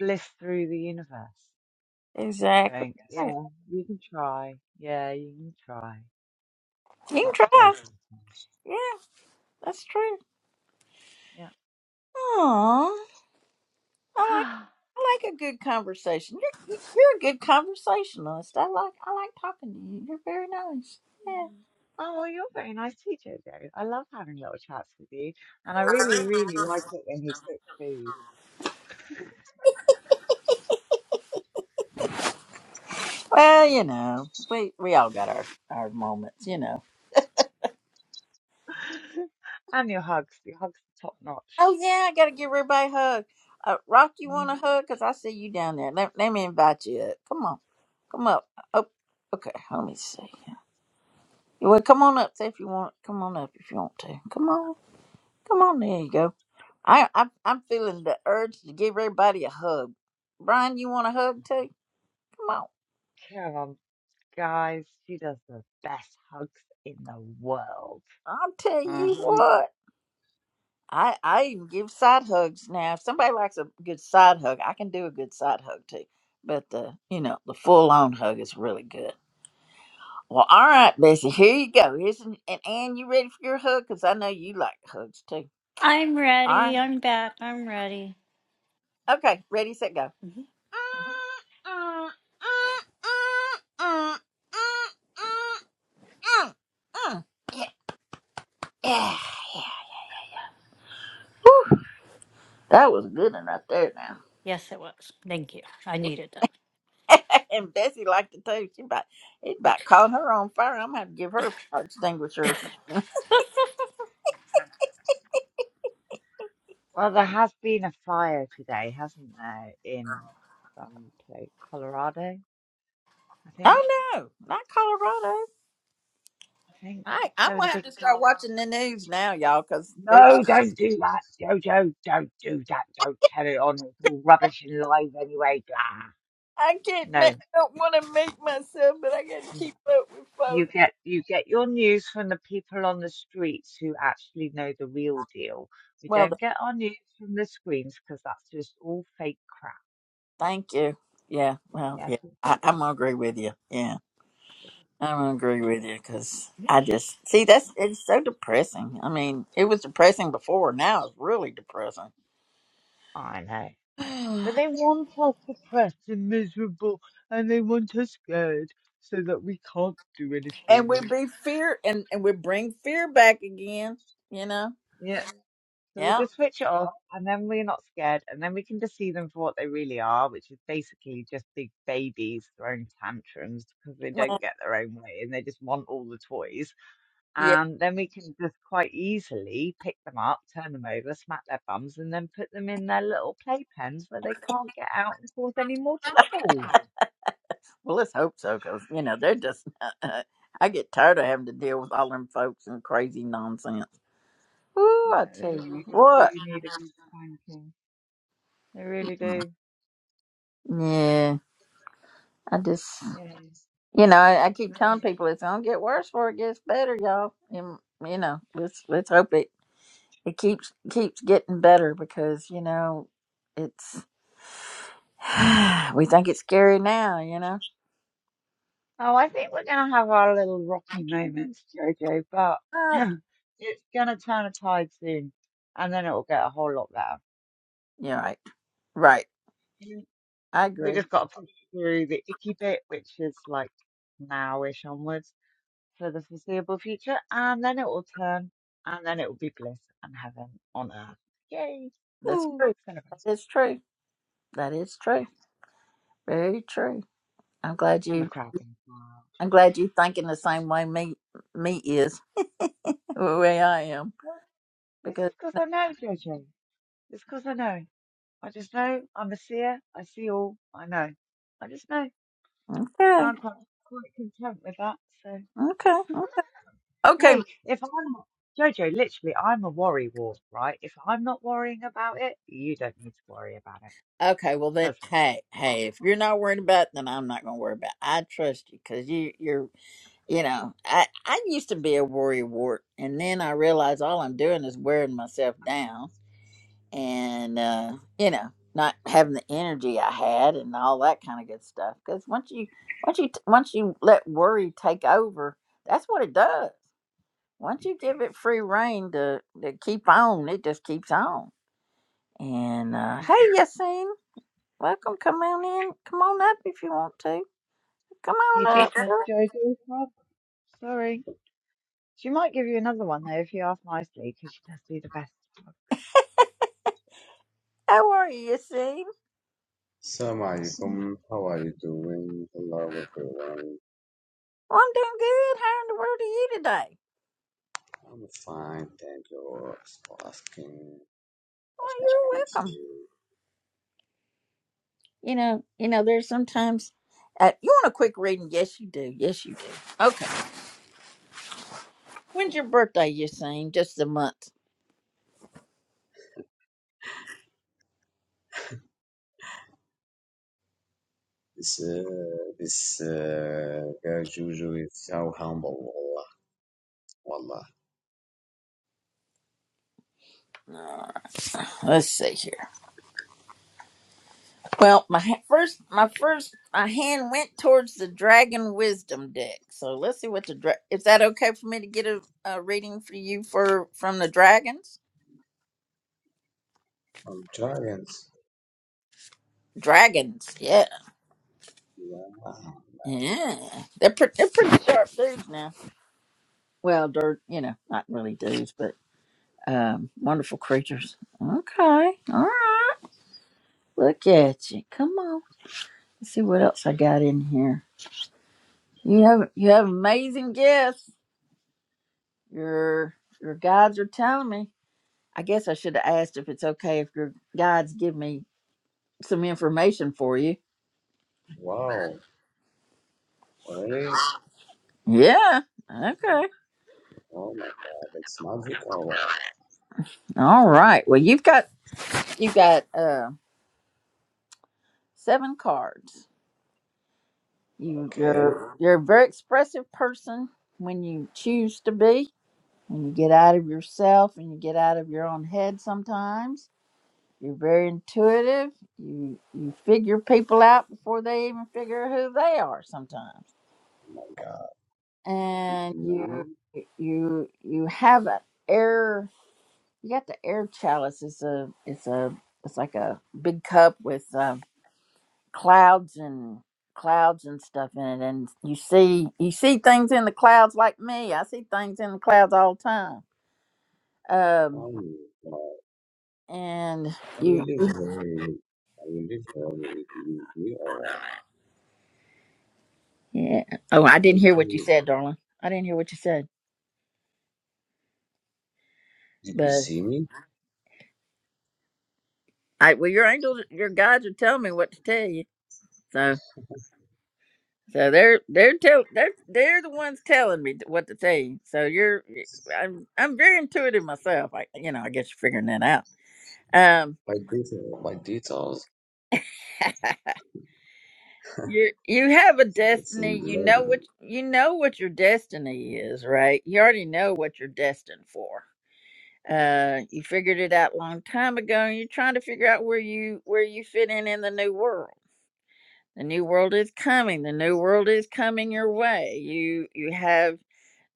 Speaker 9: bliss through the universe
Speaker 1: exactly.
Speaker 9: going, Yes.
Speaker 1: Right.
Speaker 9: yeah, you can try. Yeah, you can try.
Speaker 1: You
Speaker 9: Not
Speaker 1: can
Speaker 9: today,
Speaker 1: try.
Speaker 9: sometimes.
Speaker 1: Yeah, that's true. Aww. I like
Speaker 9: Yeah.
Speaker 1: I like a good conversation. You're you're a good conversationalist. I like I like talking to you. You're very nice. Yeah.
Speaker 9: Oh, well, you're a very nice teacher, Joe. I love having little chats with you, and I really, really like it when you cook food.
Speaker 1: Well, you know, we we all got our our moments, you know.
Speaker 9: And your hugs. Your hugs are top notch.
Speaker 1: Oh yeah, I gotta give everybody a hug. Uh, Rock, you want
Speaker 9: Mm.
Speaker 1: a hug? Cause I see you down there. Let, let me invite you up. Come on, come up. Oh, okay. Let me see. Well, come on up. Say if you want. Come on up if you want to. Come on, come on. There you go. I I'm, I'm feeling the urge to give everybody a hug. Brian, you want a hug too? Come on.
Speaker 9: Come on, guys. She does the best hugs in the world.
Speaker 1: I'll tell you
Speaker 9: hmm
Speaker 1: what. I, I even give side hugs now. If somebody likes a good side hug, I can do a good side hug too. But the you know the full on hug is really good. Well, all right, Bessie, here you go. Here's an, and Ann, you ready for your hug? Cause I know you like hugs too.
Speaker 6: I'm
Speaker 1: All
Speaker 6: ready.
Speaker 1: right,
Speaker 6: I'm back. I'm ready.
Speaker 1: okay, ready, set, go.
Speaker 6: Mhm.
Speaker 1: Yeah, yeah, yeah. Whew, that was a good one right there. Now.
Speaker 6: Yes, it was. Thank you. I needed that.
Speaker 1: and Bessie liked it too. She about it about caught her on fire. I'm gonna have to give her a fire extinguisher or something.
Speaker 9: Well, there has been a fire today, hasn't there, in some place, Colorado, I think.
Speaker 1: Oh no, not Colorado.
Speaker 9: I think
Speaker 1: I I'm
Speaker 9: there was a
Speaker 1: gonna have
Speaker 9: big
Speaker 1: to start
Speaker 9: fire.
Speaker 1: watching the news now, y'all, because there's
Speaker 9: No, don't do that, Jojo. Don't do that. Don't carry on. It's all rubbish and lies anyway. Blah.
Speaker 1: I can't. ma- I
Speaker 9: No,
Speaker 1: don't want to make myself, but I gotta
Speaker 9: no.
Speaker 1: keep up with
Speaker 9: You
Speaker 1: folks.
Speaker 9: get you get your news from the people on the streets who actually know the real deal. We
Speaker 1: Well,
Speaker 9: don't
Speaker 1: th-
Speaker 9: get our news from the screens because that's just all fake crap.
Speaker 1: thank you. Yeah. Well,
Speaker 9: Yes,
Speaker 1: yeah. I, I'm gonna agree with you. Yeah, I'm gonna agree
Speaker 9: yeah,
Speaker 1: with you because. I just see that's it's so depressing. I mean, it was depressing before. Now it's really depressing.
Speaker 9: I know. But they want us depressed and miserable, and they want us scared so that we can't do
Speaker 1: and we
Speaker 9: anything.
Speaker 1: be fear and and we bring fear back again you know
Speaker 9: Yeah. So we
Speaker 1: yeah
Speaker 9: just switch it off and then we're not scared and then we can just see them for what they really are, which is basically just big babies throwing tantrums because they don't
Speaker 1: well,
Speaker 9: get their own way and they just want all the toys.
Speaker 1: yeah
Speaker 9: And then we can just quite easily pick them up, turn them over, smack their bums and then put them in their little playpens where they can't get out and cause any more trouble.
Speaker 1: well let's hope so because you know they're just i get tired of having to deal with all them folks and crazy nonsense Ooh,
Speaker 9: No,
Speaker 1: i
Speaker 9: they
Speaker 1: tell you
Speaker 9: really just do
Speaker 1: what
Speaker 9: need a good spanking. They really
Speaker 1: Mm,
Speaker 9: do.
Speaker 1: yeah i just
Speaker 9: Yes.
Speaker 1: you know I, I keep telling people it's gonna get worse before it gets better y'all and, you know let's let's hope it it keeps keeps getting better because you know it's we think it's scary now you know
Speaker 9: Oh, I think we're going to have our little rocky moments, Jojo, but
Speaker 1: but
Speaker 9: it's going to turn a tide soon and then it will get a whole lot better.
Speaker 1: you're right right
Speaker 9: Mm.
Speaker 1: i
Speaker 9: We
Speaker 1: agree
Speaker 9: just got to push through the icky bit, which is like now-ish onwards for the foreseeable future, and then it will turn and then it will be bliss and heaven on earth. Yay!
Speaker 1: that's
Speaker 9: Woo!
Speaker 1: true
Speaker 9: Celebrate.
Speaker 1: that is true that is
Speaker 9: Yeah,
Speaker 1: true very true i'm glad
Speaker 9: and the
Speaker 1: you
Speaker 9: crowd goes wild.
Speaker 1: i'm glad you thinking the same way me me is the way i am
Speaker 9: Well, this
Speaker 1: because
Speaker 9: is because I know, Jojo. It's because I know. I just know I'm a seer. I see all. I know. I just know.
Speaker 1: okay
Speaker 9: I'm quite quite content with that. So
Speaker 1: okay okay
Speaker 9: hey, if I'm not, Jojo, literally, I'm a worry ward, right? If I'm not worrying about it, you don't need to worry about it
Speaker 1: okay well then
Speaker 9: because
Speaker 1: hey hey if you're not worried about it, then i'm not gonna worry about it. i trust you because you you're You know, I, I used to be a worry wart, and then I realized all I'm doing is wearing myself down and, uh, you know, not having the energy I had and all that kind of good stuff. Because once you, once you, once you let worry take over, that's what it does. Once you give it free reign to, to keep on, it just keeps on. And, uh,
Speaker 9: yeah,
Speaker 1: hey, Yassine, welcome. Come on in. Come on up if you want to. Come
Speaker 9: you
Speaker 1: on up.
Speaker 9: just
Speaker 1: Hey,
Speaker 9: missed Jojo's club. Sorry, she might give you another one though if you ask nicely because she does do the best.
Speaker 1: How are you, Yassine?
Speaker 10: Assalamu alaikum. How are you doing? Hello, everyone.
Speaker 1: Well, I'm doing good. How in the world are you today?
Speaker 10: I'm fine. Thank you for asking.
Speaker 1: Well,
Speaker 10: That's my
Speaker 1: you're welcome.
Speaker 10: appreciate.
Speaker 1: You know, you know, there's sometimes uh, you want a quick reading. Yes, you do. Yes, you do. Okay. When's your birthday? You saying just a month?
Speaker 10: This, uh, this uh, guy Juju is so humble. Wallah. Wallah.
Speaker 1: Uh, let's see here. Well, my ha- first, my first, my hand went towards the Dragon Wisdom deck. So let's see what the dra- is that okay for me to get a, a reading for you for from the dragons?
Speaker 10: I'm trying.
Speaker 1: Dragons, yeah,
Speaker 10: Yeah.
Speaker 1: yeah. They're pre- they're pretty sharp dudes now. Well, dirt, you know, not really dudes, but um, wonderful creatures. Okay, all right. Look at you. Come on. Let's see what else I got in here. You have you have amazing gifts. Your your guides are telling me. I guess I should have asked if it's okay if your guides give me some information for you.
Speaker 10: Wow. Really?
Speaker 1: Yeah. Okay.
Speaker 10: Oh my god. It's magic or what?
Speaker 1: All right. Well, you've got you've got uh seven cards. You
Speaker 10: Okay.
Speaker 1: you're you're a very expressive person when you choose to be When you get out of yourself and you get out of your own head sometimes, you're very intuitive. You you figure people out before they even figure who they are sometimes.
Speaker 10: Oh my god. Did
Speaker 1: And
Speaker 10: you know me?
Speaker 1: you you you have an air you got the air chalice. It's a it's a it's like a big cup with um, clouds and clouds and stuff in it and you see you see things in the clouds like me i see things in the clouds all the time um
Speaker 10: Oh, wow.
Speaker 1: and
Speaker 10: I
Speaker 1: you
Speaker 10: will live here. I will live here with you. We or
Speaker 1: Yeah. Oh, I didn't hear what you said, darling. I didn't hear what you said.
Speaker 10: Did you
Speaker 1: But
Speaker 10: see me?
Speaker 1: I well your angels your guides are telling me what to tell you. So so they're they're tell they're they're the ones telling me what to tell you. So you're I'm I'm very intuitive myself. I you know, I guess you're figuring that out. Um
Speaker 10: My details. My details.
Speaker 1: you you have a
Speaker 10: It's in
Speaker 1: destiny. You
Speaker 10: the other
Speaker 1: know
Speaker 10: one.
Speaker 1: what you know what your destiny is, right? You already know what you're destined for Uh, you figured it out a long time ago, and you're trying to figure out where you where you fit in in the new world. The new world is coming. The new world is coming your way. You you have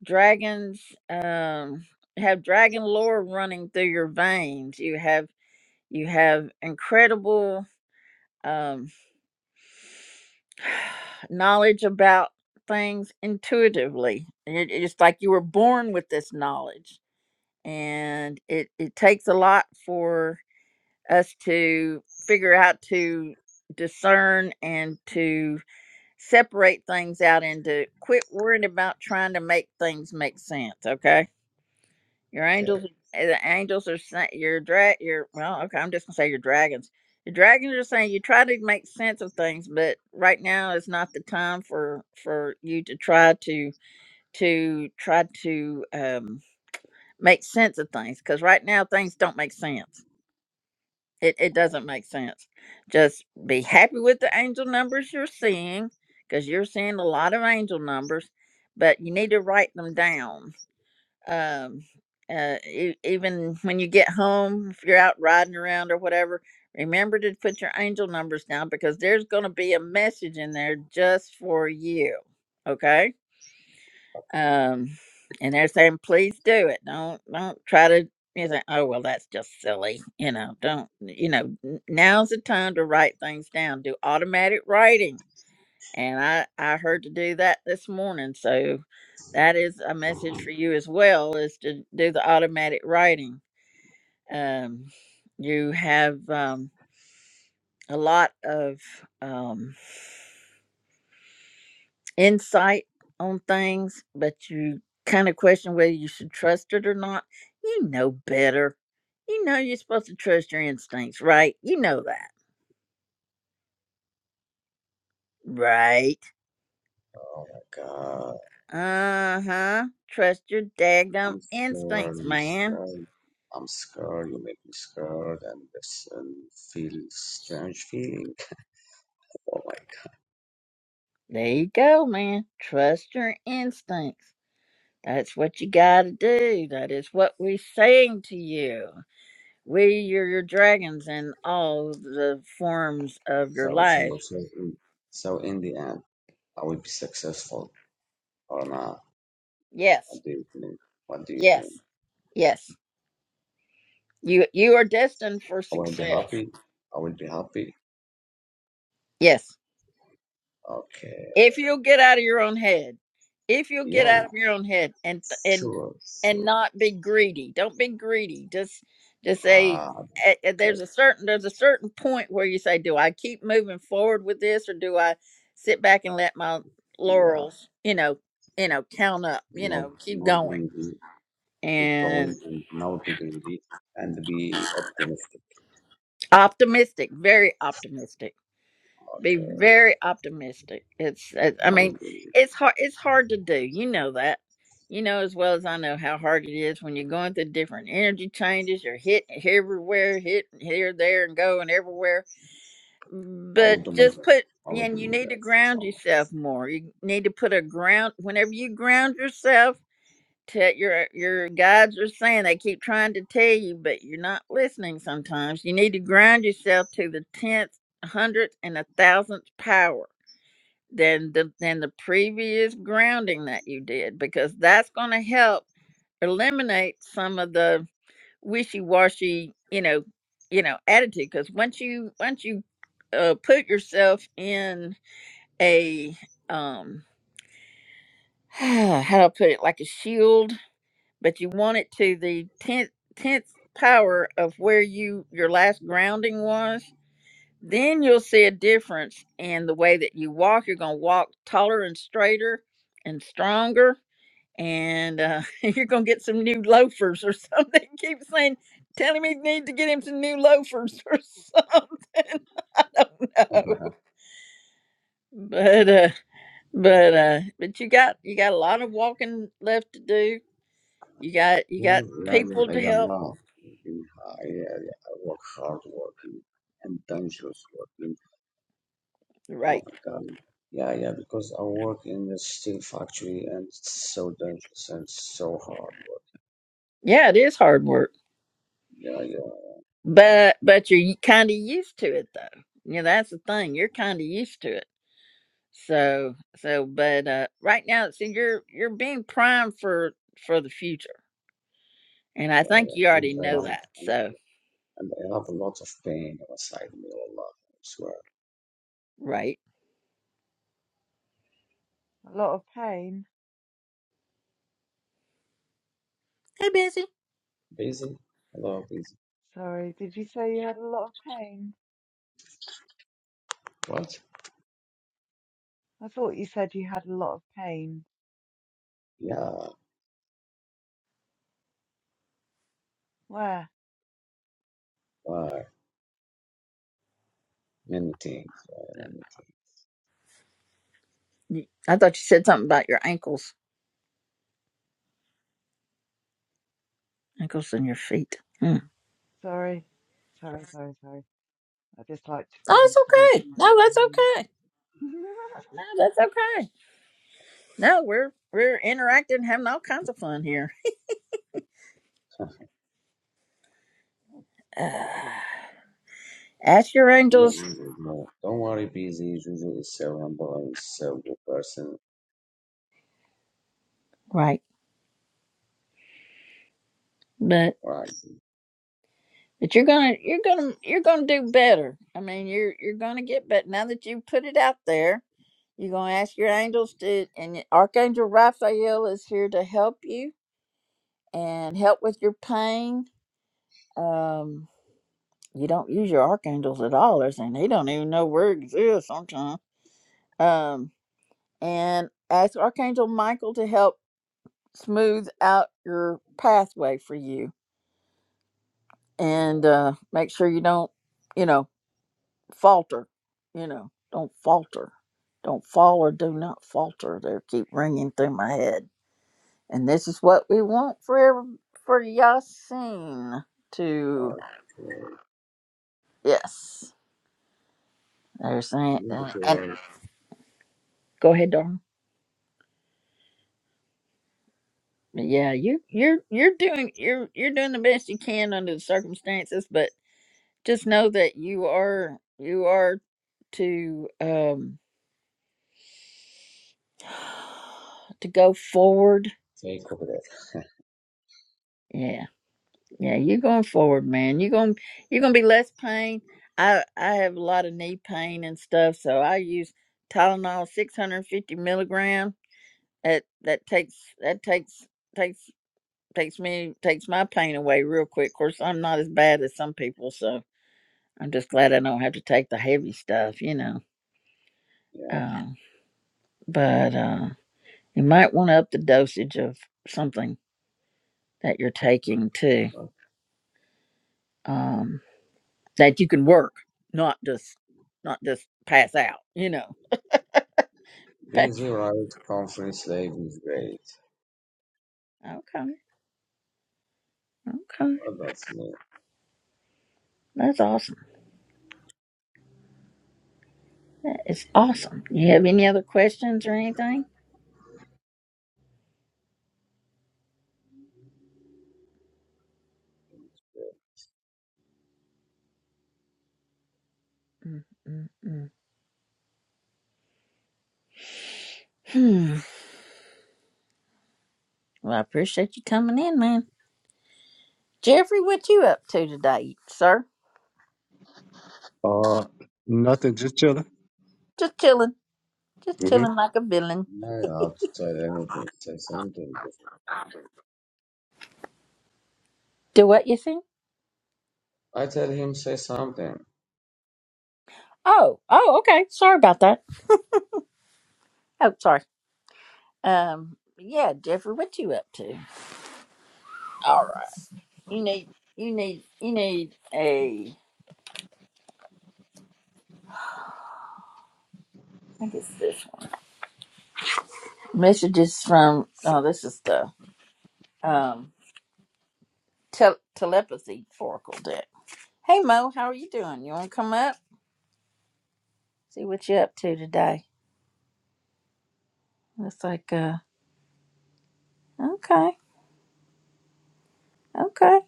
Speaker 1: dragons. Um, have dragon lore running through your veins. You have you have incredible um knowledge about things intuitively. And it- It's like you were born with this knowledge, and it it takes a lot for us to figure out to discern and to separate things out and to quit worrying about trying to make things make sense. Okay, your
Speaker 10: Okay.
Speaker 1: angels, eh, the angels are saying your drag, your well, okay, I'm just gonna say your dragons. Your dragons are saying you try to make sense of things, but right now is not the time for for you to try to to try to um, make sense of things because right now things don't make sense. It it doesn't make sense. Just be happy with the angel numbers you're seeing, because you're seeing a lot of angel numbers, but you need to write them down. Um, uh, e- even when you get home, if you're out riding around or whatever, remember to put your angel numbers down because there's going to be a message in there just for you. Okay um, and they're saying, please do it. Don't don't try to you know, oh well that's just silly. You know, don't you know, n- now's the time to write things down. Do automatic writing. And I, I heard to do that this morning. So that is a message for you as well is to do the automatic writing. Um, you have um, a lot of um, insight on things, but you kind of question whether you should trust it or not. You know better. You know you're supposed to trust your instincts, right? You know that, right?
Speaker 10: Oh my god.
Speaker 1: Uh huh. Trust your daggum
Speaker 10: I'm scared.
Speaker 1: instincts,
Speaker 10: I'm
Speaker 1: man.
Speaker 10: scared. I'm scared. You make me scared, and this and feel strange feeling. oh my god.
Speaker 1: There you go, man. Trust your instincts. That's what you got to do. That is what we're saying to you. We are your dragons in all the forms of your
Speaker 10: So so
Speaker 1: life.
Speaker 10: so. In, so in the end, I will be successful or not?
Speaker 1: Yes,
Speaker 10: What do you think? What do you think?
Speaker 1: yes Yes. You you are destined for
Speaker 10: I will be
Speaker 1: success.
Speaker 10: happy. I will be happy.
Speaker 1: Yes.
Speaker 10: Okay.
Speaker 1: If you'll get out of your own head. If you'll get out
Speaker 10: Yeah.
Speaker 1: of your own head and and
Speaker 10: Sure.
Speaker 1: and
Speaker 10: Sure.
Speaker 1: not be greedy. Don't be greedy. Just just say
Speaker 10: Ah.
Speaker 1: eh, eh,
Speaker 10: Okay.
Speaker 1: there's a certain there's a certain point where you say do I keep moving forward with this or do I sit back and let my
Speaker 10: Yeah.
Speaker 1: laurels, you know, you know, count up, you
Speaker 10: not
Speaker 1: know, keep
Speaker 10: not being
Speaker 1: going.
Speaker 10: able to keep
Speaker 1: And
Speaker 10: going and now be greedy and be optimistic.
Speaker 1: optimistic, very optimistic. Be
Speaker 10: Okay,
Speaker 1: very optimistic. It's, it, I
Speaker 10: I will
Speaker 1: mean,
Speaker 10: do
Speaker 1: it's hard. It's hard to do. You know that. You know as well as I know how hard it is when you're going through different energy changes. You're hit everywhere, hit here, there, and going everywhere.
Speaker 10: I will
Speaker 1: But
Speaker 10: do my
Speaker 1: just
Speaker 10: best.
Speaker 1: put,
Speaker 10: I will do
Speaker 1: and you
Speaker 10: my
Speaker 1: need to
Speaker 10: best.
Speaker 1: ground
Speaker 10: Inshallah.
Speaker 1: yourself more. You need to put a ground. Whenever you ground yourself. Tell your your guides are saying they keep trying to tell you, but you're not listening. Sometimes you need to ground yourself to the tenth, hundredth, and a thousandth power than the than the previous grounding that you did, because that's going to help eliminate some of the wishy-washy, you know, you know, attitude. Because once you once you uh, put yourself in a um how do I put it like a shield but you want it to the tenth tenth power of where you your last grounding was, then you'll see a difference in the way that you walk. You're gonna walk taller and straighter and stronger, and uh, you're gonna get some new loafers or something. Keep saying, telling me you need to get him some new loafers or something. I don't know,
Speaker 10: Okay.
Speaker 1: but uh, but uh, but you got you got a lot of walking left to do. You got you
Speaker 10: Yeah,
Speaker 1: got
Speaker 10: yeah,
Speaker 1: people
Speaker 10: yeah,
Speaker 1: to
Speaker 10: yeah,
Speaker 1: help.
Speaker 10: no. Yeah, yeah, yeah. I work hard working and dangerous working. Oh
Speaker 1: Right
Speaker 10: my God. Yeah, yeah, because I work in a steel factory and it's so dangerous and so hard work.
Speaker 1: Yeah, it is hard work,
Speaker 10: Yeah, yeah,
Speaker 1: but but you're kind of used to it though. You know, that's the thing. You're kind of used to it. So so, but uh, right now, see, you're you're being primed for for the future, and I
Speaker 10: yeah,
Speaker 1: think you
Speaker 10: yeah. And
Speaker 1: already
Speaker 10: I
Speaker 1: know that. So
Speaker 10: And I have a lot of pain outside me, oh, Allah. I swear.
Speaker 1: right.
Speaker 9: A lot of pain.
Speaker 1: Hey, busy.
Speaker 10: Busy? Allah, busy.
Speaker 9: Sorry, did you say you had a lot of pain?
Speaker 10: What?
Speaker 9: I thought you said you had a lot of pain.
Speaker 10: Yeah,
Speaker 9: Where?
Speaker 10: why? Many things. Why many
Speaker 1: Y- I thought you said something about your ankles, ankles and your feet. Hmm.
Speaker 9: Sorry, sorry, sorry, sorry. I just like to
Speaker 1: Oh,
Speaker 9: find
Speaker 1: it's okay.
Speaker 9: solutions
Speaker 1: No,
Speaker 9: to
Speaker 1: that's
Speaker 9: pain.
Speaker 1: okay. No, that's okay. No, we're we're interacting, having all kinds of fun here.
Speaker 10: things?
Speaker 1: Uh, ask your
Speaker 10: no, no,
Speaker 1: angels,
Speaker 10: no. no. Don't worry, busy. Juju is so humble and so good person.
Speaker 1: right?
Speaker 10: Right.
Speaker 1: But you're gonna you're gonna you're gonna do better. I mean you're you're gonna get better. Now that you put it out there, you're gonna ask your angels to and Archangel Raphael is here to help you and help with your pain. Um you don't use your archangels at all. They're saying they don't even know where it exists sometimes. Um and ask Archangel Michael to help smooth out your pathway for you and
Speaker 10: No,
Speaker 1: uh make sure you don't you know falter, you know, don't falter. Don't fall or do not falter. They keep ringing through my head. And this is what we want for every, for Yasin to
Speaker 10: okay.
Speaker 1: yes. They're
Speaker 10: I
Speaker 1: saying
Speaker 10: need
Speaker 1: uh, and
Speaker 10: to
Speaker 1: go ahead, Darn. Yeah, you you're you're doing you're you're doing the best you can under the circumstances, but just know that you are you are to um to go forward
Speaker 10: take over that.
Speaker 1: Yeah. Yeah, you're going forward, man. You're going you're going to be less pain. I I have a lot of knee pain and stuff, so I use Tylenol 650 milligram. That that takes that takes takes takes me takes my pain away real quick. Of course, I'm not as bad as some people, so I'm just glad I don't have to take the heavy stuff, you know.
Speaker 10: Yeah,
Speaker 1: Um, but uh, you might want to up the dosage of something that you're taking too.
Speaker 10: but
Speaker 1: Um, that you can work, not just not just pass out, you know. Pa-
Speaker 10: busy, right? Conference life is great.
Speaker 1: Okay, okay,
Speaker 10: Well, that's me.
Speaker 1: that's awesome. That is awesome. You have any other questions or anything? Mm, mm, mm. Hmm. Well, I appreciate you coming in, man. Jeffrey, what you up to today, sir?
Speaker 11: Uh, nothing, just chilling.
Speaker 1: Just chilling, just
Speaker 11: hmm
Speaker 1: chilling like a villain.
Speaker 10: Now you have to tell anything. Say something different.
Speaker 1: Do what you think?
Speaker 10: I tell him, say something.
Speaker 1: Oh, oh, okay. Sorry about that. Oh, sorry. Um, yeah, Jeffrey, what you up to? All right. You need, you need, you need a I think it's this one. Messages from oh, this is the um tel telepathy oracle deck. Hey Mo, how are you doing? You want to come up? See what you're up to today. Looks like uh okay, okay.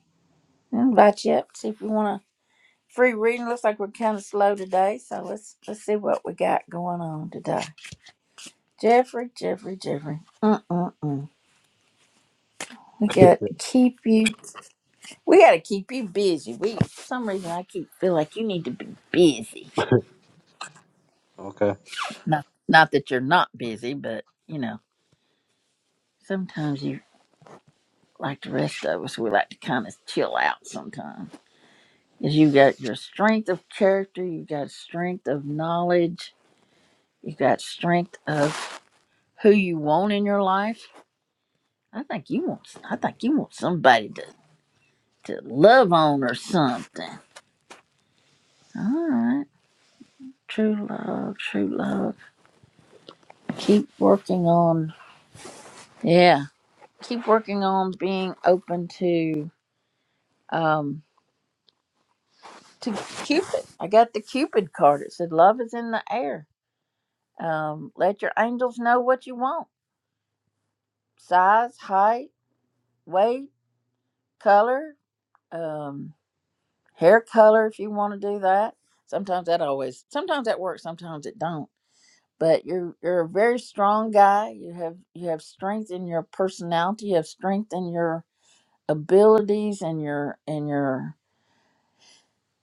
Speaker 1: I'll invite you up. See if you want a free reading. Looks like we're kind of slow today, so let's let's see what we got going on today. Jeffrey, Jeffrey, Jeffrey. Mm mm mm. We got to keep you. We got to keep you busy. We for some reason I keep feel like you need to be busy.
Speaker 11: Okay.
Speaker 1: Not not that you're not busy, but you know, sometimes you like the rest of us, we like to kind of chill out sometimes. Because you got your strength of character, you got strength of knowledge, you got strength of who you want in your life. I think you want I think you want somebody to, to love on or something. All right. True love, true love. Keep working on yeah. Keep working on being open to um to Cupid. I got the Cupid card. It said, Love is in the air. Um, let your angels know what you want size, height, weight, color, um, hair color, if you want to do that. Sometimes that always, sometimes that works, sometimes it don't. But you're you're a very strong guy. You have you have strength in your personality. You have strength in your abilities and your and your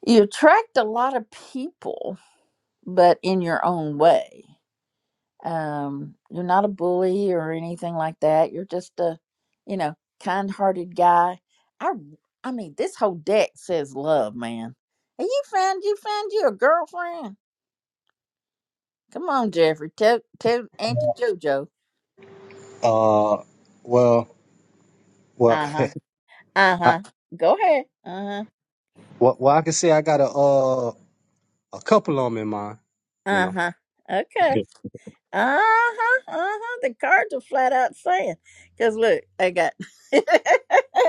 Speaker 1: you attract a lot of people, but in your own way um you're not a bully or anything like that you're just a you know kind-hearted guy i i mean this whole deck says love man and you found you found you a girlfriend come on jeffrey tell tell auntie jojo
Speaker 11: Uh, well, well,
Speaker 1: uh-huh
Speaker 11: I,
Speaker 1: uh-huh go ahead uh-huh
Speaker 11: well, well, I can say I got a uh a couple of them in mind. You know.
Speaker 1: uh-huh okay uh-huh uh-huh the cards are flat out saying because look i got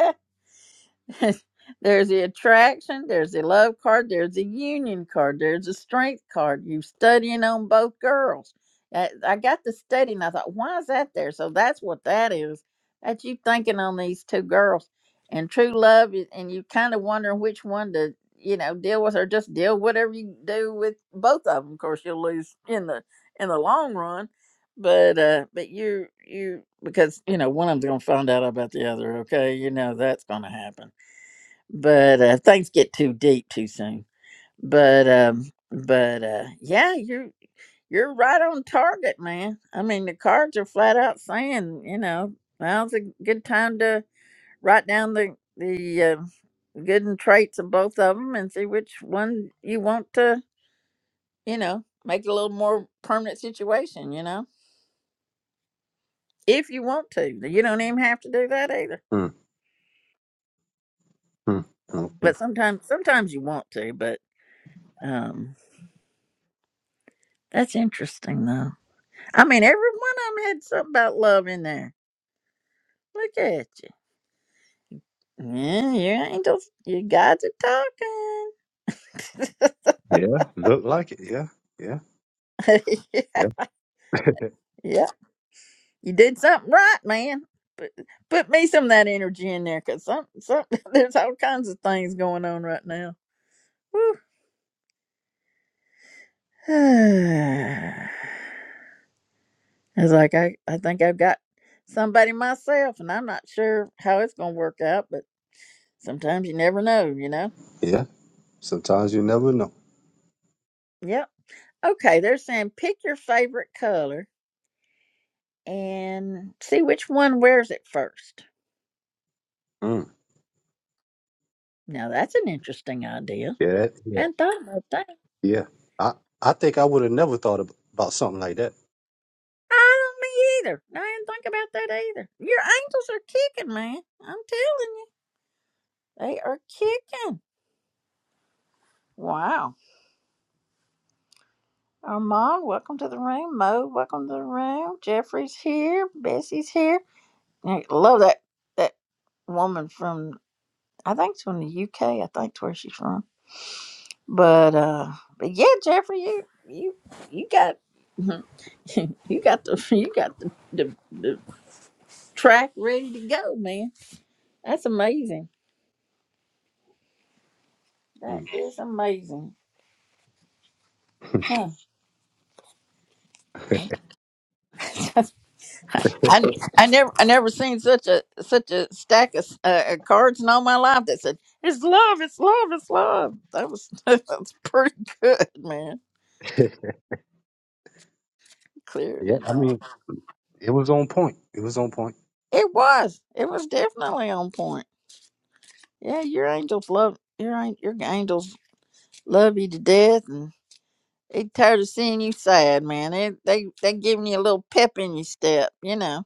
Speaker 1: there's the attraction, there's the love card, there's the union card, there's the strength card. You studying on both girls. Uh, I got to study and I thought, why is that there? So that's what that is. That you thinking on these two girls and true love, i- and you kind of wondering which one to, you know, deal with or just deal whatever you do with both of them. Of course, you'll lose in the in the long run, but uh, but you you because you know one of them's gonna find out about the other. Okay, you know that's gonna happen but uh, things get too deep too soon. But um, but uh, yeah, you're you're right on target, man. I mean, the cards are flat out saying, you know, now's a good time to write down the the uh, good and traits of both of them and see which one you want to, you know, make it a little more permanent situation. You know, if you want to, you don't even have to do that either.
Speaker 11: Mm, mm, okay.
Speaker 1: But sometimes, sometimes you want to. But um, that's interesting though. I mean, every one of them had something about love in there. Look at you. Yeah, your angels, your guys are
Speaker 11: Yeah. Look like it. Yeah. Yeah.
Speaker 1: talking.
Speaker 11: Yeah.
Speaker 1: yeah, you did something right, man. Put, put me some of that energy in there, cause some, some, there's all kinds of things going on right now. Whew. it's like I, I think I've got somebody myself, and I'm not sure how it's gonna work out, but sometimes you never know, you know.
Speaker 11: Yeah. Sometimes you never know.
Speaker 1: Yep. Okay, they're saying pick your favorite color and see which one wears it first.
Speaker 11: Mm,
Speaker 1: Now that's an interesting idea.
Speaker 11: yeah. that- Yeah.
Speaker 1: Hadn't thought about that.
Speaker 11: Yeah. I I think I would have never thought ab- about something like that.
Speaker 1: I don't me either. I didn't think about that either. Your ankles are kicking, man. I'm telling you, they are kicking. Wow. Armand, welcome to the room. Mo, welcome to the room. Jeffrey's here. Bessie's here. I love that that woman from I think it's from the UK. I think it's where she's from. But uh, but yeah, Jeffrey, you you you got you got the you got the, the the track ready to go, man. That's amazing. That
Speaker 11: Mm.
Speaker 1: is amazing. Huh. I, I never I never seen such a such a stack of uh, uh, cards in all my life that said it's love, it's love, it's love. That was that's pretty good, man. Clearing
Speaker 11: yeah.
Speaker 1: it
Speaker 11: I
Speaker 1: out.
Speaker 11: mean, it was on point. It was on point.
Speaker 1: It was. It was definitely on point. Yeah, your angels love your an- your angels Love you to death, and they tired of seeing you sad, man. They they they giving you a little pep in your step, you know.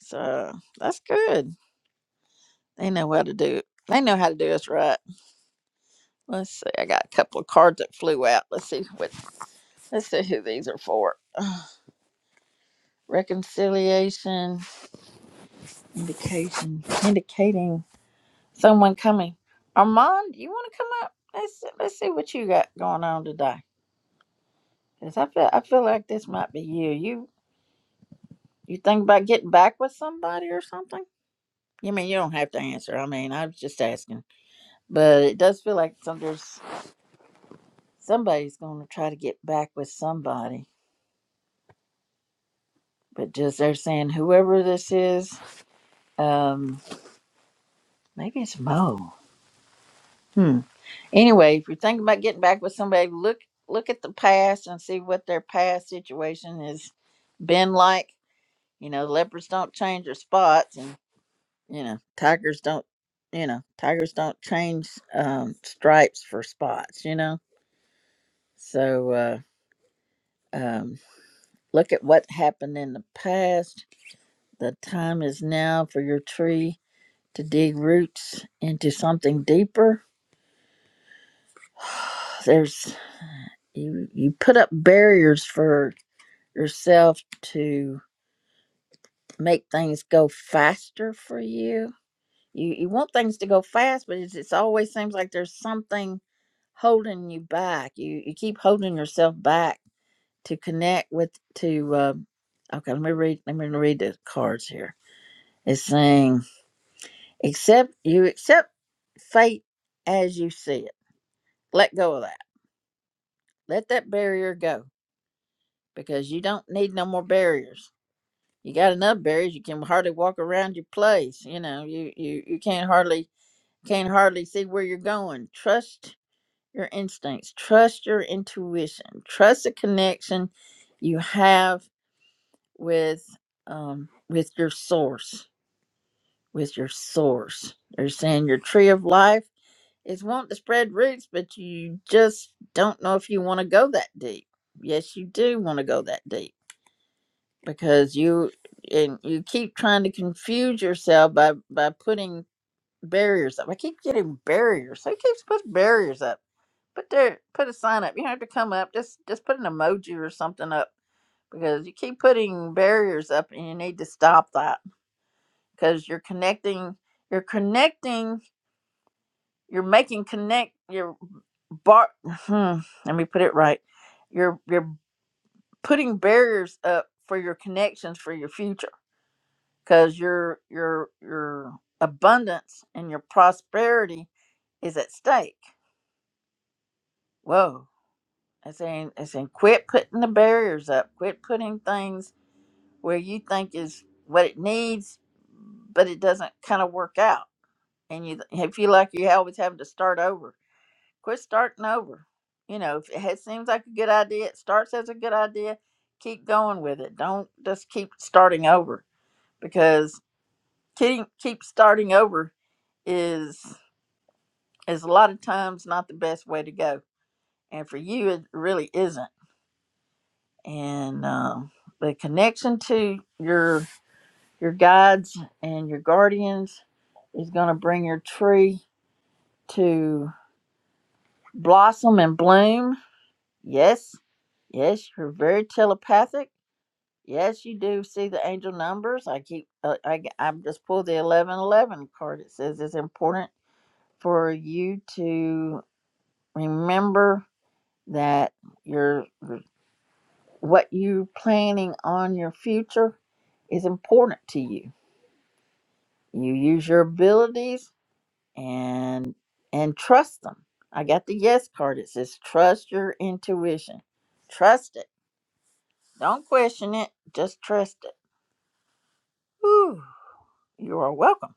Speaker 1: So that's good. They know how to do. They know how to do us right. Let's see. I got a couple of cards that flew out. Let's see what. Let's see who these are for. Reconciliation, indication, indicating someone coming. Armand, you want to come up? Let's let's see what you got going on today. Cause I feel I feel like this might be you. You think about getting back with somebody or something? You mean you don't have to answer. I mean, I was just asking. But it does feel like some there's somebody's gonna try to get back with somebody. But just they're saying whoever this is, um, maybe it's Mo. Hmm. Anyway, if you're thinking about getting back with somebody, look look at the past and see what their past situation has been like. You know, leopards don't change their spots and You know, tigers don't. You know, tigers don't change um, stripes for spots. You know, so uh, um, look at what happened in the past. The time is now for your tree to dig roots into something deeper. There's you. You put up barriers for yourself to make things go faster for you You you want things to go fast, but it's, it's always seems like there's something holding you back. You you keep holding yourself back to connect with to. Uh, okay, let me read. Let me read the cards here. It's saying accept you accept fate as you see it. Let go of that. Let that barrier go because you don't need no more barriers. You got enough barriers. You can hardly walk around your place. You know, you you you can't hardly can't hardly see where you're going. Trust your instincts, trust your intuition, trust the connection you have with um, with your source. With your source, they're saying your tree of life is wanting to spread roots, but you just don't know if you want to go that deep. Yes, you do want to go that deep because you and you keep trying to confuse yourself by by putting barriers up. I keep getting barriers. I keep putting barriers up put there, put a sign up. You don't have to come up. Just just put an emoji or something up because you keep putting barriers up, and you need to stop that because you're connecting. You're connecting. You're making connect. You're bar. Hmm, let me put it right. You're you're putting barriers up for your connections for your future because your your your abundance and your prosperity is at stake. Whoa I saying I saying quit putting the barriers up. Quit putting things where you think is what it needs, but it doesn't kind of work out, and you you feel like you always having to start over. Quit starting over. You know, if it has- seems like a good idea, it starts as a good idea. Keep going with it. Don't just keep starting over because keep keep starting over is is a lot of times not the best way to go, and for you it really isn't and um, the connection to your your guides and your guardians is going to bring your tree to blossom and bloom yes yes you're very telepathic yes you do see the angel numbers i keep uh, I, i just pulled the 1111 card it says it's important for you to remember that your what you planning on your future is important to you you use your abilities and and trust them i got the yes card it says trust your intuition trust it don't question it just trust it Whew. you are welcome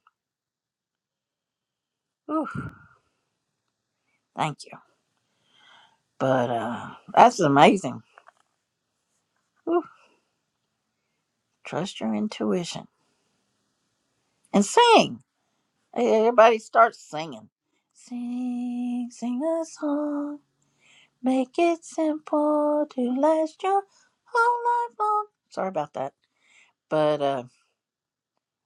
Speaker 1: Whew. thank you but uh that's amazing Whew. trust your intuition and sing Hey, hey, everybody starts singing sing sing a song make it simple to last your whole life long sorry about that but uh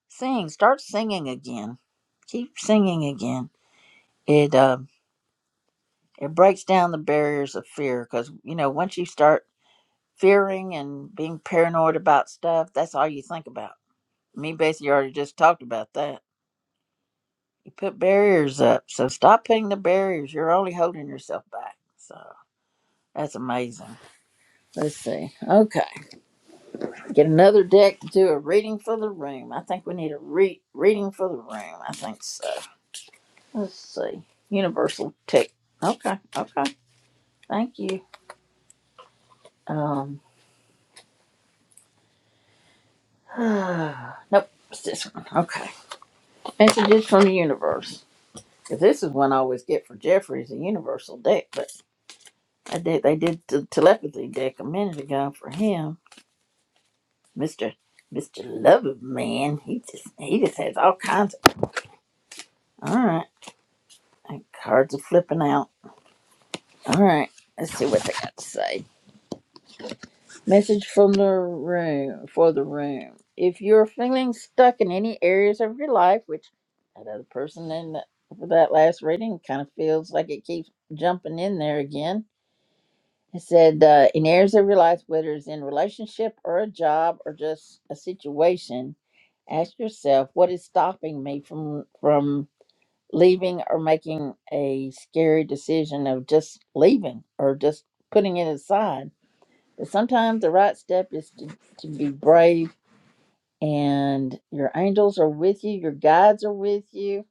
Speaker 1: Sing, start singing again. Keep singing again. It uh, it breaks down the barriers of fear because you know once you start fearing and being paranoid about stuff, that's all you think about. Me basically already just talked about that. You put barriers up, so stop putting the barriers. You're only holding yourself back. So that's amazing. Let's see. Okay, get another deck to do a reading for the room. I think we need a re- reading for the room. I think so. Let's see. Universal Tech. Okay. Okay. Thank you. Um. nope. It's this one. Okay. Messages from the universe. 'Cause this is one I always get for Jeffrey is a universal deck, but I did they did the telepathy deck a minute ago for him, Mister Mister Love of Man. He just he just has all kinds. Of, all right. And cards are flipping out. All right. Let's see what they got to say. Message from the room for the room. If you're feeling stuck in any areas of your life, which that other person in the, for that last reading kind of feels like it keeps jumping in there again. It said, uh, in areas of your life, whether it's in relationship or a job or just a situation, ask yourself, what is stopping me from from leaving or making a scary decision of just leaving or just putting it aside? sometimes the right step is to, to be brave, and your angels are with you, your guides are with you,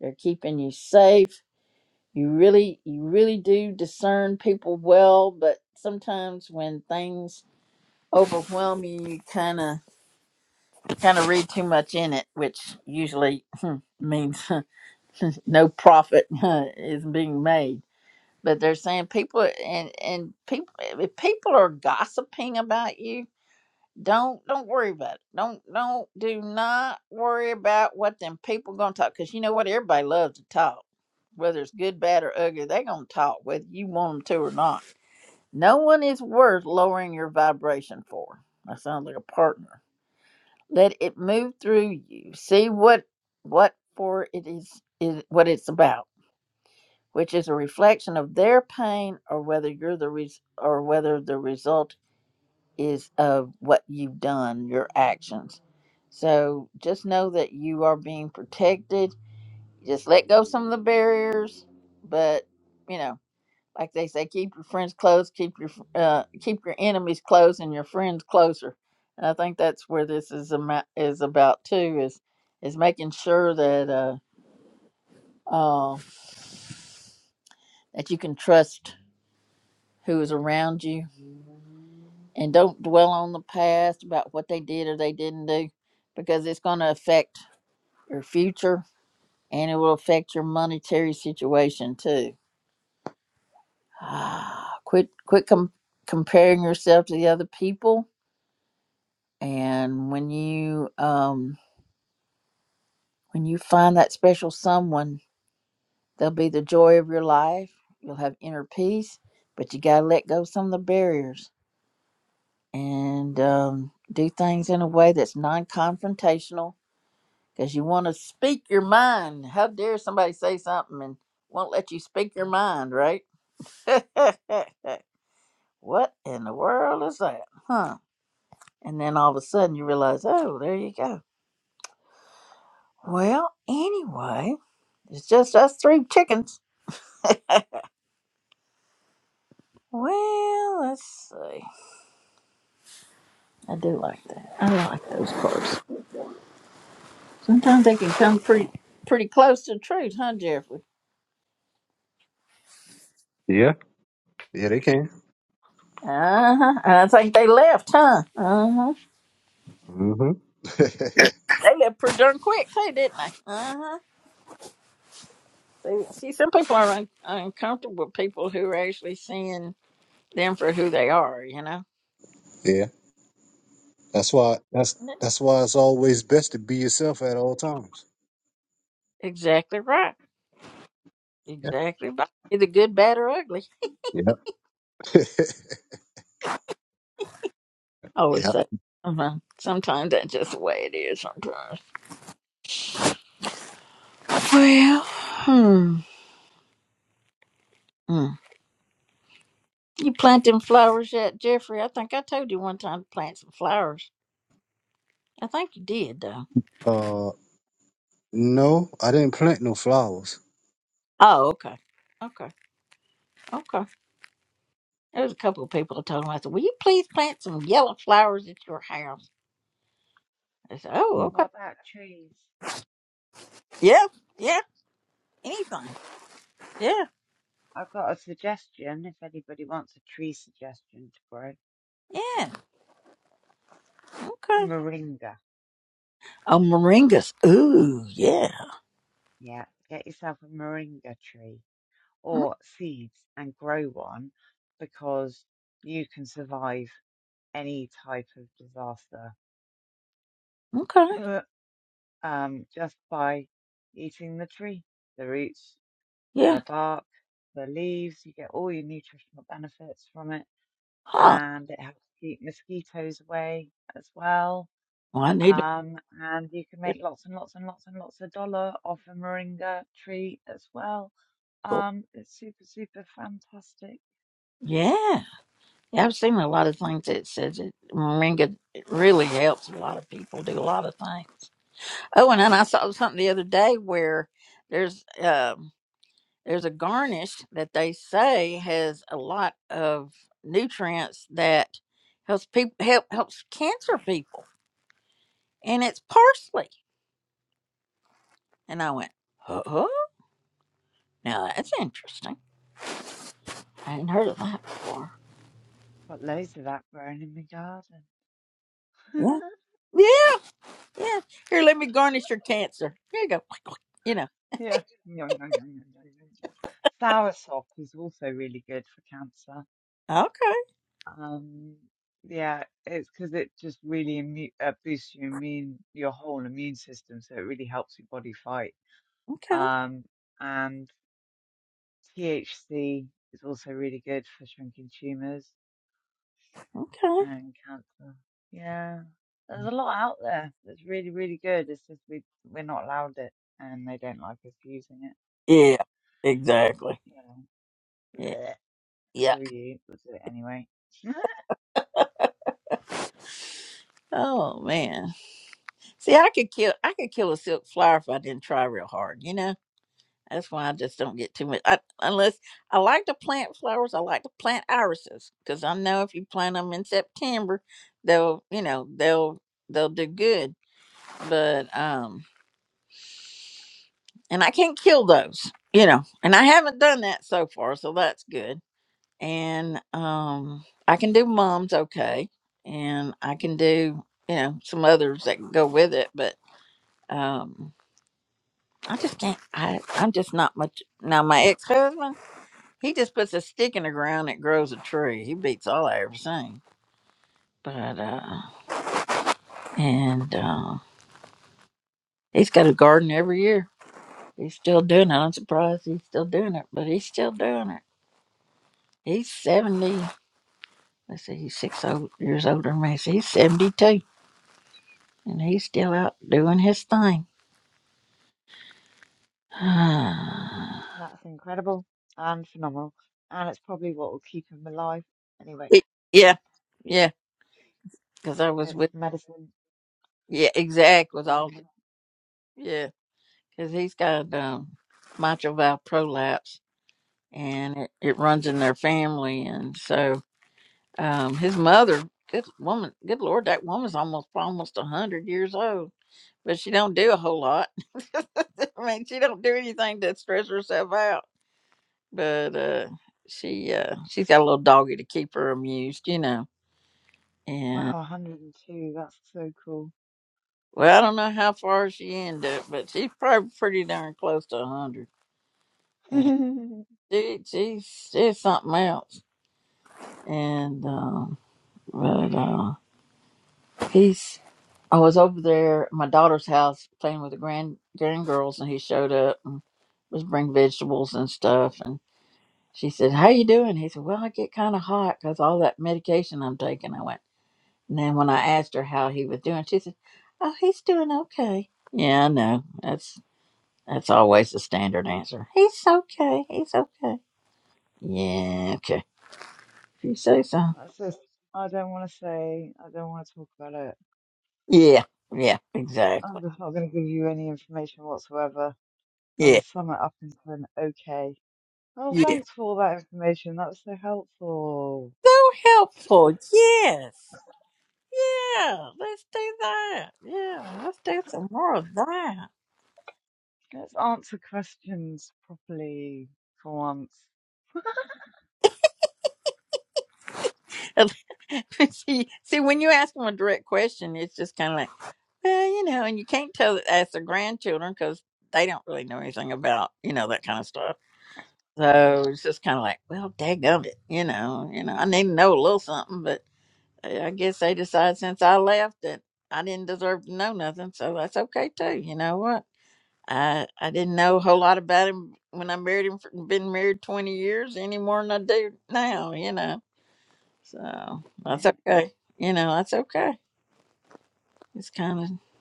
Speaker 1: they're keeping you safe. You really, you really do discern people well, but sometimes when things overwhelm you, you kind of, kind of read too much in it, which usually means no profit is being made. But they're saying people, and and people, if people are gossiping about you, Don't don't worry about it. Don't don't do not worry about what them people gonna talk. Cause you know what, everybody loves to talk, whether it's good, bad, or ugly. They gonna talk whether you want them to or not. No one is worth lowering your vibration for. That sounds like a partner. Let it move through you. See what what for it is is what it's about, which is a reflection of their pain or whether you're the res- or whether the result is of what you've done, your actions. So just know that you are being protected. Just let go of some of the barriers, but you know, like they say, keep your friends close, keep your fr- uh, keep your enemies close, and your friends closer. And I think that's where this is ama- is about too is is making sure that uh, uh that you can trust who is around you and don't dwell on the past about what they did or they didn't do because it's going to affect your future, and it will affect your monetary situation too. quit quit com- comparing yourself to the other people, and when you um, when you find that special someone, they'll be the joy of your life. You'll have inner peace, but you gotta let go of some of the barriers and um, do things in a way that's non-confrontational. Because you want to speak your mind. How dare somebody say something and won't let you speak your mind, right? what in the world is that? Huh? And then all of a sudden you realize, oh, there you go. Well, anyway, it's just us three chickens. Well, let's see. I do like that. I like those cards. Sometimes they can come pretty pretty close to the truth, huh, Jeffrey?
Speaker 11: Yeah. Yeah, they can.
Speaker 1: Uh huh. And I think they left, huh? Uh huh.
Speaker 11: hmm
Speaker 1: They left pretty darn quick too, didn't they? Uh huh. See, see, some people are un- uncomfortable with people who are actually seeing them for who they are, you know.
Speaker 11: yeah. That's why that's that's why it's always best to be yourself at all times.
Speaker 1: Exactly right.
Speaker 11: Yeah.
Speaker 1: Exactly right. Either good, bad, or ugly.
Speaker 11: Yep.
Speaker 1: I always
Speaker 11: Yeah.
Speaker 1: say. Uh-huh. Sometimes that's just the way it is. Sometimes. Well, hmm. hmm. You plant them flowers yet, Jeffrey? I think I told you one time to plant some flowers. I think you did, though.
Speaker 11: Uh, no, I didn't plant no flowers.
Speaker 1: Oh, okay. Okay. Okay. There was a couple of people I told them, I said, Will you please plant some yellow flowers at your house? They said,
Speaker 11: Hmm.
Speaker 1: Oh, okay.
Speaker 9: What about trees?
Speaker 1: Yeah. Yeah. Anything. Yeah.
Speaker 9: I've got a suggestion if anybody wants a tree suggestion to grow.
Speaker 1: Yeah. Okay.
Speaker 9: Moringa.
Speaker 1: Oh, moringas. Ooh, yeah.
Speaker 9: Yeah, get yourself a moringa tree or seeds and grow one because you can survive any type of disaster
Speaker 1: Okay.
Speaker 9: um, just by eating the tree, the roots.
Speaker 1: Yeah.
Speaker 9: the bark, the leaves. You get all your nutritional benefits from it,
Speaker 1: Huh.
Speaker 9: and it helps keep mosquitoes away as well.
Speaker 1: Well, I need to.
Speaker 9: Um, and you can
Speaker 1: yeah,
Speaker 9: make lots and lots and lots and lots of dollar off a moringa tree as well.
Speaker 1: Cool.
Speaker 9: Um, it's super, super fantastic.
Speaker 1: Yeah. yeah. I've seen a lot of things that says it. Moringa it really helps a lot of people do a lot of things. Oh, and then I saw something the other day where there's um there's a garnish that they say has a lot of nutrients that helps people help helps cancer people, and it's parsley. And I went, oh, now that's interesting. I hadn't heard of that before.
Speaker 9: Got loads of that growing in my garden.
Speaker 1: Yeah. Yeah. Yeah. Here, let me garnish your cancer. Here you go. You know.
Speaker 9: yeah. Yum, yum, yum, yum, yum, yum, yum. Soursop is also really good for cancer.
Speaker 1: Okay.
Speaker 9: Um, yeah, it's because it just really immu uh, boosts your immune, your whole immune system, so it really helps your body fight.
Speaker 1: Okay.
Speaker 9: Um, and THC is also really good for shrinking tumors
Speaker 1: Okay.
Speaker 9: and cancer. Yeah, there's a lot out there that's really, really good. It's just we we're not allowed it, and they don't like us using it. But
Speaker 1: Yeah. Exactly.
Speaker 9: you know,
Speaker 1: Yeah.
Speaker 9: bleh,
Speaker 1: yeah.
Speaker 9: screw you, we'll do it anyway.
Speaker 1: Oh man. See, I could kill. I could kill a silk flower if I didn't try real hard. You know. That's why I just don't get too much. I, unless I like to plant flowers, I like to plant irises because I know if you plant them in September, they'll you know they'll they'll do good. But um, and I can't kill those. You know, and I haven't done that so far, so that's good and um, I can do mom's okay, and I can do you know some others that can go with it, but um, I just can't. I I'm just not much now. My ex husband, he just puts a stick in the ground that grows a tree. He beats all I ever seen. But uh, and uh, he's got a garden every year. He's still doing it. I'm surprised he's still doing it, but he's still doing it. He's seventy. Let's see, he's six old, years older than me. So he's seventy-two and he's still out doing his thing.
Speaker 9: That's incredible and phenomenal. And it's probably what will keep him alive anyway.
Speaker 1: It- yeah, yeah, because I was
Speaker 9: It's
Speaker 1: with,
Speaker 9: medicine.
Speaker 1: yeah, exact was all,
Speaker 9: gardener.
Speaker 1: yeah, because he's got um, mitral valve prolapse and it, it runs in their family. And so um, his mother, good woman, good Lord, that woman's almost, almost a 100 years old. but she don't do a whole lot. I mean, she don't do anything to stress herself out. But uh, she uh, she's got a little doggy to keep her amused, you know. And
Speaker 9: Wow, 102. That's so cool.
Speaker 1: well, I don't know how far she ended up, but she's probably pretty darn close to a hundred. And she, she's she's something else. And um, but uh, he's I was over there at my daughter's house playing with the grand grandgirls, and he showed up and was bringing vegetables and stuff. And she said, "How you doing?" He said, "Well, I get kind of hot because all that medication I'm taking." I went, and then when I asked her how he was doing, she said, "Oh, he's doing okay." Yeah, I know. That's That's always the standard answer. He's okay. He's okay. Yeah, okay. If you say so.
Speaker 9: That's just, I don't want to say, I don't want to talk about it.
Speaker 1: Yeah, yeah,
Speaker 9: I'm
Speaker 1: exactly.
Speaker 9: just not going to give you any information whatsoever. I'll
Speaker 1: Yeah,
Speaker 9: just sum it up into an okay. Well,
Speaker 1: yeah.
Speaker 9: thanks for all that information. That was so helpful.
Speaker 1: So helpful. Yes. Yeah, let's do that. Yeah, let's do some more of that.
Speaker 9: Let's answer questions properly for once.
Speaker 1: see, see, when you ask them a direct question, it's just kind of like, well, you know, and you can't tell ask their grandchildren because they don't really know anything about, you know, that kind of stuff.
Speaker 9: No.
Speaker 1: So it's just kind of like, well, daggum it, you know, you know, I need to know a little something, but I I guess they decided since I left that I didn't deserve to know nothing, so that's okay too. You know what? I I didn't know a whole lot about him when I married him. For, been married twenty years any more than I do now, you know. So that's
Speaker 9: Yeah.
Speaker 1: okay. You know, that's okay. It's kind of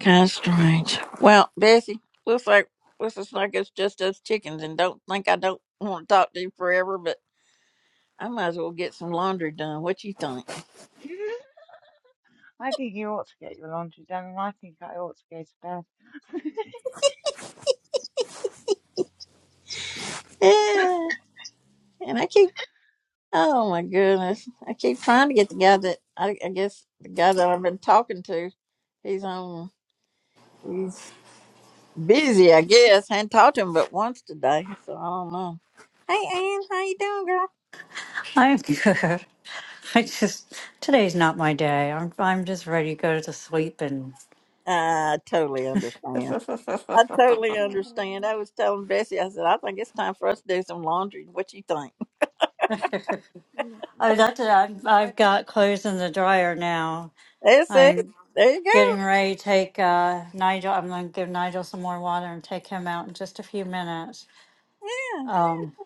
Speaker 1: kind of strange. Well, Bessie, looks like looks like it's just us chickens, and don't think I don't want to talk to you forever, but. I might as well get some laundry done. What you think?
Speaker 9: I think you ought to get your laundry done, and I think I ought to go to bed.
Speaker 1: Yeah. And I keep, oh my goodness, I keep trying to get the guy that I, I guess the guy that I've been talking to. He's on. He's busy, I guess. I hadn't talked to him but once today, so I don't know. Hey, Ann, how you doing, girl?
Speaker 6: I'm good. I just, today's not my day. I'm, I'm just ready to go to sleep and.
Speaker 1: I totally understand. I totally understand.
Speaker 9: Oh,
Speaker 1: I was telling Bessie, I said, I think it's time for us to do some laundry. What you think?
Speaker 9: yeah.
Speaker 6: Oh, that's it. I've,
Speaker 9: Right,
Speaker 6: I've got clothes in the dryer now.
Speaker 1: That's it.
Speaker 6: I'm
Speaker 1: There you go.
Speaker 6: getting ready to take uh, Nigel. I'm going to give Nigel some more water and take him out in just a few minutes.
Speaker 1: Yeah.
Speaker 6: Um,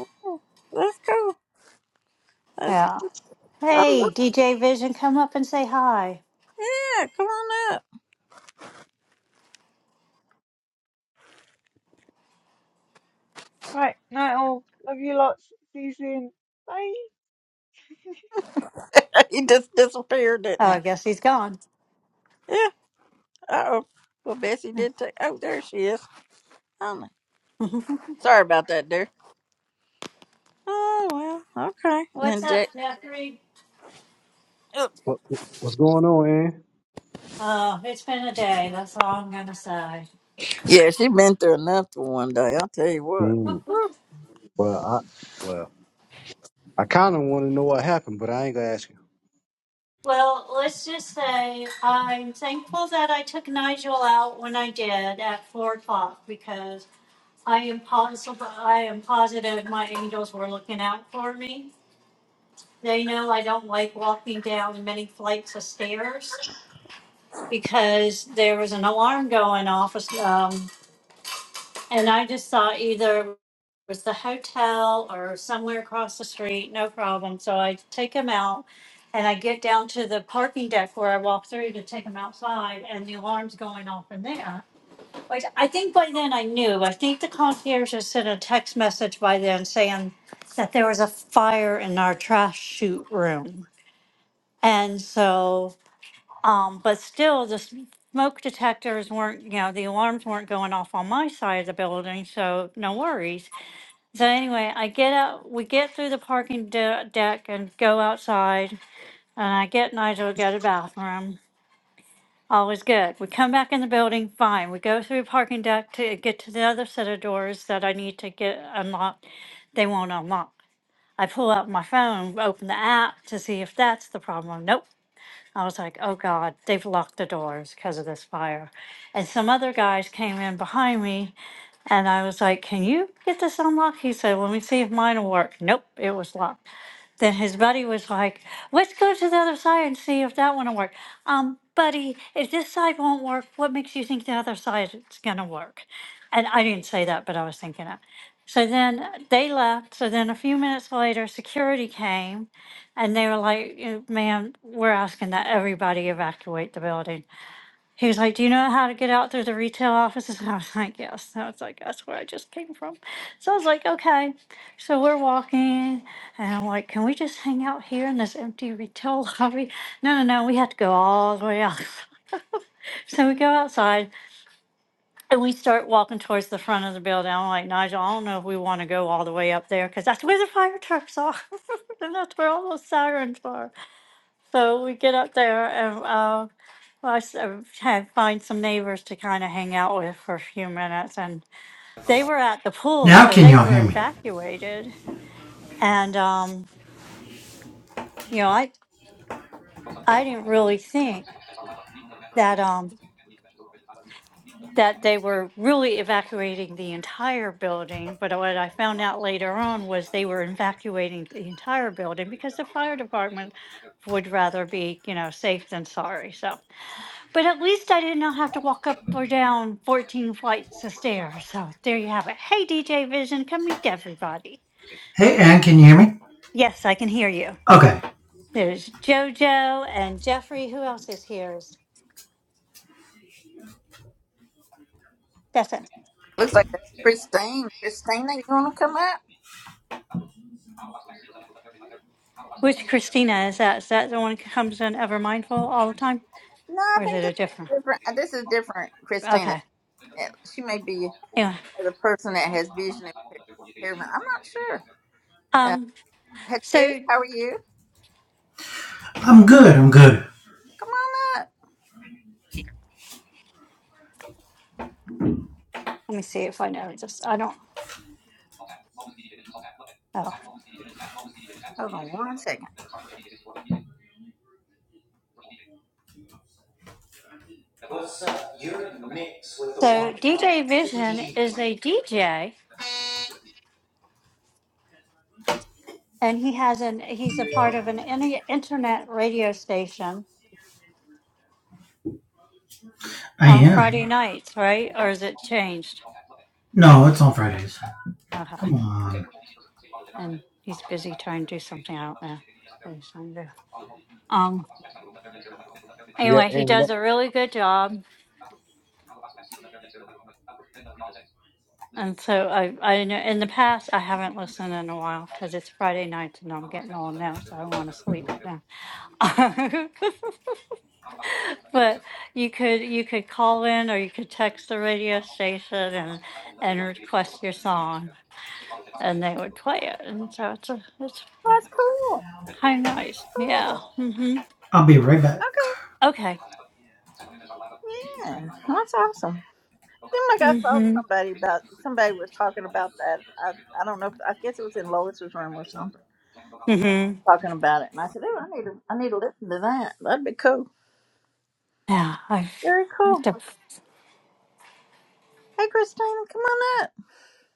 Speaker 1: Yeah. That's cool. That's,
Speaker 6: yeah.
Speaker 1: oh,
Speaker 6: Hey, DJ Vision, come up and say hi.
Speaker 1: Yeah, come on up.
Speaker 9: right, night all. Love you lots. See you soon. Bye.
Speaker 1: he just disappeared, didn't
Speaker 6: Oh,
Speaker 1: he?
Speaker 6: I guess he's gone.
Speaker 1: Yeah. Uh oh. Well, Bessie did take. Oh, there she is. Oh, no. sorry about that, dear. Oh well. Okay. And
Speaker 6: What's
Speaker 1: then
Speaker 6: up,
Speaker 1: Jack.
Speaker 6: Jeffrey?
Speaker 1: Oh.
Speaker 11: What what- what's going on, Ann?
Speaker 6: Oh, it's been a day. That's all I'm going to say.
Speaker 1: Yeah, she been through enough for one day. I'll tell you what.
Speaker 11: Hmm. Well, I well I kind of want to know what happened, but I ain't gonna ask you.
Speaker 6: Well, let's just say I'm thankful that I took Nigel out when I did at four o'clock because I am positive. I am positive my angels were looking out for me. They know I don't like walking down many flights of stairs because there was an alarm going off, um, and I just thought either it was the hotel or somewhere across the street, no problem. So I take them out, and I get down to the parking deck where I walk through to take them outside, and the alarm's going off in there. Like, I think by then I knew. I think the concierge had sent a text message by then saying that there was a fire in our trash chute room. And so, um, but still, the smoke detectors weren't, you know, the alarms weren't going off on my side of the building. So, no worries. So, anyway, I get out, we get through the parking de- deck and go outside. And I get Nigel to go to the bathroom. Always good. We come back in the building, fine. We go through parking deck to get to the other set of doors that I need to get unlocked. They won't unlock. I pull out my phone, open the app to see if that's the problem. Nope, I was like, oh God, they've locked the doors because of this fire. And some other guys came in behind me and I was like, can you get this unlocked? He said, let me see if mine will work. Nope, it was locked. Then his buddy was like, let's go to the other side and see if that one will work. Um, buddy, if this side won't work, what makes you think the other side is going to work? And I didn't say that, but I was thinking it. So then they left. So then a few minutes later, security came and they were like, "You know, ma'am, we're asking that everybody evacuate the building. He was like, Do you know how to get out through the retail offices? And I was like, Yes. And I was like, That's where I just came from. So I was like, Okay. So we're walking, and I'm like, Can we just hang out here in this empty retail lobby? No, no, no. We have to go all the way out. so we go outside, and we start walking towards the front of the building. I'm like, Nigel, I don't know if we want to go all the way up there because that's where the fire trucks are. and that's where all those sirens are. So we get up there and uh, well, I s- uh, had find some neighbors to kind of hang out with for a few minutes, and they were at the pool,
Speaker 12: Now
Speaker 6: so
Speaker 12: can
Speaker 6: they
Speaker 12: y'all
Speaker 6: were
Speaker 12: hear me?
Speaker 6: evacuated. And um, you know, I I didn't really think that um that they were really evacuating the entire building, but what I found out later on was they were evacuating the entire building because the fire department would rather be you know safe than sorry. So. But at least I did not have to walk up or down 14 flights of stairs. So there you have it. Hey, DJ Vision, come meet everybody.
Speaker 12: Hey, Ann, can you hear me?
Speaker 6: Yes, I can hear you.
Speaker 12: Okay.
Speaker 6: There's JoJo and Jeffrey. Who else is here? That's it.
Speaker 1: Looks like that's Christine. Christina, you want to come up?
Speaker 6: Which Christina is that? Is that the one who comes in ever mindful all the time?
Speaker 1: No, I
Speaker 6: Or is
Speaker 1: think
Speaker 6: it a
Speaker 1: this
Speaker 6: different?
Speaker 1: is different. uh, This is different, Christina.
Speaker 6: Okay.
Speaker 1: Yeah, She may be
Speaker 6: Anyway.
Speaker 1: the person that has vision impairment. I'm not sure. Uh,
Speaker 6: Um,
Speaker 1: Hatice,
Speaker 6: so
Speaker 1: how are you?
Speaker 12: I'm good. I'm good.
Speaker 1: Come on up.
Speaker 6: let me see if I know this. I don't know.
Speaker 1: Hold on one second.
Speaker 6: So DJ Vision is a DJ and he has an he's a part of an any internet radio station
Speaker 12: I
Speaker 6: on
Speaker 12: am.
Speaker 6: Friday nights, right? Or is it changed?
Speaker 12: No, it's on Fridays.
Speaker 6: Uh-huh.
Speaker 12: Come on.
Speaker 6: And he's busy trying to do something. I don't know what he's trying to do. Um.
Speaker 11: Yeah,
Speaker 6: Anyway, he
Speaker 11: and that-
Speaker 6: does a really good job, and so I I know in the past I haven't listened in a while because it's Friday nights and I'm getting old now, so I want to sleep now. but you could you could call in or you could text the radio station and and request your song and they would play it. And so it's a, it's
Speaker 1: That's cool.
Speaker 6: kind of nice. Yeah.
Speaker 1: Cool.
Speaker 6: hmm
Speaker 12: I'll be right back.
Speaker 1: Okay.
Speaker 6: Okay.
Speaker 1: Yeah, that's awesome. Seemed like I
Speaker 6: hmm
Speaker 1: saw somebody about somebody was talking about that. I I don't know. If, I guess it was in Lois's room or something
Speaker 6: hmm
Speaker 1: talking about it, and I said, "Oh, I need to I need to listen to that. That'd be cool.
Speaker 6: Yeah. I've,
Speaker 1: Very
Speaker 6: I have
Speaker 1: cool.
Speaker 6: to.
Speaker 1: Hey, Christina, come on up.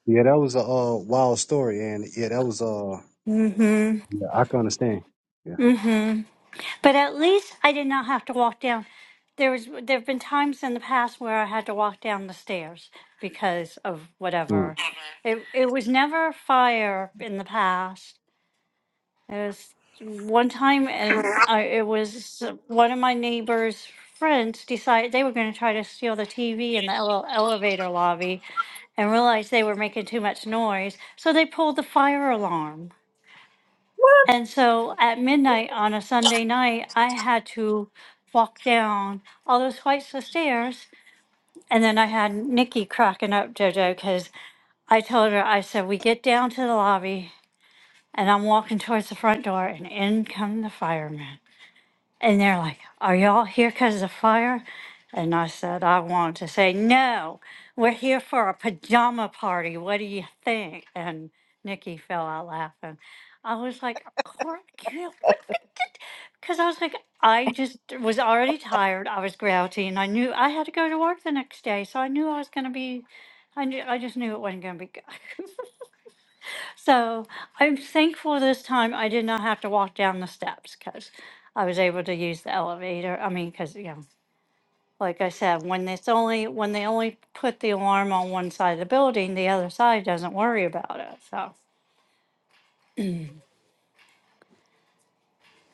Speaker 11: yeah, that was a uh, wild story, and yeah, that was uh,
Speaker 6: hmm
Speaker 11: yeah, I can understand. Yeah.
Speaker 6: hmm But at least I did not have to walk down. There was there have been times in the past where I had to walk down the stairs because of
Speaker 11: Hmm.
Speaker 6: whatever. It it was never fire in the past It was one time, and I, it was one of my neighbor's friends decided they were going to try to steal the TV in the ele- elevator lobby and realized they were making too much noise. So they pulled the fire alarm. And so at midnight on a Sunday night, I had to walk down all those flights of stairs. And then I had Nikki cracking up, JoJo, because I told her, I said, we get down to the lobby and I'm walking towards the front door, and in come the firemen. And they're like, Are y'all here because of the fire? And I said, I wanted to say, No, we're here for a pajama party. What do you think? And Nikki fell out laughing. I was like, "Cor- you know, What the Because I was like, I just was already tired. I was grouchy and I knew I had to go to work the next day. So I knew I was going to be, I, knew, I just knew it wasn't going to be good. So I'm thankful this time I did not have to walk down the steps because I was able to use the elevator. I mean, because you know, like I said, when it's only when they only put the alarm on one side of the building, the other side doesn't worry about it. So,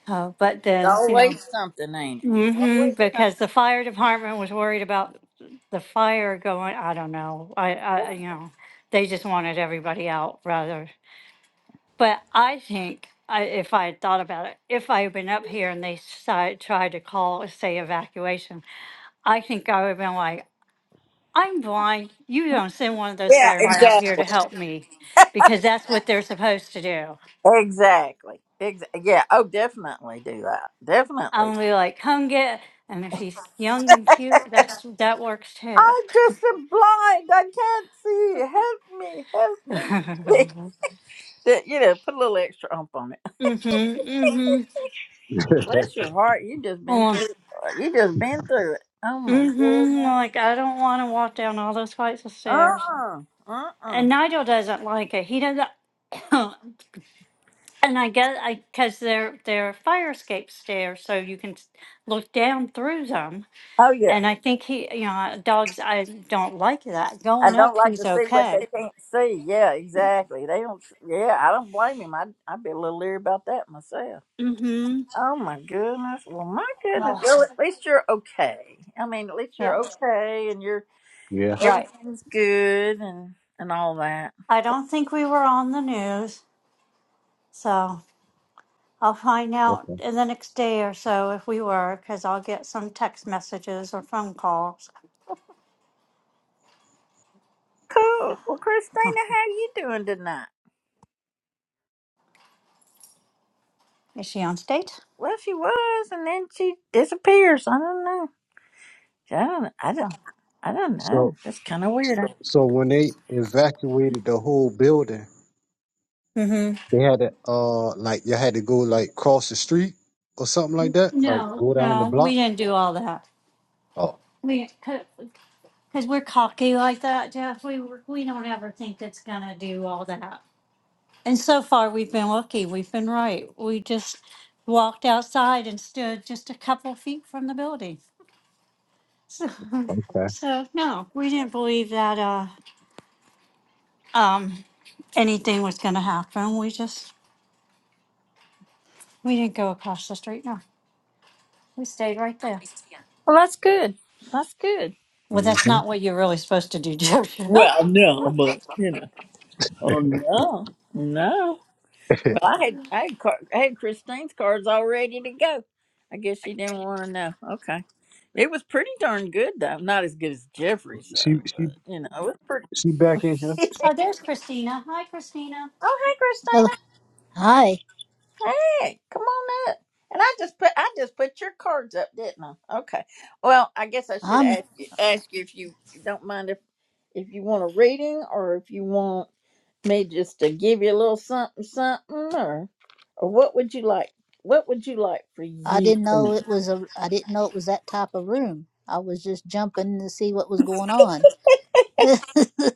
Speaker 6: uh, but
Speaker 1: It's
Speaker 6: then you know,
Speaker 1: always something, ain't it? It's
Speaker 6: hmm
Speaker 1: always something.
Speaker 6: because the fire department was worried about the fire going. I don't know. I, I you know, they just wanted everybody out rather But I think I, if I had thought about it, if I had been up here and they started, tried to call, say, evacuation, I think I would have been like, I'm blind. You don't send one of those
Speaker 1: Yeah,
Speaker 6: firemen up
Speaker 1: like
Speaker 6: here to
Speaker 1: exactly.
Speaker 6: help me because that's what they're supposed to do.
Speaker 1: Exactly. Exactly. Yeah. Oh, definitely do that.
Speaker 6: I'm
Speaker 1: Definitely.
Speaker 6: gonna be like, come get. And if he's young and cute, that's that works too.
Speaker 1: I just am blind. I can't see. Help me. Help me.
Speaker 6: mhm,
Speaker 1: that you know, put a little extra ump on it.
Speaker 6: mhm,
Speaker 1: Bless your heart, you just been
Speaker 6: oh,
Speaker 1: through. It. You just been through it. Oh my
Speaker 6: mhm.
Speaker 1: goodness.
Speaker 6: Like I don't want to walk down all those flights of
Speaker 1: Uh
Speaker 6: stairs.
Speaker 1: uh-uh. uh. uh.
Speaker 6: And Nigel doesn't like it. He doesn't. And I guess I because they're they're fire escape stairs, so you can s- look down through them.
Speaker 1: Oh yeah.
Speaker 6: And I think he, you know, dogs. I don't like that
Speaker 1: I
Speaker 6: going
Speaker 1: don't
Speaker 6: up.
Speaker 1: like
Speaker 6: He's
Speaker 1: to see what they
Speaker 6: okay.
Speaker 1: can't see. Yeah, exactly. They don't. s- Yeah, I don't blame him. I I'd be a little leery about that myself.
Speaker 6: Mm-hmm.
Speaker 1: Oh my goodness. Well, my goodness.
Speaker 6: Oh,
Speaker 1: Well, at least you're okay. I mean, at least you're
Speaker 6: yeah,
Speaker 1: okay, and you're
Speaker 11: Yeah.
Speaker 6: right.
Speaker 1: everything's good, and and all that.
Speaker 6: I don't think we were on the news, so I'll find out
Speaker 11: Okay.
Speaker 6: in the next day or so if we were, because I'll get some text messages or phone calls.
Speaker 1: Cool. Well, Christina, how you doing tonight?
Speaker 6: Is she on state?
Speaker 1: Well, she was, and then she disappears. I don't know. I don't. I don't.
Speaker 6: Oh.
Speaker 1: I don't
Speaker 11: So
Speaker 1: know. That's kind of weird.
Speaker 11: so when they evacuated the whole building.
Speaker 6: Mm-hmm.
Speaker 11: They had to uh like you had to go like cross the street or something like that. Like
Speaker 6: No,
Speaker 11: go down the
Speaker 6: no,
Speaker 11: block.
Speaker 6: we didn't do all that.
Speaker 11: Oh,
Speaker 6: We. Because we're cocky like that, Jeff. We we don't ever think it's gonna do all that. And so far, we've been lucky. We've been right. We just walked outside and stood just a couple feet from the building. So,
Speaker 11: okay.
Speaker 6: so no, we didn't believe that uh, um, anything was gonna happen. We just we didn't go across the street. No, we stayed right there.
Speaker 1: Well, that's good. That's good.
Speaker 6: Well,
Speaker 11: hmm
Speaker 6: that's not what you're really supposed to do, Jojo.
Speaker 1: Well,
Speaker 6: oh,
Speaker 1: no, but you know, oh no, no. Well, I had I had, car, I had Christine's cards all ready to go. I guess she didn't want to know. Okay, it was pretty darn good though. Not as good as Jeffrey's
Speaker 11: she
Speaker 1: though,
Speaker 11: she
Speaker 1: but you know, it was pretty.
Speaker 11: she back in here.
Speaker 6: there's Christina. Hi, Christina.
Speaker 1: oh, hey, Christine. Hey, come on up. And I just put I just put your cards up, didn't I? Okay. Well, I guess I should
Speaker 13: Um,
Speaker 1: ask you, ask you if you don't mind if if you want a reading or if you want me just to give you a little something something or or what would you like? What would you like for
Speaker 13: I
Speaker 1: you
Speaker 13: didn't
Speaker 1: to
Speaker 13: know
Speaker 1: know?
Speaker 13: it was a. I didn't know it was that type of room. I was just jumping to see what was going on.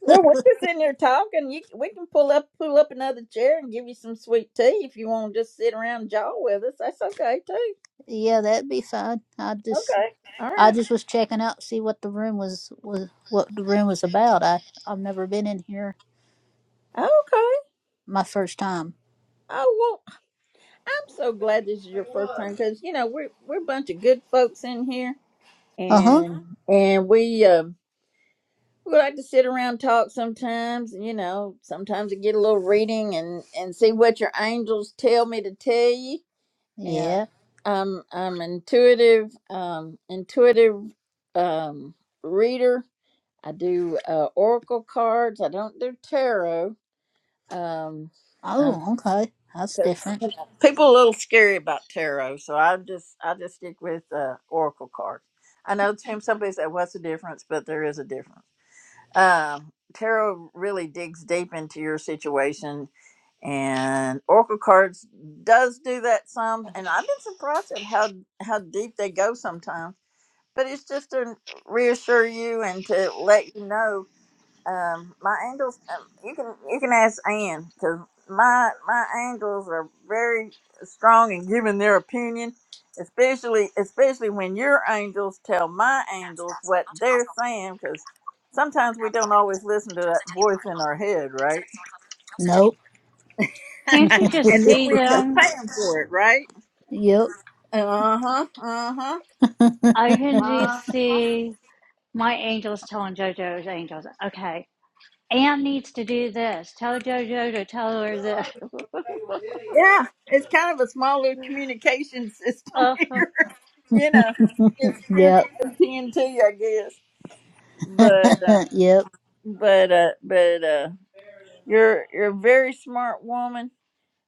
Speaker 1: Well, we're just in there talking. You, we can pull up pull up another chair and give you some sweet tea if you want to just sit around and jaw with us. That's okay too.
Speaker 13: yeah, that'd be fine. I just,
Speaker 1: Okay. All
Speaker 13: I
Speaker 1: right.
Speaker 13: just was checking out, see what the room was, was what the room was about. I, I've never been in here.
Speaker 1: Okay.
Speaker 13: My first time.
Speaker 1: I won't. I'm so glad this is your first time because you know we're we're a bunch of good folks in here,
Speaker 13: Uh huh.
Speaker 1: and and we um we like to sit around talk sometimes. You know, sometimes I get a little reading and and see what your angels tell me to tell you. Yeah,
Speaker 13: Yeah.
Speaker 1: I'm I'm intuitive, um, intuitive, um, reader. I do uh, oracle cards. I don't do tarot. Um,
Speaker 13: Oh, okay. That's
Speaker 1: because
Speaker 13: different.
Speaker 1: people are a little scary about tarot, so I just I just stick with uh, oracle cards. I know Tim. Somebody said, "What's the difference?" But there is a difference. Um, tarot really digs deep into your situation, and oracle cards does do that some. And I've been surprised at how how deep they go sometimes. But it's just to reassure you and to let you know um, my angels. Um, you can you can ask Ann because my my angels are very strong in giving their opinion, especially especially when your angels tell my angels what they're saying. Because sometimes we don't always listen to that voice in our head, right?
Speaker 13: Nope.
Speaker 6: Can't you just
Speaker 1: And then
Speaker 6: see
Speaker 1: we end up
Speaker 6: them?
Speaker 1: paying for it, right?
Speaker 13: yep.
Speaker 1: Uh huh. Uh huh.
Speaker 6: I can
Speaker 1: Uh,
Speaker 6: just see. My angel's telling JoJo's angels, okay, Anne needs to do this. Tell JoJo to tell her this.
Speaker 1: yeah, it's kind of a small little communication system
Speaker 6: Uh,
Speaker 1: here. you know, it's
Speaker 13: yep.
Speaker 1: spiritual AT&T, I guess. but uh,
Speaker 13: yep.
Speaker 1: but uh, but uh, you're you're a very smart woman.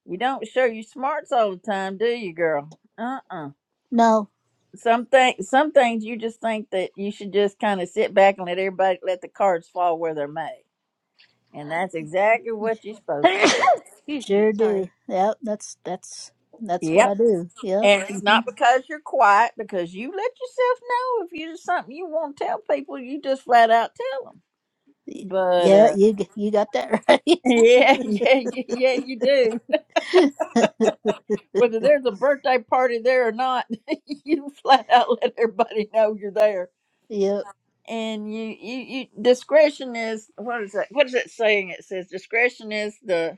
Speaker 1: You don't show your smarts all the time, do you, girl? Uh uh
Speaker 13: No.
Speaker 1: Some things, some things you just think that you should just kind of sit back and let everybody let the cards fall where they're made, and that's exactly what you're supposed to do.
Speaker 6: excuse me,
Speaker 13: Sure do.
Speaker 6: sorry.
Speaker 13: Yep, that's that's that's what I
Speaker 1: Yep.
Speaker 13: do. Yep.
Speaker 1: And it's
Speaker 13: hmm
Speaker 1: not because you're quiet, because you let yourself know if you there's something you want to tell people, you just flat out tell them. But
Speaker 13: Yeah,
Speaker 1: uh,
Speaker 13: you g- you got that right.
Speaker 1: yeah, yeah, yeah, yeah, you do. whether there's a birthday party there or not, you flat out let everybody know you're there.
Speaker 13: Yep.
Speaker 1: And you, you, you, discretion is what is that? What is that saying? It says discretion is the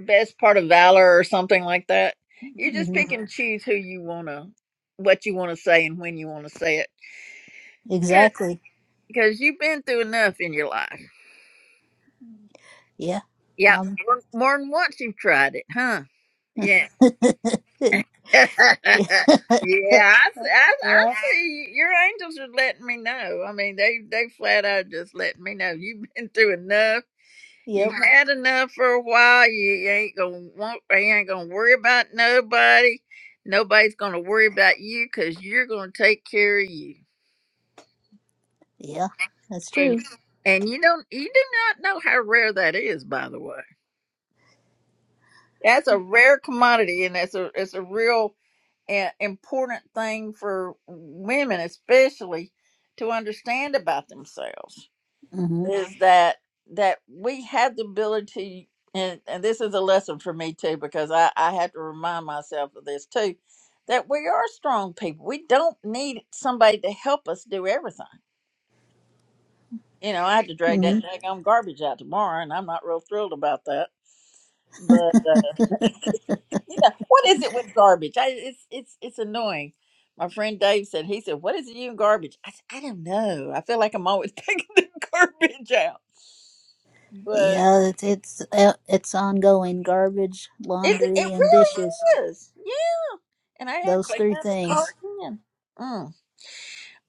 Speaker 1: best part of valor or something like that. You just
Speaker 13: hmm
Speaker 1: pick and Mhm. choose who you wanna, what you wanna say and when you wanna say it,
Speaker 13: Exactly.
Speaker 1: because you've been through enough in your life.
Speaker 13: Yeah.
Speaker 1: Yeah,
Speaker 13: Um.
Speaker 1: more, more than once you've tried it, huh? Yeah.
Speaker 13: yeah.
Speaker 1: yeah, I I,
Speaker 13: yeah.
Speaker 1: I see you. your angels are letting me know. I mean, they they flat out just letting me know you've been through enough.
Speaker 13: Yep.
Speaker 1: You've had enough for a while. You, you ain't gonna want. You ain't gonna worry about nobody. Nobody's gonna worry about you because you're gonna take care of you.
Speaker 13: Yeah. That's
Speaker 1: And
Speaker 13: true.
Speaker 1: and you don't. You do not know how rare that is, by the way. That's a rare commodity, and that's a it's a real a- important thing for women especially to understand about themselves
Speaker 13: hmm
Speaker 1: is that that we have the ability and, and this is a lesson for me too because I, I have to remind myself of this too that we are strong people we don't need somebody to help us do everything you know i had to drag
Speaker 13: hmm
Speaker 1: that daggone garbage out tomorrow and i'm not real thrilled about that but uh, Yeah, what is it with garbage? I, it's it's it's annoying. My friend Dave said he said, "What is it you and garbage?" I said, "I don't know. I feel like I'm always taking the garbage out, but
Speaker 13: Yeah, it's it's uh, it's ongoing. Garbage,
Speaker 1: it
Speaker 13: laundry,
Speaker 1: it
Speaker 13: and dishes.
Speaker 1: really is. Yeah, and I had
Speaker 13: Those
Speaker 1: cleaned
Speaker 13: three
Speaker 1: out the car
Speaker 13: things.
Speaker 1: again. Mm.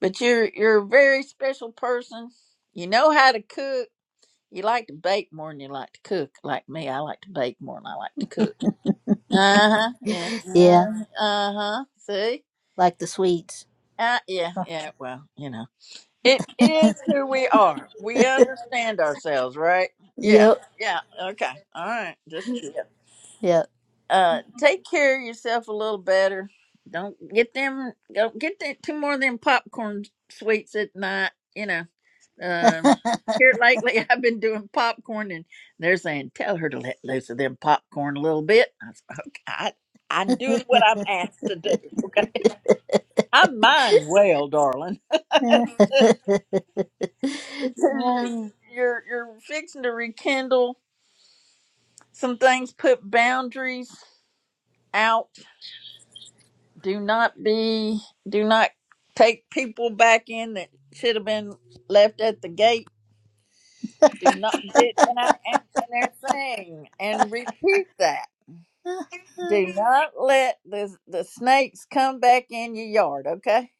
Speaker 1: But you're you're a very special person. You know how to cook. You like to bake more than you like to cook. Like me, I like to bake more than I like to cook. Uh huh. Yeah.
Speaker 13: Yeah,
Speaker 1: Uh huh. See.
Speaker 13: like the sweets.
Speaker 1: Uh, yeah, yeah. Well, you know. It is who we are. We understand ourselves, right? Yeah.
Speaker 13: yep.
Speaker 1: Yeah. Okay. All right. Just yeah.
Speaker 13: Yeah.
Speaker 1: Uh, take care of yourself a little better. Don't get them. Don't get that, two more of them popcorn sweets at night. You know. Um.
Speaker 13: okay.
Speaker 1: here lately, I've been doing popcorn, and they're saying, "Tell her to let loose of them popcorn a little bit." I said, "Okay, I, I'm doing what I'm asked to do. Okay, I'm mind well, darling." because you- are you're fixing to rekindle some things put boundaries out do not be do not take people back in that should have been left at the gate do not do, and, I, and and they're saying and repeat that do not let the the snakes come back in your yard okay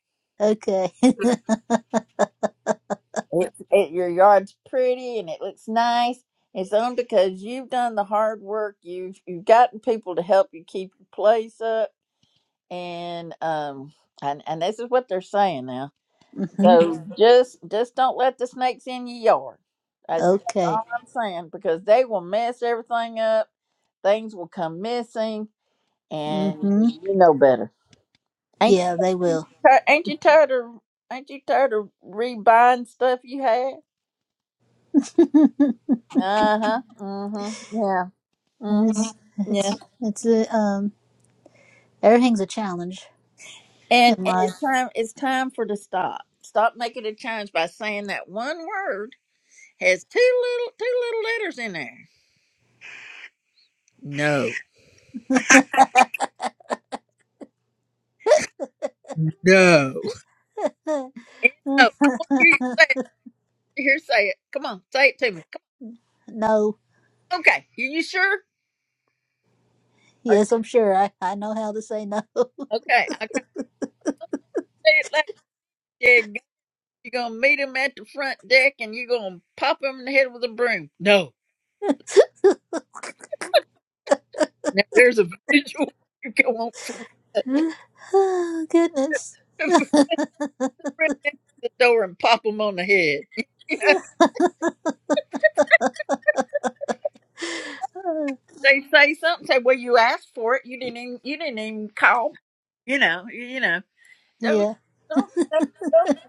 Speaker 1: It, it, your yard's pretty and it looks nice. It's only because you've done the hard work. You've you've gotten people to help you keep your place up, and um, and and this is what they're saying now.
Speaker 13: hmm
Speaker 1: So just just don't let the snakes in your yard. That's, that's
Speaker 13: Okay.
Speaker 1: all I'm saying because they will mess everything up. Things will come missing, and
Speaker 13: hmm
Speaker 1: you know better. Ain't you
Speaker 13: Yeah, they will.
Speaker 1: ti- ain't you tired of ain't you tired of rebuying stuff you had? Uh-huh. Mm-hmm. Yeah.
Speaker 13: it's
Speaker 1: Mm-hmm. Yeah.
Speaker 13: it's it's a um everything's a challenge
Speaker 1: And
Speaker 13: in
Speaker 1: and
Speaker 13: life.
Speaker 1: it's time it's time for to stop. Stop making a change by saying that one word has two little two little letters in there. No. No. Oh, I want to hear you say it. Here, say it. Come on, say it to me. Come
Speaker 13: no.
Speaker 1: on. Okay. Are you sure? Are-
Speaker 13: Yes, I'm sure. I I know how to say no.
Speaker 1: Okay. I can say it like yeah, you're gonna meet him at the front deck and you're gonna pop him in the head with a broom. No. Now there's a visual you can want from
Speaker 13: oh, goodness.
Speaker 1: that. run down to the door and pop them on the head. They say something. Say, "Well, you asked for it. You didn't. Even, you didn't even call." You know. You you know. Don't
Speaker 13: yeah.
Speaker 1: don't don't, don't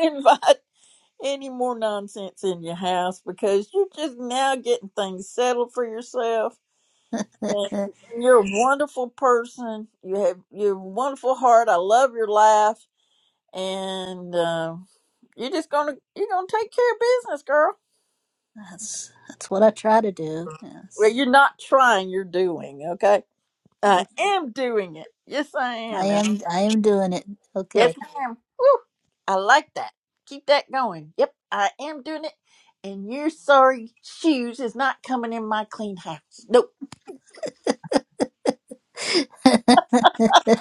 Speaker 1: don't invite any more nonsense in your house because you're just now getting things settled for yourself. And you're a wonderful person. You have you're a wonderful heart. I love your laugh, and uh, you're just gonna you're gonna take care of business, girl.
Speaker 13: that's that's what I try to do.
Speaker 1: Well,
Speaker 13: Yes.
Speaker 1: you're not trying. You're doing okay. I am doing it. Yes, I
Speaker 13: I
Speaker 1: am. And
Speaker 13: am I am doing it.
Speaker 1: yes,
Speaker 13: Okay.
Speaker 1: I am. Woo! I like that. Keep that going. Yep, I am doing it. And your sorry shoes is not coming in my clean house. Nope.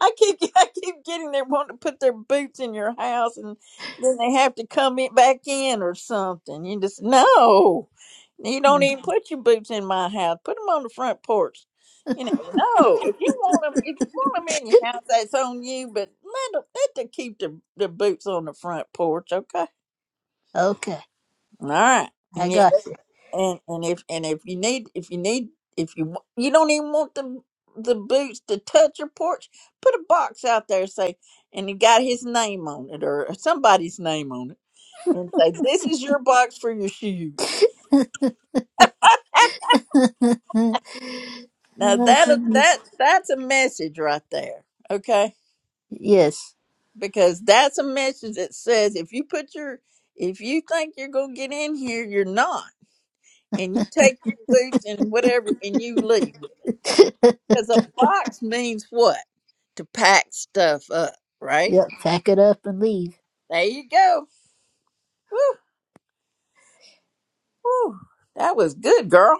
Speaker 1: I keep I keep getting they want to put their boots in your house and then they have to come in, back in or something. You just no, you don't even put your boots in my house. Put them on the front porch. You know, no. If you want them, if you want 'em in your house, that's on you. But let them, let them keep the the boots on the front porch, okay?
Speaker 13: okay.
Speaker 1: All right.
Speaker 13: I
Speaker 1: And if
Speaker 13: got you.
Speaker 1: and and if and if you need if you need if you wa- you don't even want the the boots to touch your porch put a box out there say and you got his name on it or somebody's name on it and say this is your box for your shoes now
Speaker 13: oh
Speaker 1: that
Speaker 13: goodness.
Speaker 1: that that's a message right there okay
Speaker 13: Yes.
Speaker 1: because that's a message that says if you put your if you think you're gonna get in here you're not and you take your boots and whatever and you leave because a box means what to pack stuff up, right?
Speaker 13: yep. Pack it up and leave.
Speaker 1: There you go. Woo, woo. That was good, girl.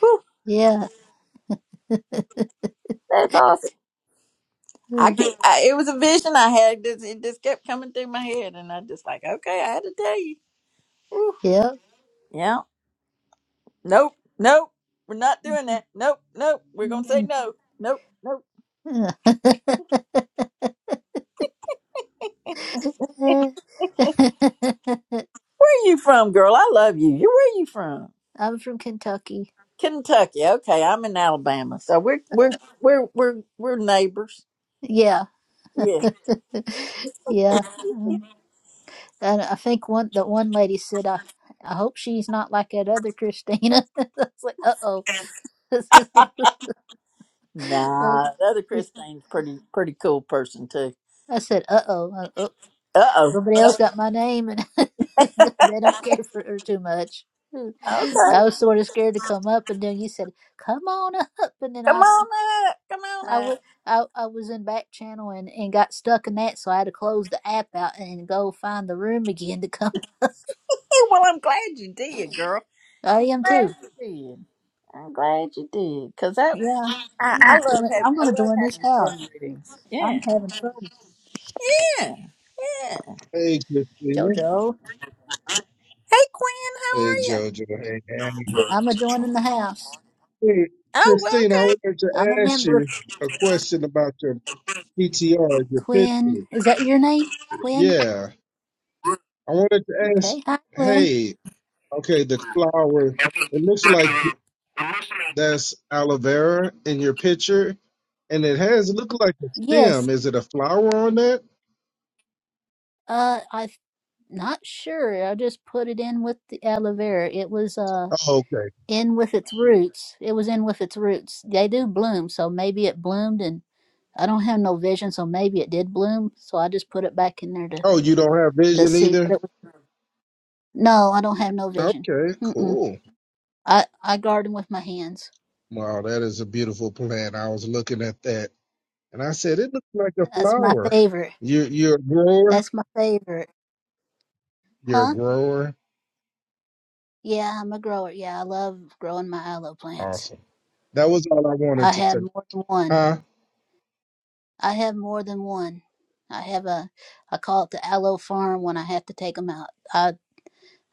Speaker 1: Woo,
Speaker 13: Yeah.
Speaker 1: that's awesome. I
Speaker 13: Mm.
Speaker 1: can I, it was a vision I had. This, it just kept coming through my head, and I just like, okay, I had to tell you. Woo.
Speaker 13: Yep.
Speaker 1: Yeah. Nope. Nope. We're not doing that. Nope. Nope. We're gonna say
Speaker 13: Mm.
Speaker 1: no. Nope. Nope.
Speaker 13: Mm.
Speaker 1: Where you from, girl? I love you. You where you from?
Speaker 13: I'm from Kentucky.
Speaker 1: Kentucky. Okay, I'm in Alabama, so we're we're we're we're we're neighbors.
Speaker 13: Yeah.
Speaker 1: Yeah.
Speaker 13: Yeah. Um, And I think one the one lady said I I hope she's not like that other Christina. I was like, uh oh.
Speaker 1: Nah, the other Christine's pretty pretty cool person too.
Speaker 13: I said, uh oh, uh, oh,
Speaker 1: Uh oh.
Speaker 13: nobody
Speaker 1: Okay.
Speaker 13: else got my name, and they don't care for her too much. I was sort of scared to come up, and then you said, "Come on up," and then
Speaker 1: Come
Speaker 13: I,
Speaker 1: on up. Come on
Speaker 13: I was,
Speaker 1: up.
Speaker 13: I, I was in back channel and and got stuck in that, so I had to close the app out and go find the room again to come.
Speaker 1: Hey, well, I'm glad you did, girl.
Speaker 13: I am too.
Speaker 1: Glad you did. I'm glad you did, cause that
Speaker 13: Yeah,
Speaker 1: I,
Speaker 13: I'm
Speaker 1: I
Speaker 13: gonna
Speaker 1: love
Speaker 13: join-
Speaker 1: having
Speaker 13: I'm
Speaker 1: I
Speaker 13: gonna
Speaker 1: love
Speaker 13: join this
Speaker 1: having
Speaker 13: house.
Speaker 1: fun readings.
Speaker 13: I'm
Speaker 1: Yeah.
Speaker 13: having fun,
Speaker 1: Yeah. Yeah.
Speaker 14: Hey, Christina.
Speaker 13: JoJo.
Speaker 1: Hey, Quinn,
Speaker 14: Hey,
Speaker 1: how are
Speaker 14: JoJo. Hey, Annie.
Speaker 1: you?
Speaker 13: I'm a joining the house.
Speaker 14: Hey,
Speaker 1: Oh, well,
Speaker 14: Christina, I wanted to
Speaker 13: I'm a
Speaker 14: ask
Speaker 13: member.
Speaker 14: you a question about your PTR, your
Speaker 13: Quinn,
Speaker 14: picture.
Speaker 13: is that your name? Quinn.
Speaker 14: Yeah, I wanted to ask.
Speaker 13: Okay, hi, Quinn.
Speaker 14: Hey, okay, the flower. It looks like
Speaker 1: okay.
Speaker 14: that's aloe vera in your picture, and it has it look like a
Speaker 13: Yes.
Speaker 14: stem. Is it a flower on that?
Speaker 13: Uh, I'm not sure. I just put it in with the aloe vera. It was uh
Speaker 14: Oh, okay.
Speaker 13: in with its roots. It was in with its roots. They do bloom, so maybe it bloomed, and I don't have no vision, so maybe it did bloom. So I just put it back in there to
Speaker 14: Oh, you don't have
Speaker 13: to
Speaker 14: vision
Speaker 13: see
Speaker 14: either.
Speaker 13: what it was. No, I don't have no vision.
Speaker 14: Okay,
Speaker 13: Mm-mm.
Speaker 14: cool.
Speaker 13: I I garden with my hands.
Speaker 14: Wow, that is a beautiful plant. I was looking at that. And I said, it looks like a
Speaker 13: That's my
Speaker 14: flower.
Speaker 13: favorite.
Speaker 14: you you're a grower.
Speaker 13: That's my favorite.
Speaker 14: You're a
Speaker 13: Huh?
Speaker 14: grower.
Speaker 13: Yeah, I'm a grower. Yeah, I love growing my aloe plants.
Speaker 14: Awesome. That was all I wanted
Speaker 13: I
Speaker 14: to say.
Speaker 13: have more than one.
Speaker 14: Huh?
Speaker 13: I have more than one. I have a, I call it the aloe farm when I have to take them out. I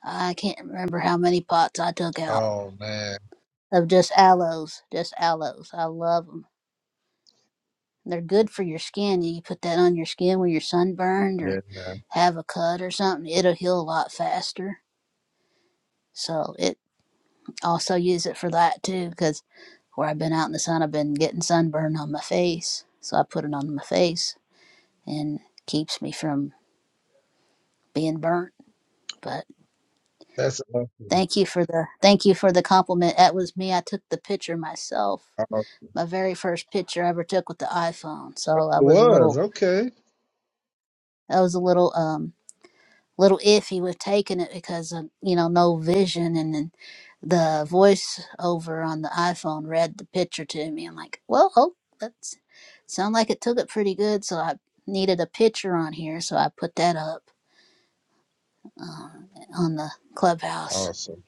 Speaker 13: I can't remember how many pots I took out
Speaker 14: Oh, man.
Speaker 13: of just aloes, just aloes. I love them. They're good for your skin. You put that on your skin when you're sunburned
Speaker 14: Yeah,
Speaker 13: or
Speaker 14: man.
Speaker 13: have a cut or something. It'll heal a lot faster. So it also use it for that too, because where I've been out in the sun, I've been getting sunburned on my face. So I put it on my face and keeps me from being burnt. But
Speaker 14: That's awesome.
Speaker 13: Thank you for the thank you for the compliment. That was me. I took the picture myself.
Speaker 14: Oh, it
Speaker 13: My very first picture I ever took with the iPhone. So I was a
Speaker 14: was.
Speaker 13: little
Speaker 14: Okay.
Speaker 13: I was a little um little iffy with taking it because of, you know no vision and then the voice over on the iPhone read the picture to me. I'm like, well, oh, that's sound like it took it pretty good. So I needed a picture on here, so I put that up um, on the clubhouse.
Speaker 14: Awesome.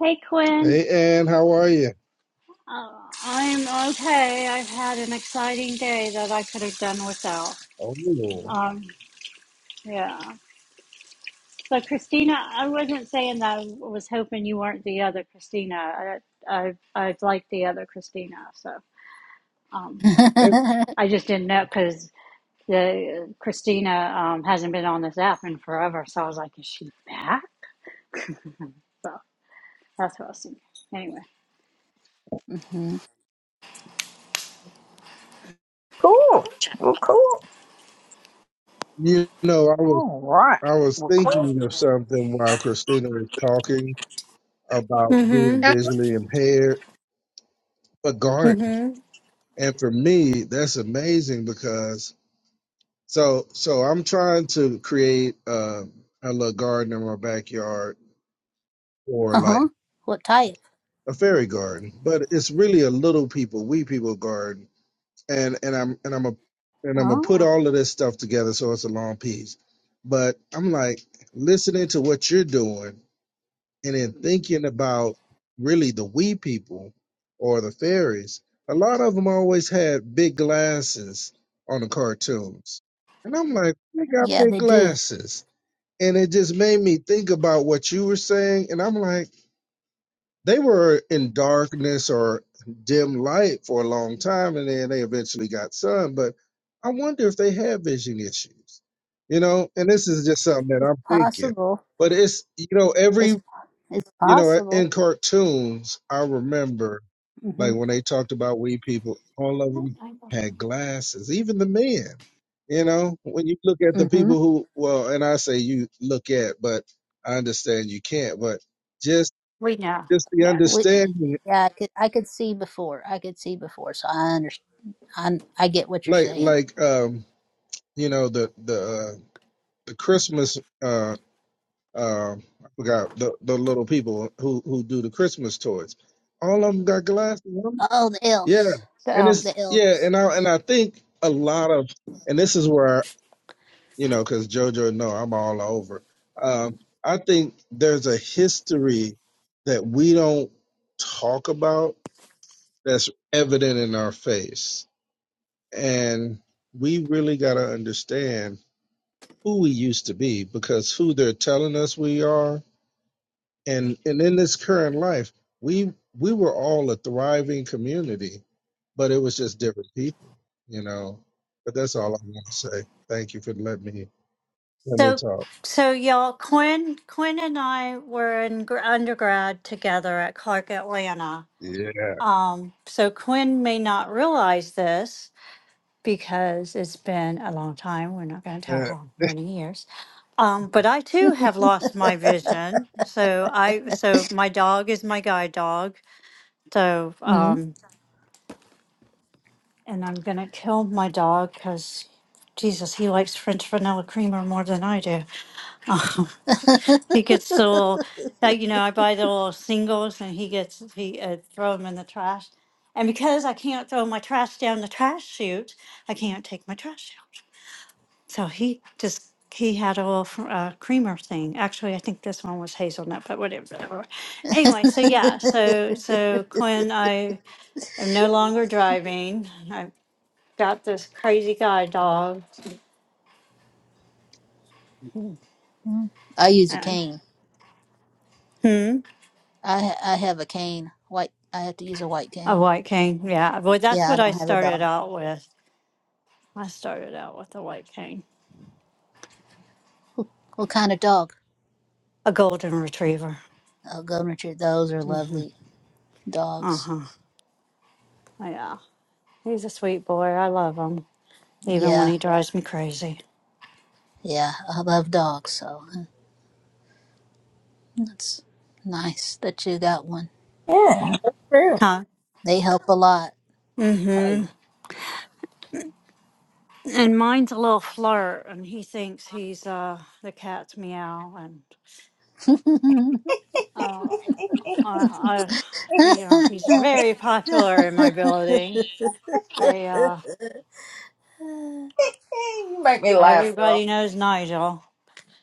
Speaker 6: Hey, Quinn.
Speaker 14: Hey, Ann, how are you?
Speaker 6: Uh, I'm okay. I've had an exciting day that I could have done without.
Speaker 14: Oh,
Speaker 6: Um, yeah. So, Christina, I wasn't saying that I was hoping you weren't the other Christina. I, I, I like the other Christina. So, um,
Speaker 14: and
Speaker 13: hmm
Speaker 6: I just didn't know because the Christina um, hasn't been on this app in forever, so I was like, is she back? Mm-hmm. So that's what I was thinking. Anyway,
Speaker 1: Cool. Well, cool.
Speaker 14: you know, I was,
Speaker 1: All right.
Speaker 14: I was
Speaker 1: Well, cool.
Speaker 14: thinking of something
Speaker 1: Yeah.
Speaker 14: while Christina was talking about being
Speaker 6: Mm-hmm.
Speaker 1: That's
Speaker 14: visually impaired, but garden. And for me, that's amazing because So so I'm trying to create uh, a little garden in my backyard or
Speaker 13: Uh
Speaker 14: like
Speaker 13: huh. What type?
Speaker 14: a fairy garden, but it's really a little people, we people garden. And and I'm and I'm a and I'm gonna put
Speaker 13: Oh,
Speaker 14: all of this stuff together so it's a long piece. But I'm like listening to what you're doing and then thinking about really the we people or the fairies. A lot of them always had big glasses on the cartoons. And I'm like, they got
Speaker 13: yeah,
Speaker 14: big
Speaker 13: they do.
Speaker 14: glasses and it just made me think about what you were saying and i'm like they were in darkness or dim light for a long time and then they eventually got sun but i wonder if they have vision issues you know and this is just something that
Speaker 13: It's
Speaker 14: i'm thinking
Speaker 13: possible.
Speaker 14: but it's you know every
Speaker 13: It's it's
Speaker 14: you know,
Speaker 13: possible.
Speaker 14: in cartoons, I remember like
Speaker 13: Mhm.
Speaker 14: when they talked about we people, all of them
Speaker 6: Mm-hmm.
Speaker 14: had glasses, even the men. You know, when you look at the people
Speaker 13: Mhm.
Speaker 14: who, well, and I say you look at, but I understand you can't, but just
Speaker 6: we know.
Speaker 14: just the
Speaker 6: Yeah,
Speaker 13: We,
Speaker 14: understanding,
Speaker 13: yeah, I could I could see before. I could see before. So I understand. I I get what you're
Speaker 14: like
Speaker 13: saying.
Speaker 14: like um, you know the the uh, the Christmas uh uh I forgot the the little people who who do the Christmas toys, all of them got glasses.
Speaker 13: Oh, the
Speaker 14: Yeah,
Speaker 13: elves.
Speaker 6: the
Speaker 14: and it's
Speaker 6: elves.
Speaker 13: The
Speaker 14: yeah,
Speaker 13: elves.
Speaker 14: and I and I think a lot of and this is where you know because JoJo no, I'm all over. Um, I think there's a history that we don't talk about that's evident in our face, and we really got to understand who we used to be because who they're telling us we are, and and in this current life, we we were all a thriving community but it was just different people, you know. But that's all I want to say. Thank you for letting me let me
Speaker 6: So,
Speaker 14: talk.
Speaker 6: so y'all, Quinn, Quinn and I were in gr- undergrad together at Clark Atlanta.
Speaker 14: Yeah,
Speaker 6: So Quinn may not realize this, because it's been a long time. We're not going to tell
Speaker 14: Uh,
Speaker 6: how many years. Um, but I too have lost my vision. So I so my dog is my guide dog. So
Speaker 13: Mhm.
Speaker 6: um, and I'm gonna kill my dog because Jesus, he likes French vanilla creamer more than I do. Um, he gets the little, like, you know, I buy the little singles and he gets he uh, throw them in the trash. And because I can't throw my trash down the trash chute, I can't take my trash out. So he just, he had a little fr- uh, creamer thing. Actually, I think this one was hazelnut, but whatever. Anyway, so yeah, so, so Quinn, I am no longer driving. I've got this crazy guy dog.
Speaker 13: I use a
Speaker 6: And,
Speaker 13: cane.
Speaker 6: hmm,
Speaker 13: I ha- I have a cane. White. I have to use a white
Speaker 6: a
Speaker 13: cane.
Speaker 6: white cane. Yeah. Well, that's
Speaker 13: Yeah, I
Speaker 6: what I
Speaker 13: don't have a
Speaker 6: started
Speaker 13: dog.
Speaker 6: out with. I started out with a white cane,
Speaker 13: What kind of dog?
Speaker 6: a golden retriever.
Speaker 13: Oh, Governor Tree, those are
Speaker 6: hmm
Speaker 13: lovely
Speaker 6: Uh
Speaker 13: dogs.
Speaker 6: huh. Yeah. He's a sweet boy. I love him, even when
Speaker 13: Yeah,
Speaker 6: he drives me crazy.
Speaker 13: yeah, I love dogs, so uh, that's nice that you got one.
Speaker 1: good.
Speaker 6: Huh?
Speaker 13: They help a lot.
Speaker 1: Hey,
Speaker 6: Mm-hmm. and mine's a little flirt, and he thinks he's uh the cat's meow, and uh, I, I, you know, he's very popular in my building. They uh,
Speaker 1: you make me laugh, girl.
Speaker 6: everybody knows Nigel.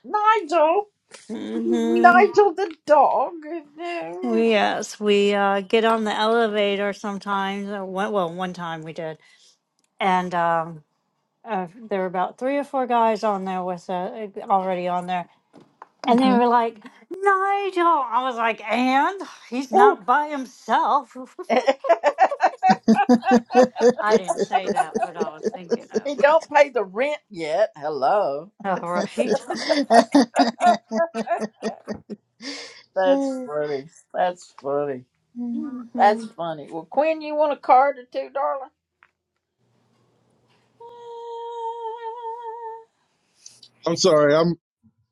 Speaker 1: Nigel.
Speaker 6: Mm-hmm.
Speaker 1: Nigel the dog.
Speaker 6: Well, yes, we uh get on the elevator sometimes. uh, One, well, one time we did, and um, uh, there were about three or four guys on there with uh, already on there, And they
Speaker 13: hmm
Speaker 6: were like, Nigel. I was like, and he's
Speaker 1: Oh,
Speaker 6: not by himself. I didn't say that, but I was thinking
Speaker 1: He
Speaker 6: of.
Speaker 1: don't pay the rent yet. Hello.
Speaker 6: Uh, all right.
Speaker 1: That's funny. That's funny. That's
Speaker 6: mm-hmm.
Speaker 1: funny. Well, Quinn, you want a card or two, darling?
Speaker 14: I'm sorry. I'm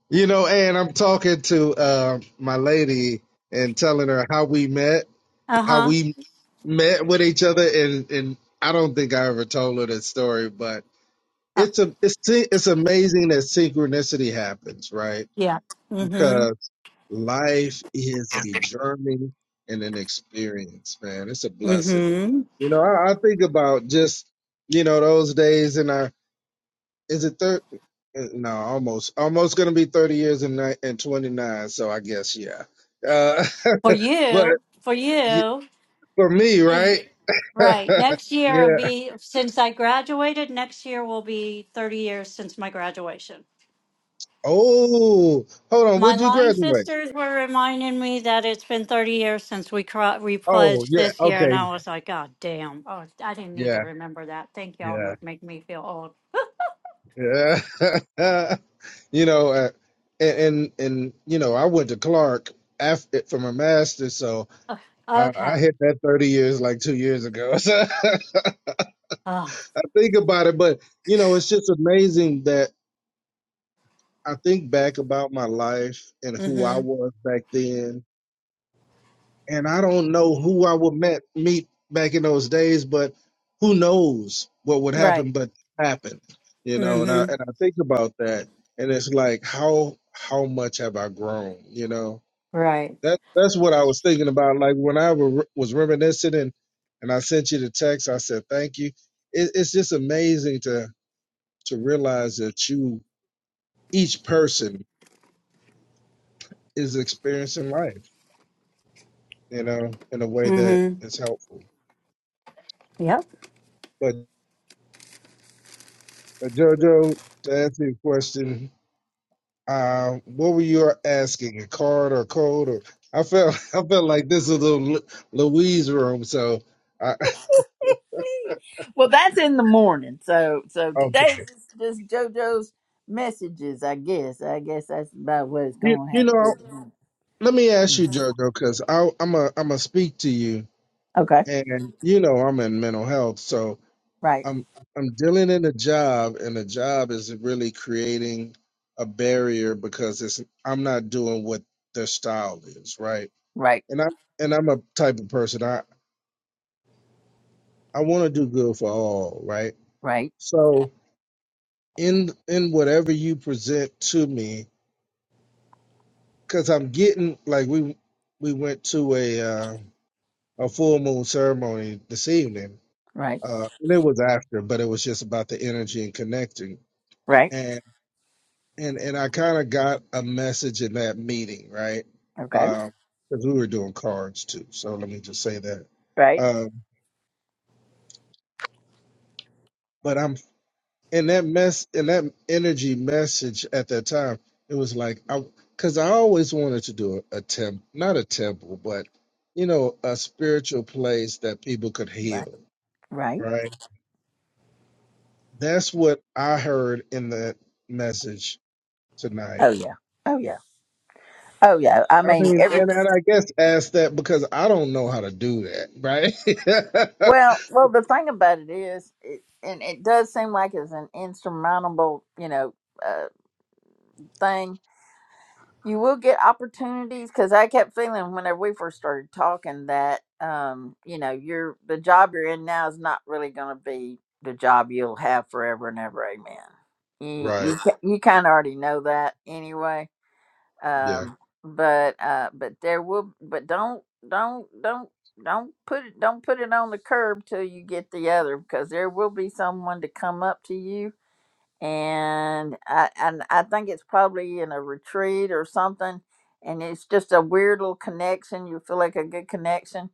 Speaker 14: you know, and I'm talking to uh, my lady and telling her how we met,
Speaker 6: Uh
Speaker 14: how
Speaker 6: huh.
Speaker 14: we met with each other, and and I don't think I ever told her that story, but
Speaker 6: Oh,
Speaker 14: it's a it's it's amazing that synchronicity happens, right?
Speaker 6: yeah. Mm
Speaker 14: Life is a journey and an experience, man. It's a
Speaker 6: hmm. Mm
Speaker 14: blessing.
Speaker 6: hmm.
Speaker 14: You know, I, I think about just, you know, those days in our. is it thirty? no, almost almost gonna be thirty years and ni- and twenty nine, so I guess yeah. Uh
Speaker 6: For
Speaker 14: but
Speaker 6: you, for
Speaker 14: y-
Speaker 6: you.
Speaker 14: for me,
Speaker 6: Is,
Speaker 14: right?
Speaker 6: right. Next year will
Speaker 14: yeah.
Speaker 6: be, since I graduated, next year will be 30 years since my graduation.
Speaker 14: Oh, hold on,
Speaker 6: My
Speaker 14: would you
Speaker 6: line
Speaker 14: graduate?
Speaker 6: sisters were reminding me that it's been 30 years since we cro- we
Speaker 14: Oh,
Speaker 6: pledged
Speaker 14: yeah,
Speaker 6: this year, and
Speaker 14: okay,
Speaker 6: I was like, God damn. Oh, I didn't need to
Speaker 14: yeah,
Speaker 6: remember that. Thank y'all
Speaker 14: yeah.
Speaker 6: ma- make me feel old.
Speaker 14: Yeah. you know, uh, and, and and you know, I went to Clark after for my master, so
Speaker 6: Ugh,
Speaker 14: I, I
Speaker 6: okay.
Speaker 14: hit that thirty years like two years ago.
Speaker 6: Oh.
Speaker 14: So I think about it, but you know, it's just amazing that I think back about my life and who I
Speaker 6: Mm-hmm.
Speaker 14: was back then, and I don't know who I would met meet back in those days, but who knows what would
Speaker 6: Right.
Speaker 14: happen but happened, you know, and I
Speaker 6: Mm-hmm.
Speaker 14: and I think about that and it's like how how much have I grown, you know?
Speaker 6: Right.
Speaker 14: That that's what I was thinking about. Like when I were, was reminiscing and, and I sent you the text, I said thank you. It, it's just amazing to to realize that you each person is experiencing life, you know, in a way that
Speaker 6: Mm-hmm.
Speaker 14: is helpful.
Speaker 6: Yep.
Speaker 14: but. But Jojo, to answer your question, uh, what were you asking? A card or code? Or I felt I felt like this is a Lu- Louise room. So, I,
Speaker 1: Well, that's in the morning. So, so
Speaker 14: okay,
Speaker 1: today's just, just JoJo's messages, I guess. I guess that's about what it's
Speaker 14: you,
Speaker 1: going to
Speaker 14: you
Speaker 1: have to
Speaker 14: know,
Speaker 1: be. tonight.
Speaker 14: let me ask you,
Speaker 1: Mm.
Speaker 14: Jojo, because I'm a I'm a speak to you,
Speaker 1: Okay.
Speaker 14: and you know I'm in mental health, so
Speaker 1: Right.
Speaker 14: I'm I'm dealing in a job, and the job is really creating a barrier because it's I'm not doing what their style is, right?
Speaker 1: Right.
Speaker 14: And I and I'm a type of person. I want to do good for all, right?
Speaker 1: Right.
Speaker 14: So in in whatever you present to me, because I'm getting like we we went to a uh, a full moon ceremony this evening,
Speaker 1: Right.
Speaker 14: uh, and it was after, but it was just about the energy and connecting,
Speaker 1: Right.
Speaker 14: and and and I kind of got a message in that meeting, right?
Speaker 1: Okay.
Speaker 14: Because we were doing cards too, so let me just say that.
Speaker 1: Right.
Speaker 14: Um, but I'm and that mess and that energy message at that time it was like i because i always wanted to do a, a temple not a temple but you know a spiritual place that people could
Speaker 1: Right.
Speaker 14: heal
Speaker 1: Right.
Speaker 14: right that's what i heard in that message tonight
Speaker 1: Oh yeah. Oh yeah. Oh yeah. I
Speaker 14: i
Speaker 1: mean,
Speaker 14: mean
Speaker 1: every
Speaker 14: and, and i guess ask that because i don't know how to do that right
Speaker 1: well, well. The thing about it is, it, and it does seem like it's an insurmountable, you know, uh, thing you will get opportunities because I kept feeling whenever we first started talking that um, you know, your the job you're in now is not really going to be the job you'll have forever and ever. Amen. You
Speaker 14: Right.
Speaker 1: you ki- you kind of already know that anyway.
Speaker 14: Yeah.
Speaker 1: Um, but uh, but there will but don't don't don't don't put it don't put it on the curb till you get the other because there will be someone to come up to you and I, and I think it's probably in a retreat or something. And it's just a weird little connection. You feel like a good connection,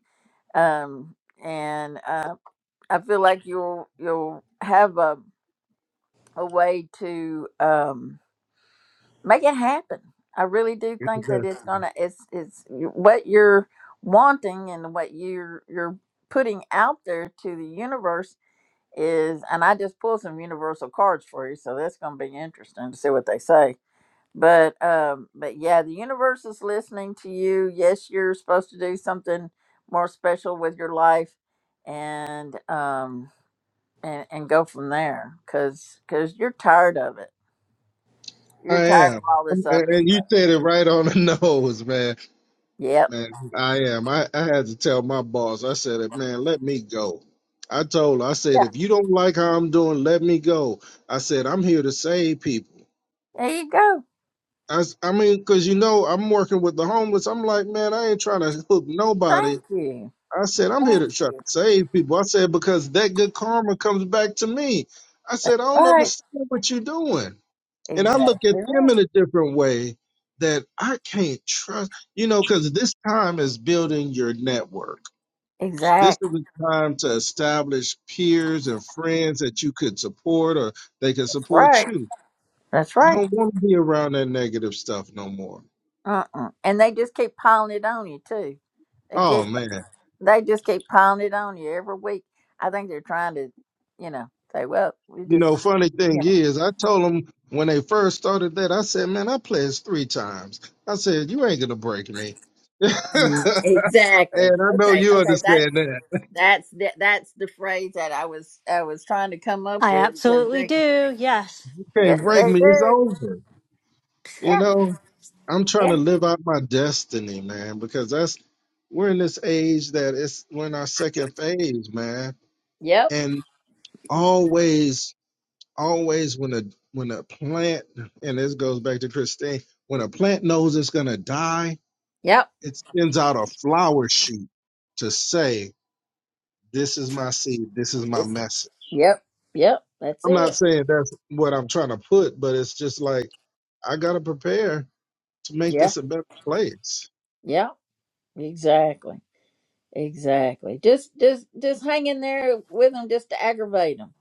Speaker 1: um, and uh, I feel like you'll you'll have a a way to um, make it happen. I really do
Speaker 14: It's the
Speaker 1: think that it's
Speaker 14: best.
Speaker 1: gonna it's it's what you're wanting and what you're you're putting out there to the universe is and I just pulled some universal cards for you, so that's gonna be interesting to see what they say but um but yeah the universe is listening to you yes you're supposed to do something more special with your life and um and and go from there because because you're tired of it
Speaker 14: i
Speaker 1: you're tired
Speaker 14: am
Speaker 1: of all
Speaker 14: Um,
Speaker 1: this
Speaker 14: and
Speaker 1: other
Speaker 14: and you
Speaker 1: stuff
Speaker 14: said it right on the nose man.
Speaker 1: yep
Speaker 14: Man, I am. I, I had to tell my boss. I said man, let me go. I told her, I said,
Speaker 1: yeah
Speaker 14: if you don't like how I'm doing, let me go. I said, I'm here to save people.
Speaker 1: there you go
Speaker 14: I, s- I mean, because you know, I'm working with the homeless. I'm like, man, I ain't trying to hook nobody.
Speaker 1: thank you
Speaker 14: I said, I'm here
Speaker 1: thank
Speaker 14: to try to
Speaker 1: you
Speaker 14: save people. I said, because that good karma comes back to me. I said, I don't
Speaker 1: right
Speaker 14: understand what you're doing. And I look at
Speaker 1: exactly
Speaker 14: them
Speaker 1: right
Speaker 14: in a different way that I can't trust, you know, because this time is building your network This
Speaker 1: exactly
Speaker 14: is a time to establish peers and friends that you could support or they could support
Speaker 1: right
Speaker 14: you.
Speaker 1: that's
Speaker 14: I
Speaker 1: right
Speaker 14: don't want to be around that negative stuff no more.
Speaker 1: uh-uh. and they just keep piling it on you too they keep
Speaker 14: Oh, man.
Speaker 1: They just keep piling it on you every week. I think they're trying to, you know, say, well, we
Speaker 14: You
Speaker 1: just,
Speaker 14: know, funny thing
Speaker 1: you know.
Speaker 14: is, I told them when they first started that, I said, man, I pledged three times. I said, you ain't going to break me. and
Speaker 1: Mm, Exactly.
Speaker 14: I know
Speaker 1: Okay.
Speaker 14: you
Speaker 1: Okay. That
Speaker 14: understand that.
Speaker 1: that's the, that's the phrase that I was I was trying to come up
Speaker 6: I
Speaker 1: with because
Speaker 6: absolutely
Speaker 1: they.
Speaker 6: do. Yes.
Speaker 14: You can't
Speaker 1: Yes,
Speaker 14: break
Speaker 1: they
Speaker 14: me. It's
Speaker 1: do.
Speaker 14: over. You
Speaker 1: Yeah.
Speaker 14: know, I'm trying
Speaker 1: Yeah.
Speaker 14: to live out my destiny, man, because that's we're in this age that it's we're in our second phase, man.
Speaker 1: Yep.
Speaker 14: And always, always when a when a plant and this goes back to Christine, when a plant knows it's gonna die,
Speaker 1: Yep.
Speaker 14: it sends out a flower shoot to say, This is my seed, this is my message.
Speaker 1: Yep. Yep. That's
Speaker 14: I'm not
Speaker 1: it.
Speaker 14: saying that's what I'm trying to put, but it's just like I gotta prepare to make
Speaker 1: Yeah.
Speaker 14: this a better place.
Speaker 1: Yep. Exactly. Exactly. Just just just hang in there with them just to aggravate them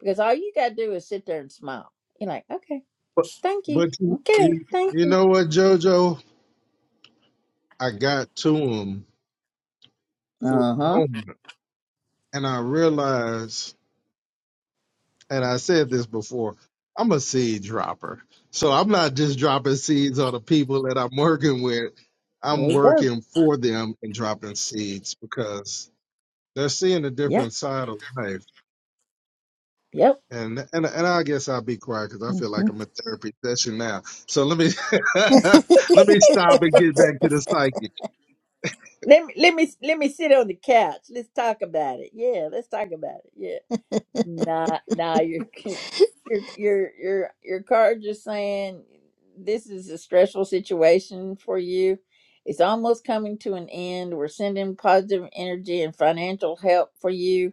Speaker 1: because all you gotta do is sit there and smile. You're like, okay.
Speaker 14: But
Speaker 1: Thank you.
Speaker 14: but you,
Speaker 1: Okay,
Speaker 14: you
Speaker 1: thank
Speaker 14: you
Speaker 1: you.
Speaker 14: know what, JoJo? I got to him for
Speaker 1: Uh
Speaker 14: a
Speaker 1: huh.
Speaker 14: moment, and I realized, and I said this before, I'm a seed dropper. So I'm not just dropping seeds on the people that I'm working with.
Speaker 1: There
Speaker 14: I'm
Speaker 1: you go.
Speaker 14: working for them and dropping seeds because they're seeing a
Speaker 1: Yep,
Speaker 14: different side of life.
Speaker 1: yep.
Speaker 14: And and and I guess I'll be quiet because I feel like I'm in therapy session now. So let me let me stop and get back to the psychic.
Speaker 1: Let me let me let me sit on the couch. Let's talk about it. Yeah, let's talk about it. Yeah. Nah, nah. Your your your your your card just saying this is a stressful situation for you. It's almost coming to an end. We're sending positive energy and financial help for you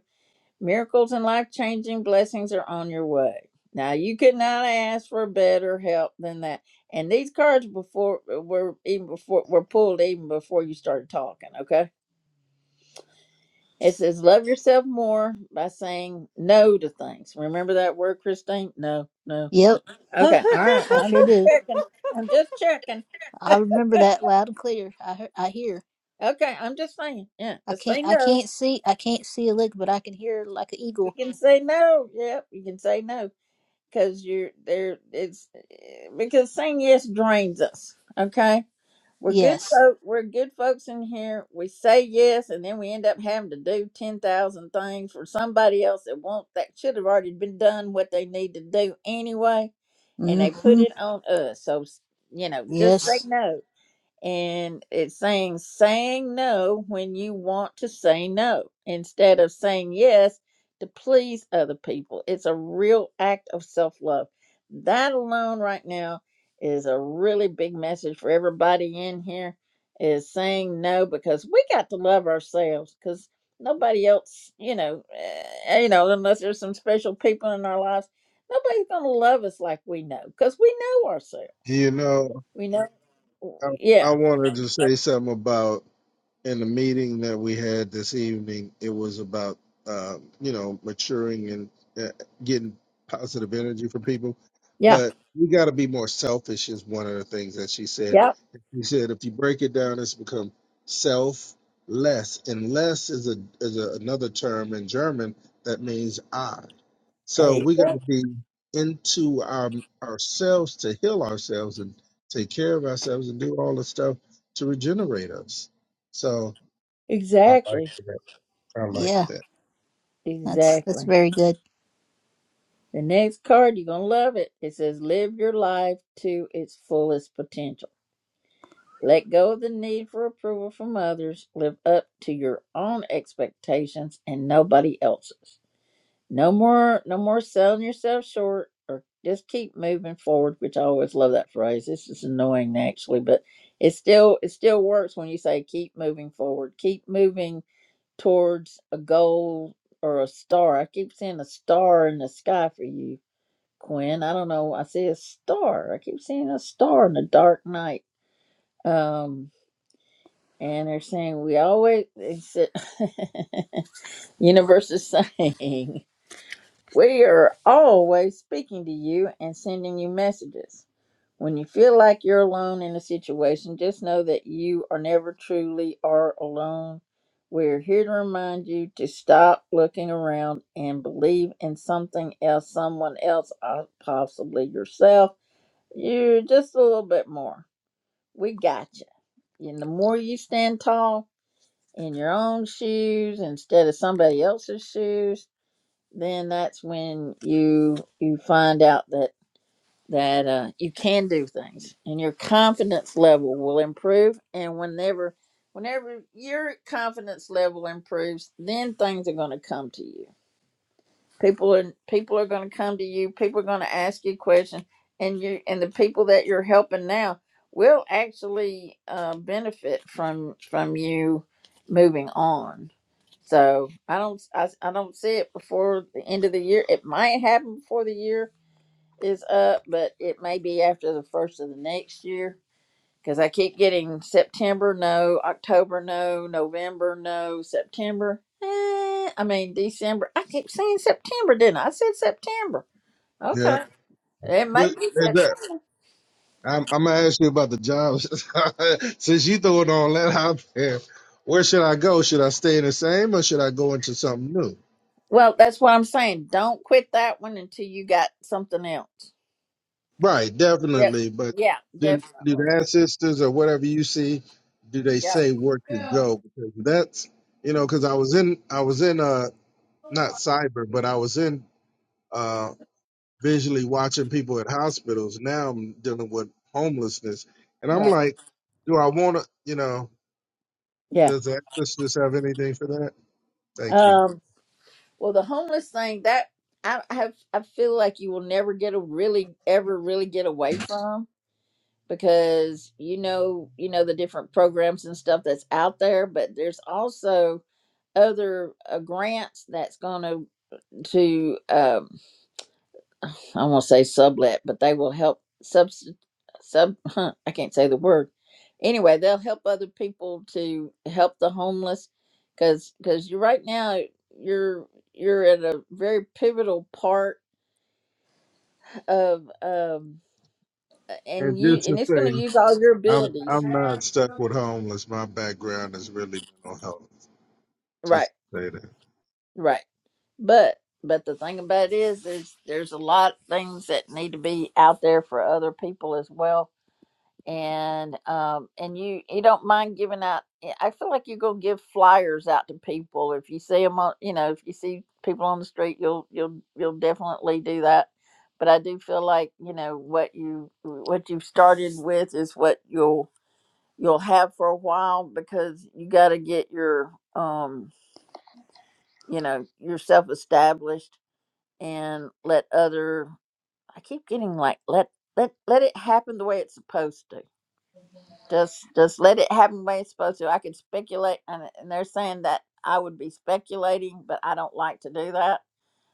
Speaker 1: Miracles and life changing blessings are on your way. Now, you could not ask for better help than that. And these cards before uh, were even before were pulled even before you started talking. Okay, it says love yourself more by saying no to things. Remember that word, Christine? No, no.
Speaker 13: yep,
Speaker 1: Okay, all right.
Speaker 13: I
Speaker 1: I'm
Speaker 13: sure
Speaker 1: just
Speaker 13: do.
Speaker 1: checking. I'm just checking.
Speaker 13: I remember that loud and clear. I hear, I hear.
Speaker 1: Okay, I'm just saying. Yeah,
Speaker 13: I
Speaker 1: just
Speaker 13: can't
Speaker 1: say
Speaker 13: I
Speaker 1: no.
Speaker 13: can't see I can't see a lick, but I can hear like an
Speaker 1: You
Speaker 13: eagle.
Speaker 1: can say no. Yep, you can say no. because you're there it's eh, because saying yes drains us okay we're good
Speaker 13: Yes.
Speaker 1: folk we're good folks in here we say yes and then we end up having to do 10,000 things for somebody else that won't that should have already been done what they need to do anyway and they put
Speaker 13: Mm-hmm.
Speaker 1: it on us so you know just say
Speaker 13: Yes.
Speaker 1: no and it's saying saying no when you want to say no instead of saying yes to please other people. It's a real act of self love. That alone, right now, is a really big message for everybody in here is saying no because we got to love ourselves because nobody else, you know, eh, you know, unless there's some special people in our lives, nobody's going to love us like we know because we know ourselves.
Speaker 14: You know,
Speaker 1: We know,
Speaker 14: I,
Speaker 1: yeah.
Speaker 14: I wanted to say something about in the meeting that we had this evening, it was about um, you know maturing and uh, getting positive energy from people.
Speaker 1: Yeah.
Speaker 14: But we got to be more selfish is one of the things that she said.
Speaker 1: Yep.
Speaker 14: She said if you break it down, it's become self less, and less is a is a, another term in German that means I.
Speaker 1: There
Speaker 14: So
Speaker 1: you
Speaker 14: we got to
Speaker 1: go.
Speaker 14: be into our ourselves to heal ourselves and take care of ourselves and do all the stuff to regenerate us. So I like
Speaker 1: Exactly.
Speaker 14: that. I like
Speaker 13: Yeah.
Speaker 14: that.
Speaker 13: That's that's
Speaker 1: Exactly.
Speaker 13: very good.
Speaker 1: The next card, you're going to love it. It says, Live your life to its fullest potential. Let go of the need for approval from others. Live up to your own expectations and nobody else's. No more, no more selling yourself short or just keep moving forward, which I always love that phrase. This is annoying actually, but it still, it still works when you say keep moving forward, keep moving towards a goal or a star. I keep seeing a star in the sky for you, Quinn. I don't know. I see a star. I keep seeing a star in the dark night. Um, and they're saying we always. They said, universe is saying we are always speaking to you and sending you messages. When you feel like you're alone in a situation, just know that you are never truly are alone. We're here to remind you to stop looking around and believe in something else, someone else, uh, possibly yourself. You just a little bit more. We got you. And the more you stand tall in your own shoes instead of somebody else's shoes, then that's when you you find out that that uh, you can do things and your confidence level will improve and whenever whenever your confidence level improves then things are going to come to you people are people are going to come to you people are going to ask you questions and you and the people that you're helping now will actually uh, benefit from from you moving on so i don't I, I don't see it before the end of the year it might happen before the year is up but it may be after the first of the next year because I keep getting September, no, October, no, November, no, September. Eh, I mean, December. I keep saying September, didn't I? I said September.
Speaker 14: Yeah.
Speaker 1: Okay. It
Speaker 14: What
Speaker 1: may be
Speaker 14: is that?
Speaker 1: September.
Speaker 14: I'm, I'm gonna ask you about the job. Since you throw it on that out there, where should I go? Should I stay in the same or should I go into something new?
Speaker 1: Well, that's what I'm saying. Don't quit that one until you got something else.
Speaker 14: Right,
Speaker 1: Yep.
Speaker 14: definitely. But
Speaker 1: Yeah,
Speaker 14: do, do
Speaker 1: definitely.
Speaker 14: the ancestors or whatever you see, do they
Speaker 1: Yep.
Speaker 14: say where to go? Because that's you know, because I was in I was in uh not cyber, but I was in um visually watching people at hospitals. Now I'm dealing with homelessness, and I'm
Speaker 1: Right.
Speaker 14: like, do I want to? You know,
Speaker 1: Yeah.
Speaker 14: does the emphasis have anything for that? Thank you.
Speaker 1: Um, well, the homeless thing that I have, I feel like you will never get a really, ever really get away from because you know you know the different programs and stuff that's out there but there's also other uh, grants that's going to to um i won't say sublet but they will help subs sub i can't say the word anyway they'll help other people to help the homeless because because you right now you're you're at a very pivotal part of um
Speaker 14: And
Speaker 1: and you
Speaker 14: just to
Speaker 1: and it's going to
Speaker 14: say,
Speaker 1: use all your
Speaker 14: I'm
Speaker 1: abilities
Speaker 14: I'm not stuck with homeless. My background is really mental health.
Speaker 1: right
Speaker 14: Just to say that.
Speaker 1: right But but the thing about it is, is there's a lot of things that need to be out there for other people as well. And um and you you don't mind giving out. eh, I feel like you're gonna give flyers out to people if you see them on. You know, if you see people on the street, you'll you'll you'll definitely do that. But I do feel like you know what you what you've started with is what you'll you'll have for a while because you got to get your um you know yourself established and let other I keep getting like let let let it happen the way it's supposed to. Just just let it happen the way it's supposed to. I could speculate and, and they're saying that I would be speculating, but I don't like to do that.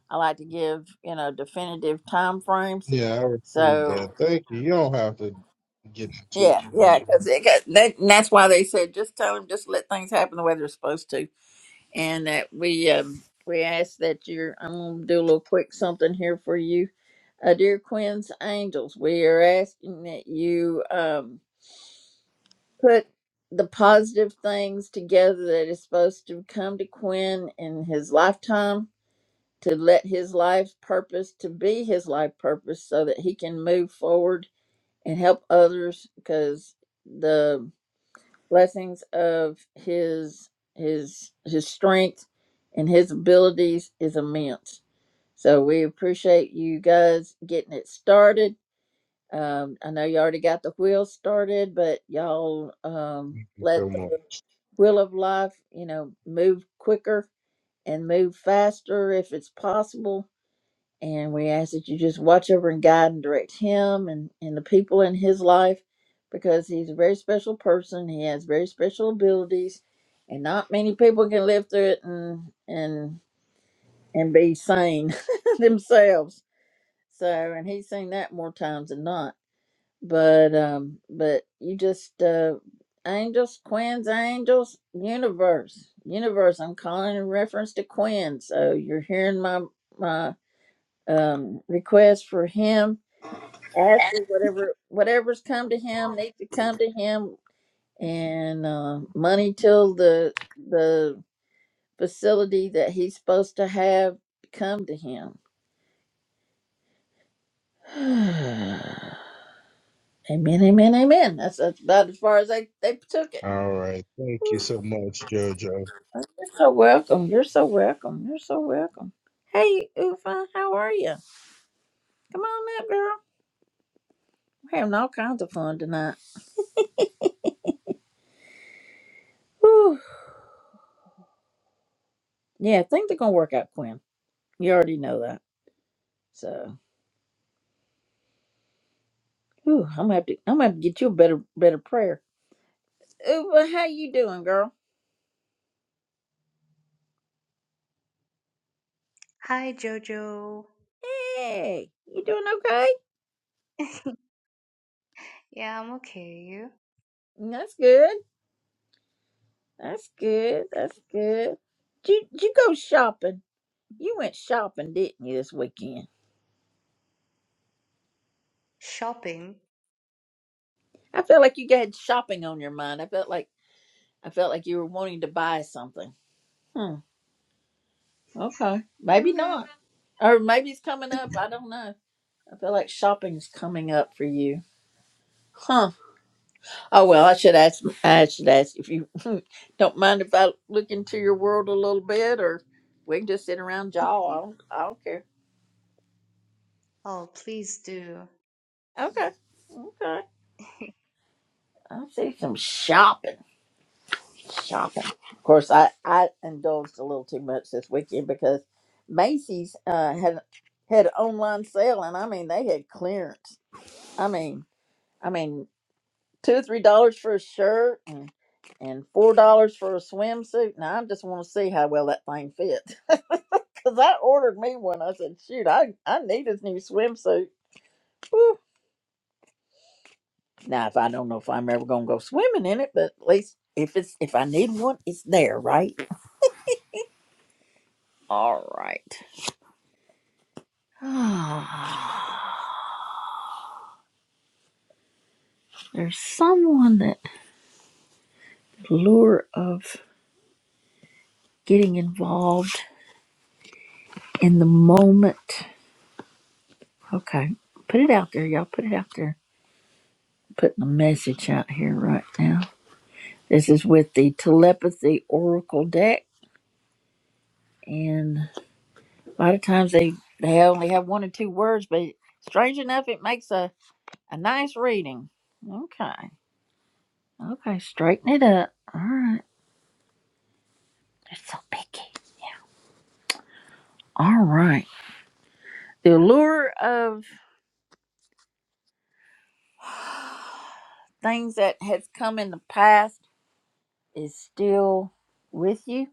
Speaker 1: I like to give, you know, definitive time frames.
Speaker 14: Yeah, I received
Speaker 1: So
Speaker 14: that. Thank you. You don't have to get into it.
Speaker 1: yeah, yeah,
Speaker 14: Thank
Speaker 1: because that, and that's why they said just tell them, just let things happen the way they're supposed to. and that we um, we ask that you're. I'm gonna do a little quick something here for you, uh, dear Quinn's Angels. We are asking that you um, put the positive things together that is supposed to come to Quinn in his lifetime to let his life purpose to be his life purpose so that he can move forward and help others because blessings of his his his strength and his abilities is immense. So we appreciate you guys getting it started. Um, I know you already got the wheel started, but y'all um,
Speaker 14: you so
Speaker 1: let the
Speaker 14: much.
Speaker 1: wheel of life, you know, move quicker and move faster if it's possible and we ask that you just watch over and guide and direct him and, and the people in his life because he's a very special person he has very special abilities and not many people can live through it and and and be sane themselves so and he's seen that more times than not but um but you just uh angels quins angels universe universe i'm calling in reference to quinn so you're hearing my my um, requests for him. Ask for whatever whatever's come to him needs to come to him, and uh, money till the the facility that he's supposed to have come to him. amen, amen, amen. That's, that's about as far as they they took it.
Speaker 14: All right. Thank you so much, JoJo.
Speaker 1: Oh, You're so welcome. You're so welcome. You're so welcome. Hey, Ufa, how are you? Come on up, girl. We're having all kinds of fun tonight. Whew. Yeah, things are gonna work out, Quinn. You already know that. So ooh, I'm gonna have to I'm gonna have to get you a better better prayer. Uva, how you doing, girl?
Speaker 15: Hi, Jojo.
Speaker 1: Hey, you doing okay?
Speaker 15: Yeah, I'm okay. You?
Speaker 1: That's good. That's good. That's good. Did you, did you go shopping? You went shopping, didn't you, this weekend?
Speaker 15: Shopping?
Speaker 1: I felt like you had shopping on your mind. I felt like I felt like you were wanting to buy something. Hmm. Okay. Maybe
Speaker 15: Mm,
Speaker 1: not. Or maybe it's coming up. I don't know. I feel like shopping's coming up for you. Huh. Oh well, I should ask. I should ask if you don't mind if I look into your world a little bit, or we can just sit around y'all. I don't, I don't care.
Speaker 15: Oh, please do.
Speaker 1: Okay, okay. I see some shopping, shopping. Of course, I I indulged a little too much this weekend because Macy's uh, had had an online sale, and I mean they had clearance. I mean, I mean two or three dollars for a shirt and and four dollars for a swimsuit. Now I just want to see how well that thing fits. Cause I ordered me one. I said, shoot, I, I need this new swimsuit. Whew. Now, if I don't know if I'm ever gonna go swimming in it, but at least if it's if I need one, it's there, right? All right. There's someone that lure of getting involved in the moment. Okay, put it out there, y'all. Put it out there. Putting a message out here right now. This is with the telepathy oracle deck, and A lot of times they they only have one or two words, but strange enough, it makes a a nice reading. Okay, okay, straighten it up. All right, they're so picky. All right, the allure of things that has come in the past is still with you.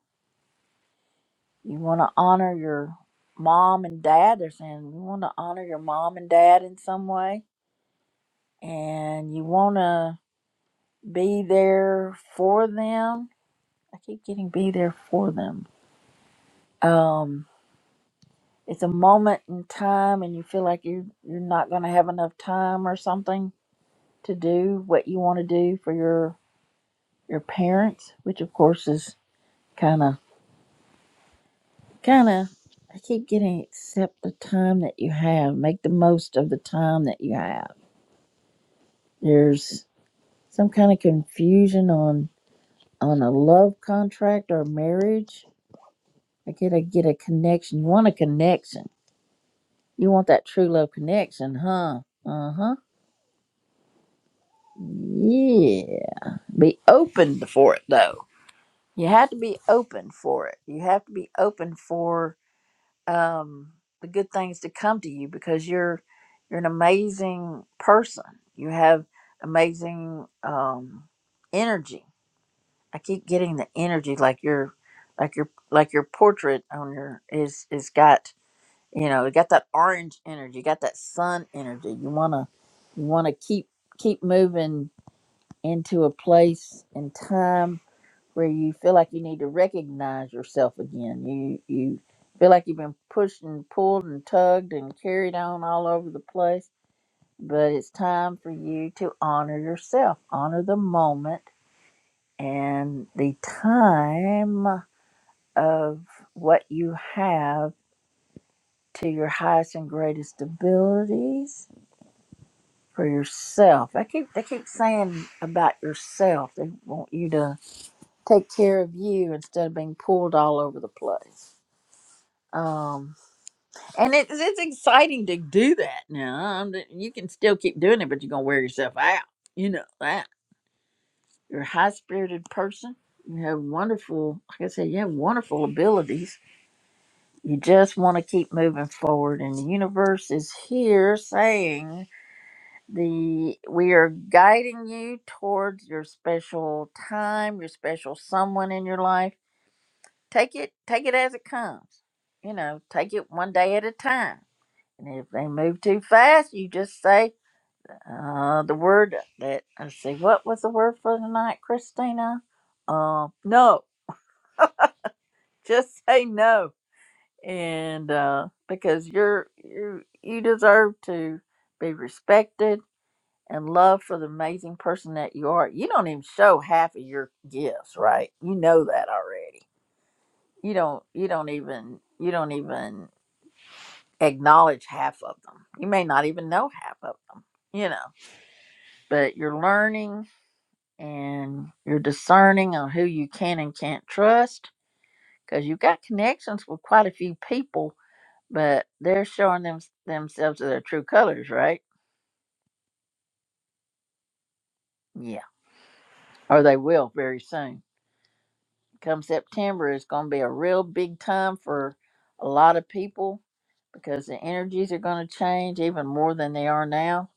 Speaker 1: You want to honor your mom and dad. They're saying you want to honor your mom and dad in some way, and you want to be there for them I keep getting be there for them. Um, it's a moment in time, and you feel like you're you're not going to have enough time or something to do what you want to do for your your parents, which of course is kind of kind of. I keep getting accept the time that you have, make the most of the time that you have. There's some kind of confusion on on a love contract or marriage. I get a get a connection. You want a connection You want that true love connection, huh? Uh huh. Yeah. Be open for it, though. You have to be open for it. You have to be open for um, the good things to come to you because you're you're an amazing person. You have amazing um, energy. I keep getting the energy like your like your like your portrait on your is is got you know you got that orange energy you got that sun energy you want to you want to keep keep moving into a place and time where you feel like you need to recognize yourself again you you feel like you've been pushed and pulled and tugged and carried on all over the place but it's time for you to honor yourself honor the moment and the time of what you have to your highest and greatest abilities for yourself. I keep they keep saying about yourself. They want you to take care of you instead of being pulled all over the place. Um, and it's it's exciting to do that now. Um, You can still keep doing it, but you're gonna wear yourself out. You know that you're a high spirited person. You have wonderful, like I said, you have wonderful abilities. You just want to keep moving forward, and the universe is here saying the we are guiding you towards your special time your special someone in your life take it take it as it comes you know take it one day at a time and if they move too fast you just say uh the word that i see what was the word for tonight christina uh no just say no and uh because you're you you deserve to be respected and love for the amazing person that you are you don't even show half of your gifts right you know that already you don't you don't even you don't even acknowledge half of them you may not even know half of them you know but you're learning and you're discerning on who you can and can't trust because you've got connections with quite a few people but they're showing them themselves their true colors right yeah or they will very soon Come September is going to be a real big time for a lot of people because the energies are going to change even more than they are now.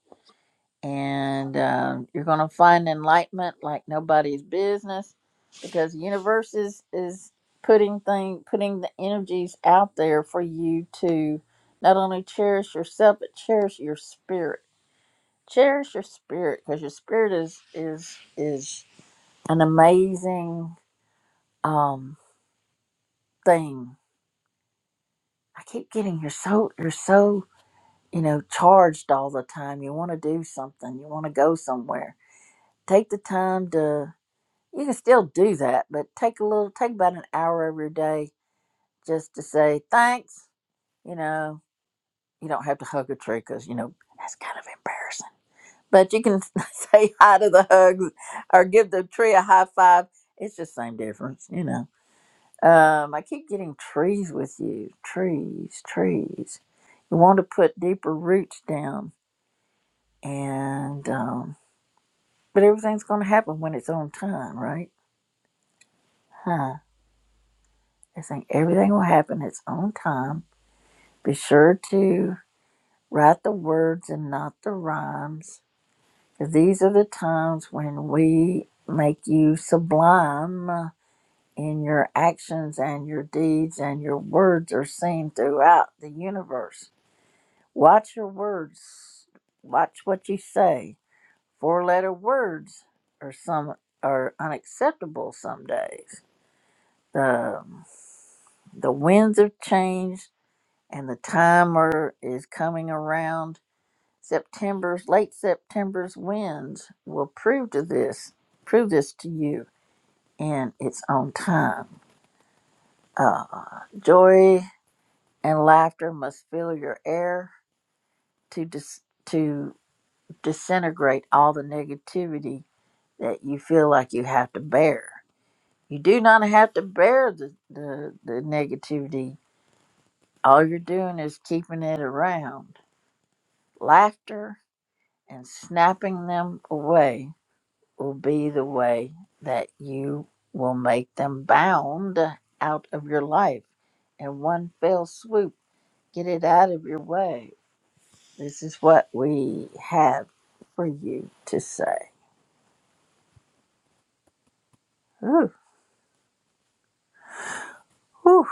Speaker 1: And um, you're going to find enlightenment like nobody's business because the universe is, is putting thing, putting the energies out there for you to not only cherish yourself, but cherish your spirit. Cherish your spirit because your spirit is, is, is an amazing um, thing I keep getting you're so you're so you know charged all the time. You want to do something. You want to go somewhere. Take the time to. You can still do that, but take a little. Take about an hour every day just to say thanks. You know, you don't have to hug a tree because you know that's kind of embarrassing. But you can say hi to the hugs or give the tree a high five. It's just same difference, you know Um, I keep getting trees with you. Trees, trees. You want to put deeper roots down, and um, but everything's going to happen when it's on time, right? Huh? I think everything will happen its own time. Be sure to write the words and not the rhymes, for these are the times when we make you sublime in your actions and your deeds, and your words are seen throughout the universe. Watch your words. Watch what you say. Four letter words are some are unacceptable some days. The um, the winds of change and the timer is coming around. September's late September's winds will prove to this prove this to you in its own time. Uh, joy and laughter must fill your air to dis- to disintegrate all the negativity that you feel like you have to bear. You do not have to bear the, the, the negativity. All you're doing is keeping it around. Laughter and snapping them away will be the way that you will make them bound out of your life in one fell swoop. Get it out of your way. This is what we have for you to say. Ooh, whew.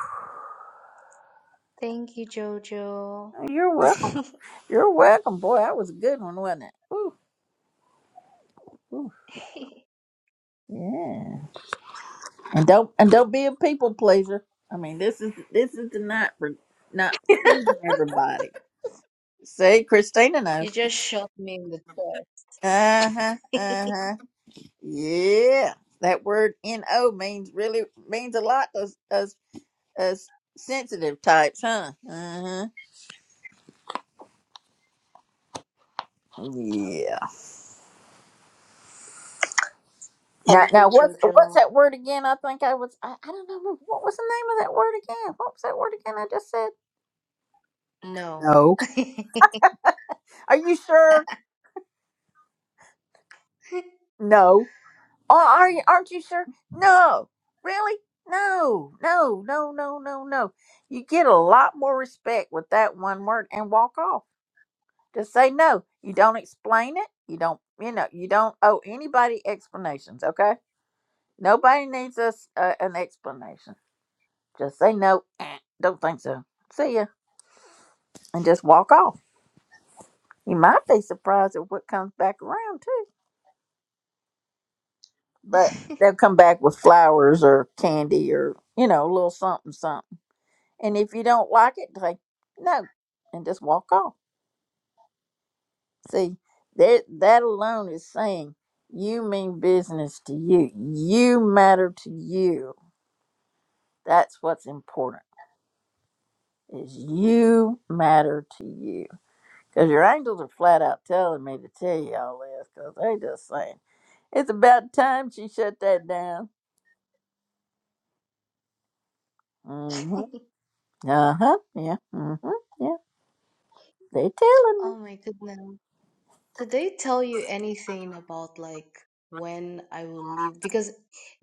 Speaker 15: Thank you, Jojo.
Speaker 1: You're welcome. You're welcome, boy. That was a good one, wasn't it? Ooh, ooh, yeah. And don't and don't be a people pleaser. I mean, this is this is the night for not pleasing everybody. See, Christina
Speaker 15: You
Speaker 1: knows.
Speaker 15: just shot me in the
Speaker 1: Uh huh.
Speaker 15: chest.
Speaker 1: Uh huh. Yeah. That word "no" means really means a lot to us us, us sensitive types, huh? Uh huh. Yeah. Now,
Speaker 15: Thank
Speaker 1: now,
Speaker 15: you,
Speaker 1: what's what's
Speaker 15: Jojo.
Speaker 1: that word again? I think I was I, I don't know what was the name of that word again. What was that word again? I just said.
Speaker 15: No.
Speaker 1: No. Are you sure? No. Oh, are you, aren't you sure? No. Really? No. No, no, no, no, no. You get a lot more respect with that one word and walk off. Just say no. You don't explain it. You don't, you know, you don't owe anybody explanations, okay? Nobody needs us uh, an explanation. Just say no. Eh, don't think so. See ya. And just walk off. You might be surprised at what comes back around, too. but they'll come back with flowers or candy or you know a little something something and if you don't like it like no and just walk off see that that alone is saying you mean business to you you matter to you that's what's important is you matter to you because your angels are flat out telling me to tell you all this because they just saying it's about time she shut that down mm-hmm. uh-huh yeah mm-hmm. Yeah. They telling me.
Speaker 15: Oh my goodness. Did they tell you anything about like when I will leave? Because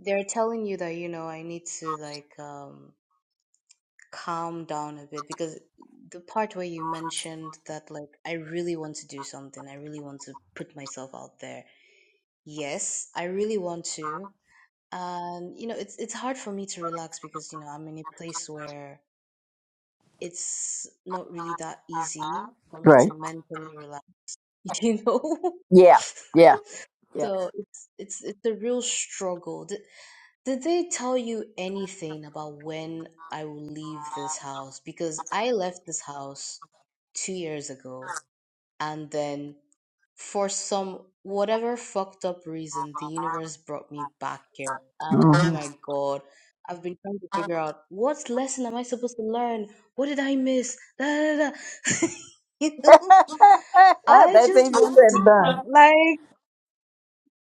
Speaker 15: they're telling you that, you know, I need to like um calm down a bit because the part where you mentioned that like I really want to do something, I really want to put myself out there. Yes, I really want to. And you know, it's it's hard for me to relax because you know, I'm in a place where it's not really that easy for me
Speaker 1: Right.
Speaker 15: to mentally relax, you know?
Speaker 1: Yeah. Yeah. Yeah.
Speaker 15: So it's it's it's a real struggle. Did they tell you anything about when I will leave this house? Because I left this house two years ago, and then for some whatever fucked up reason, the universe brought me back here. And oh
Speaker 1: Mhm.
Speaker 15: my god, I've been trying to figure out what lesson am I supposed to learn? What did I miss? Da, da, da. da. you know, I
Speaker 1: That's easier
Speaker 15: just want
Speaker 1: said
Speaker 15: to
Speaker 1: than done.
Speaker 15: like,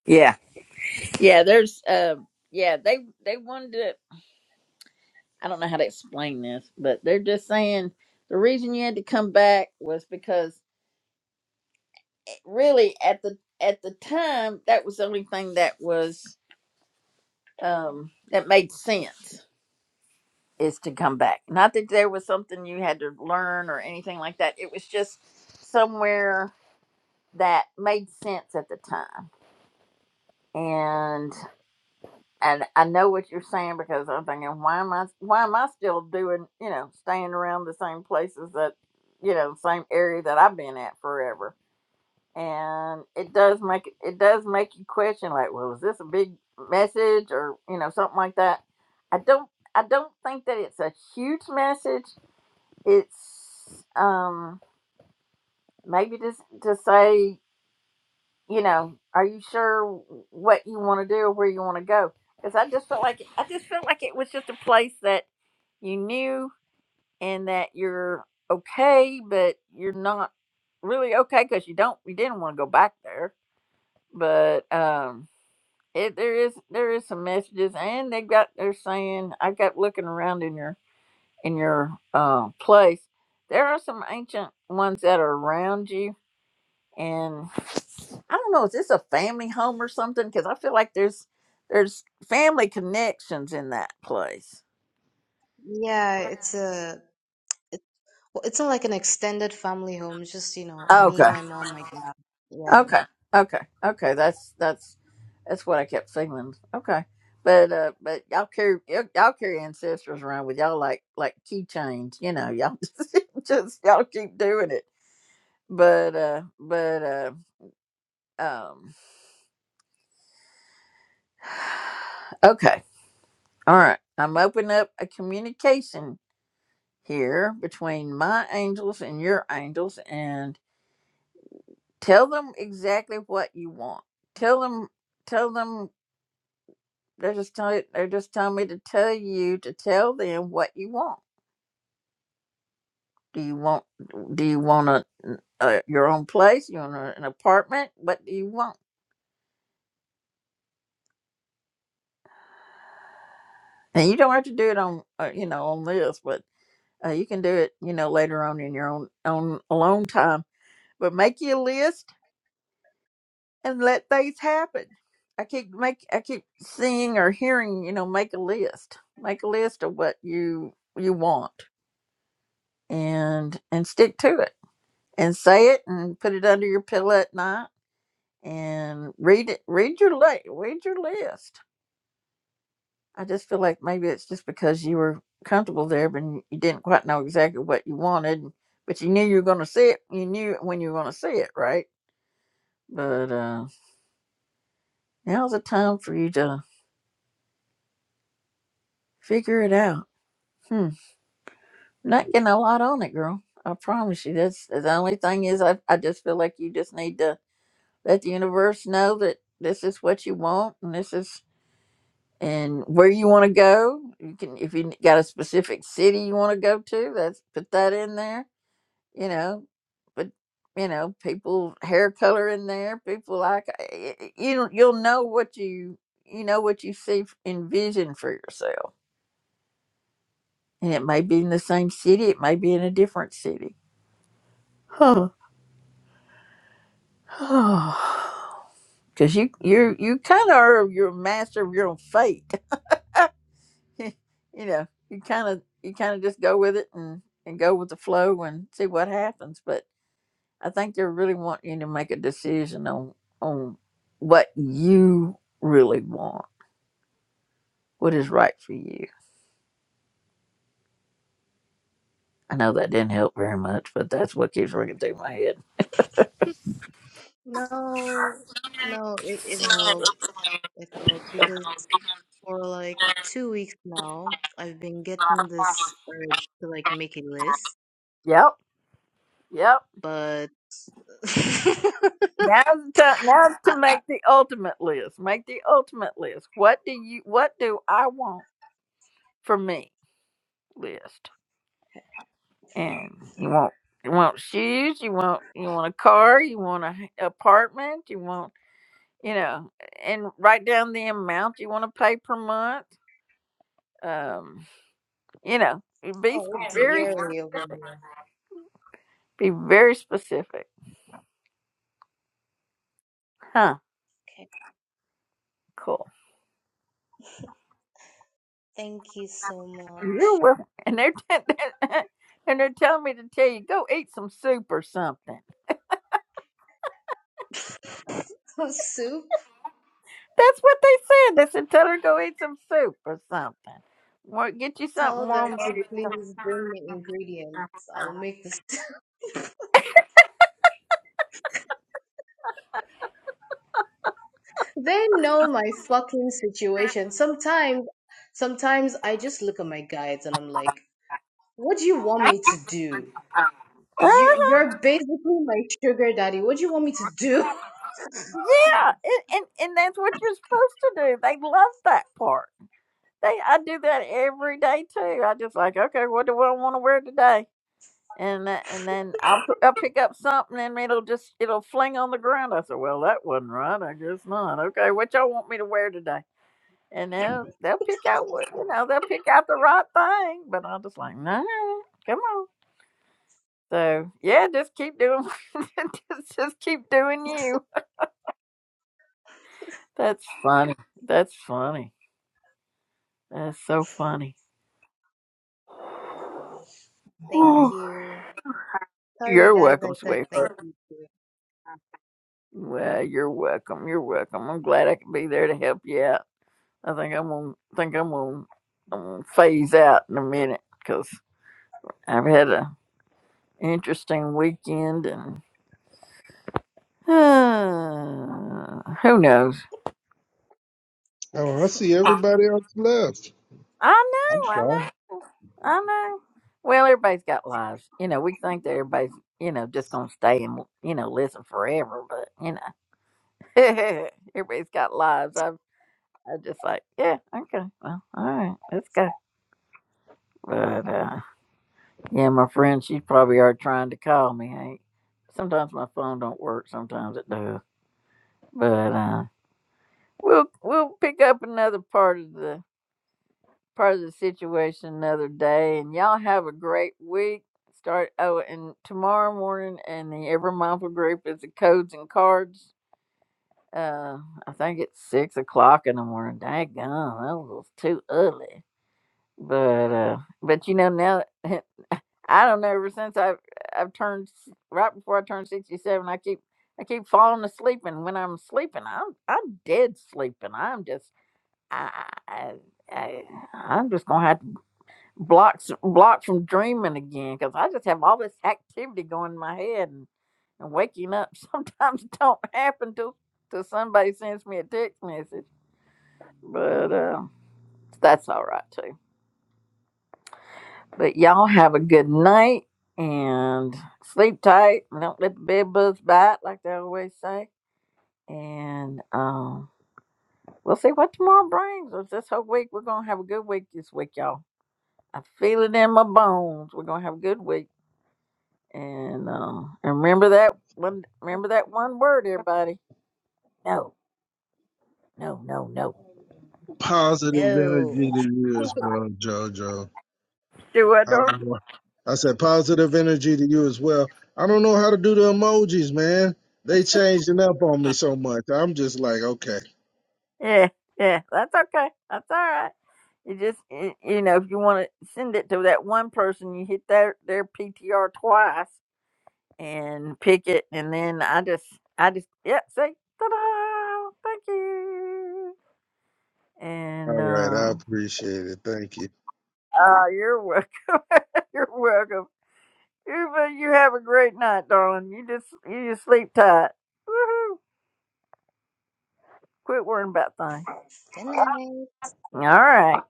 Speaker 1: Yeah. Yeah. There's. Uh, yeah. They. They wanted to. I don't know how to explain this, but they're just saying the reason you had to come back was because it- really at the at the time that was the only thing that was um that made sense is to come back. Not that there was something you had to learn or anything like that. It was just somewhere that made sense at the time. And and I know what you're saying because I'm thinking, why am I why am I still doing, you know, staying around the same places that you know, same area that I've been at forever. And it does make it does make you question like, well, is this a big message or, you know, something like that. I don't I don't think that it's a huge message it's um maybe just to say you know are you sure what you want to do or where you want to go because i just felt like i just felt like it was just a place that you knew and that you're okay but you're not really okay because you don't you didn't want to go back there but um it, there is there is some messages and they got they're saying i got looking around in your in your uh place there are some ancient ones that are around you and I don't know, is this a family home or something? Because I feel like there's there's family connections in that place.
Speaker 15: yeah, it's a It well, it's not like an extended family home. It's just, you know, me,
Speaker 1: Okay.
Speaker 15: my mom, my dad. Yeah.
Speaker 1: Okay. Okay. Okay. That's that's that's what I kept feeling. Okay. But uh but y'all carry y'all y'all carry ancestors around with y'all like like keychains, you know, y'all just, just y'all keep doing it. But uh but uh um okay. All right. I'm opening up a communication here between my angels and your angels and tell them exactly what you want. Tell them, tell them, they're just telling, they're just telling me to tell you to tell them what you want. Do you want, do you want a, a your own place? You want a, an apartment? What do you want? And you don't have to do it on, uh, you know, on this, but uh, you can do it, you know, later on in your own, own alone time. But make you a list and let things happen. I keep make I keep seeing or hearing, you know, make a list. Make a list of what you you want and and stick to it. And say it and put it under your pillow at night and read it read your li- read your list. I just feel like maybe it's just because you were comfortable there but you didn't quite know exactly what you wanted, but you knew you were gonna see it. You knew when you were gonna see it, right? But uh now's the time for you to figure it out. Hmm. Not getting a lot on it, girl. I promise you. That's the only thing is I, I just feel like you just need to let the universe know that this is what you want and this is and where you want to go. You can if you got a specific city you want to go to, that's put that in there. You know, but you know, people hair color in there. People like y- y- you. You'll know what you you know what you see f- envision for yourself, and it may be in the same city. It may be in a different city. Oh, because you you you kind of are your master of your own fate. you know, you kind of you kind of just go with it and and go with the flow and see what happens. But I think they really want you to make a decision on on what you really want, what is right for you. I know that didn't help very much, but that's what keeps ringing through my head.
Speaker 15: No, no, it, it helped. It helped because for like two weeks now, I've been getting this urge to like make a list,
Speaker 1: Yep, yep.
Speaker 15: but
Speaker 1: Now's the time. Now's to
Speaker 15: I-
Speaker 1: make the ultimate list. Make the ultimate list. What do you? What do I want for me? List. And you want you want shoes. You want you want a car. You want an apartment. You want you know. And write down the amount you want to pay per month. Um, you know, be
Speaker 15: oh, it's
Speaker 1: very
Speaker 15: yearly over
Speaker 1: specific.
Speaker 15: here.
Speaker 1: Be very specific. Huh.
Speaker 15: Okay.
Speaker 1: Cool.
Speaker 15: Thank you so
Speaker 1: You're
Speaker 15: much.
Speaker 1: welcome. And they're and they're telling me to tell you go eat some soup or something.
Speaker 15: Soup.
Speaker 1: That's what they said. They said tell her to go eat some soup or something. Well, get you something
Speaker 15: Tell
Speaker 1: warm
Speaker 15: them to
Speaker 1: when you come.
Speaker 15: please bring me ingredients. I'll make this. They know my fucking situation. Sometimes, sometimes I just look at my guides and I'm like, what do you want me to do? You,
Speaker 1: Uh-huh.
Speaker 15: you're basically my sugar daddy. What do you want me to do?
Speaker 1: Yeah, and, and and that's what you're supposed to do. They love that part. They I do that every day too. I just like okay, what do I want to wear today? And tha- and then I'll p- I'll pick up something and it'll just it'll fling on the ground. I said, well, that wasn't right. I guess not. Okay, what y'all want me to wear today? and they'll they'll pick out what you know they'll pick out the right thing. But I'm just like, no, come on. So yeah, just keep doing, just, just keep doing you. That's funny. That's funny. That's so funny.
Speaker 15: Gosh. Thank
Speaker 1: Whew.
Speaker 15: you. Tell your
Speaker 1: you're
Speaker 15: guides I
Speaker 1: welcome,
Speaker 15: said thank
Speaker 1: sweetheart.
Speaker 15: you too.
Speaker 1: Well, you're welcome. You're welcome. I'm glad I can be there to help you out. I think I'm gonna think I'm gonna, I'm gonna phase out in a minute because I've had a interesting weekend and. Uh, Who knows?
Speaker 14: Oh, I see everybody else left.
Speaker 1: I
Speaker 14: I'm
Speaker 1: know, I
Speaker 14: sorry.
Speaker 1: know, I know. Well, everybody's got lives. You know, we think that everybody's, you know, just going to stay and, you know, listen forever, but, you know, everybody's got lives. I, I just like, yeah, okay, well, all right, let's go. But, uh, yeah, my friend, she probably are trying to call me. Hey, sometimes my phone don't work, sometimes it does. But, uh, we'll, we'll pick up another part of the part of the situation another day. And y'all have a great week. Start oh, and tomorrow morning and the Ever Mindful group is the codes and cards. Uh, I think it's six o'clock in the morning. Daggone, that was too early. But uh, but you know now, I don't know. Ever since I've I've turned s- right before I turned sixty seven, I keep I keep falling asleep, and when I'm sleeping, I'm I'm dead sleeping. I'm just I I I- I'm just gonna have blocks blocked from dreaming again because I just have all this activity going in my head and, and waking up sometimes don't happen till till somebody sends me a text message. But uh, that's all right too. But y'all have a good night and sleep tight. and Don't let the bed bugs bite like they always say. And um, we'll see what tomorrow brings. Us. This whole week we're gonna have a good week this week, y'all. I feel it in my bones. We're gonna have a good week. And um, and remember that one. Remember that one word, everybody. No, no, no, no.
Speaker 14: positive
Speaker 15: No.
Speaker 14: energy to you as well, JoJo.
Speaker 1: Do I
Speaker 14: I
Speaker 1: don't?
Speaker 14: don't know. I said positive energy to you as well. I don't know how to do the emojis, man. They changing up on me so much. I'm just like, okay,
Speaker 1: Yeah, yeah. That's okay. That's all right. You just y- you know, if you want to send it to that one person, you hit their their PTR twice and pick it, and then I just I just yep. Say ta-da! Thank you. And
Speaker 14: all right. I
Speaker 1: uh,
Speaker 14: appreciate it. Thank you.
Speaker 1: oh, you're welcome. you're welcome. Uva, you have a great night, darling. You just you just sleep tight. Woohoo! Quit worrying about things.
Speaker 15: Good night.
Speaker 1: All right.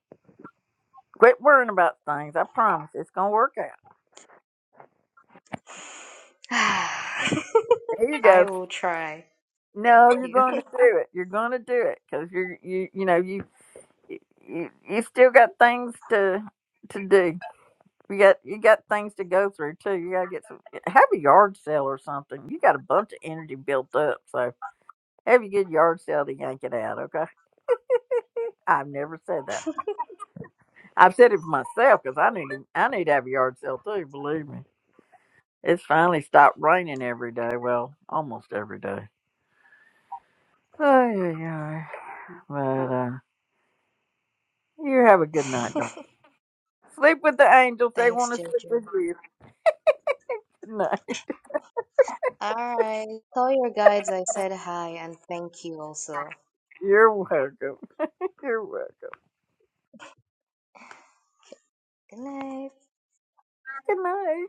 Speaker 1: Quit worrying about things. I promise it's gonna work out. There you
Speaker 15: I
Speaker 1: go.
Speaker 15: will try.
Speaker 1: No,
Speaker 15: Thank
Speaker 1: you're
Speaker 15: you.
Speaker 1: going to do it. You're going to do it because you're you you know you, you you still got things to to do. You got you got things to go through too. You gotta get some have a yard sale or something. You got a bunch of energy built up, so have a good yard sale to yank it out. Okay, I've never said that. I've said it for myself because I need I need to have a yard sale too. Believe me, it's finally stopped raining every day. Well, almost every day. Oh yeah, yeah. But uh, you have a good night, darling. Sleep with the angels. They
Speaker 15: Thanks,
Speaker 1: want to sleep
Speaker 15: Jojo.
Speaker 1: with you. Good night.
Speaker 15: All right. Tell your guides I said hi and thank you also.
Speaker 1: You're welcome. You're welcome.
Speaker 15: Good night.
Speaker 1: Good night.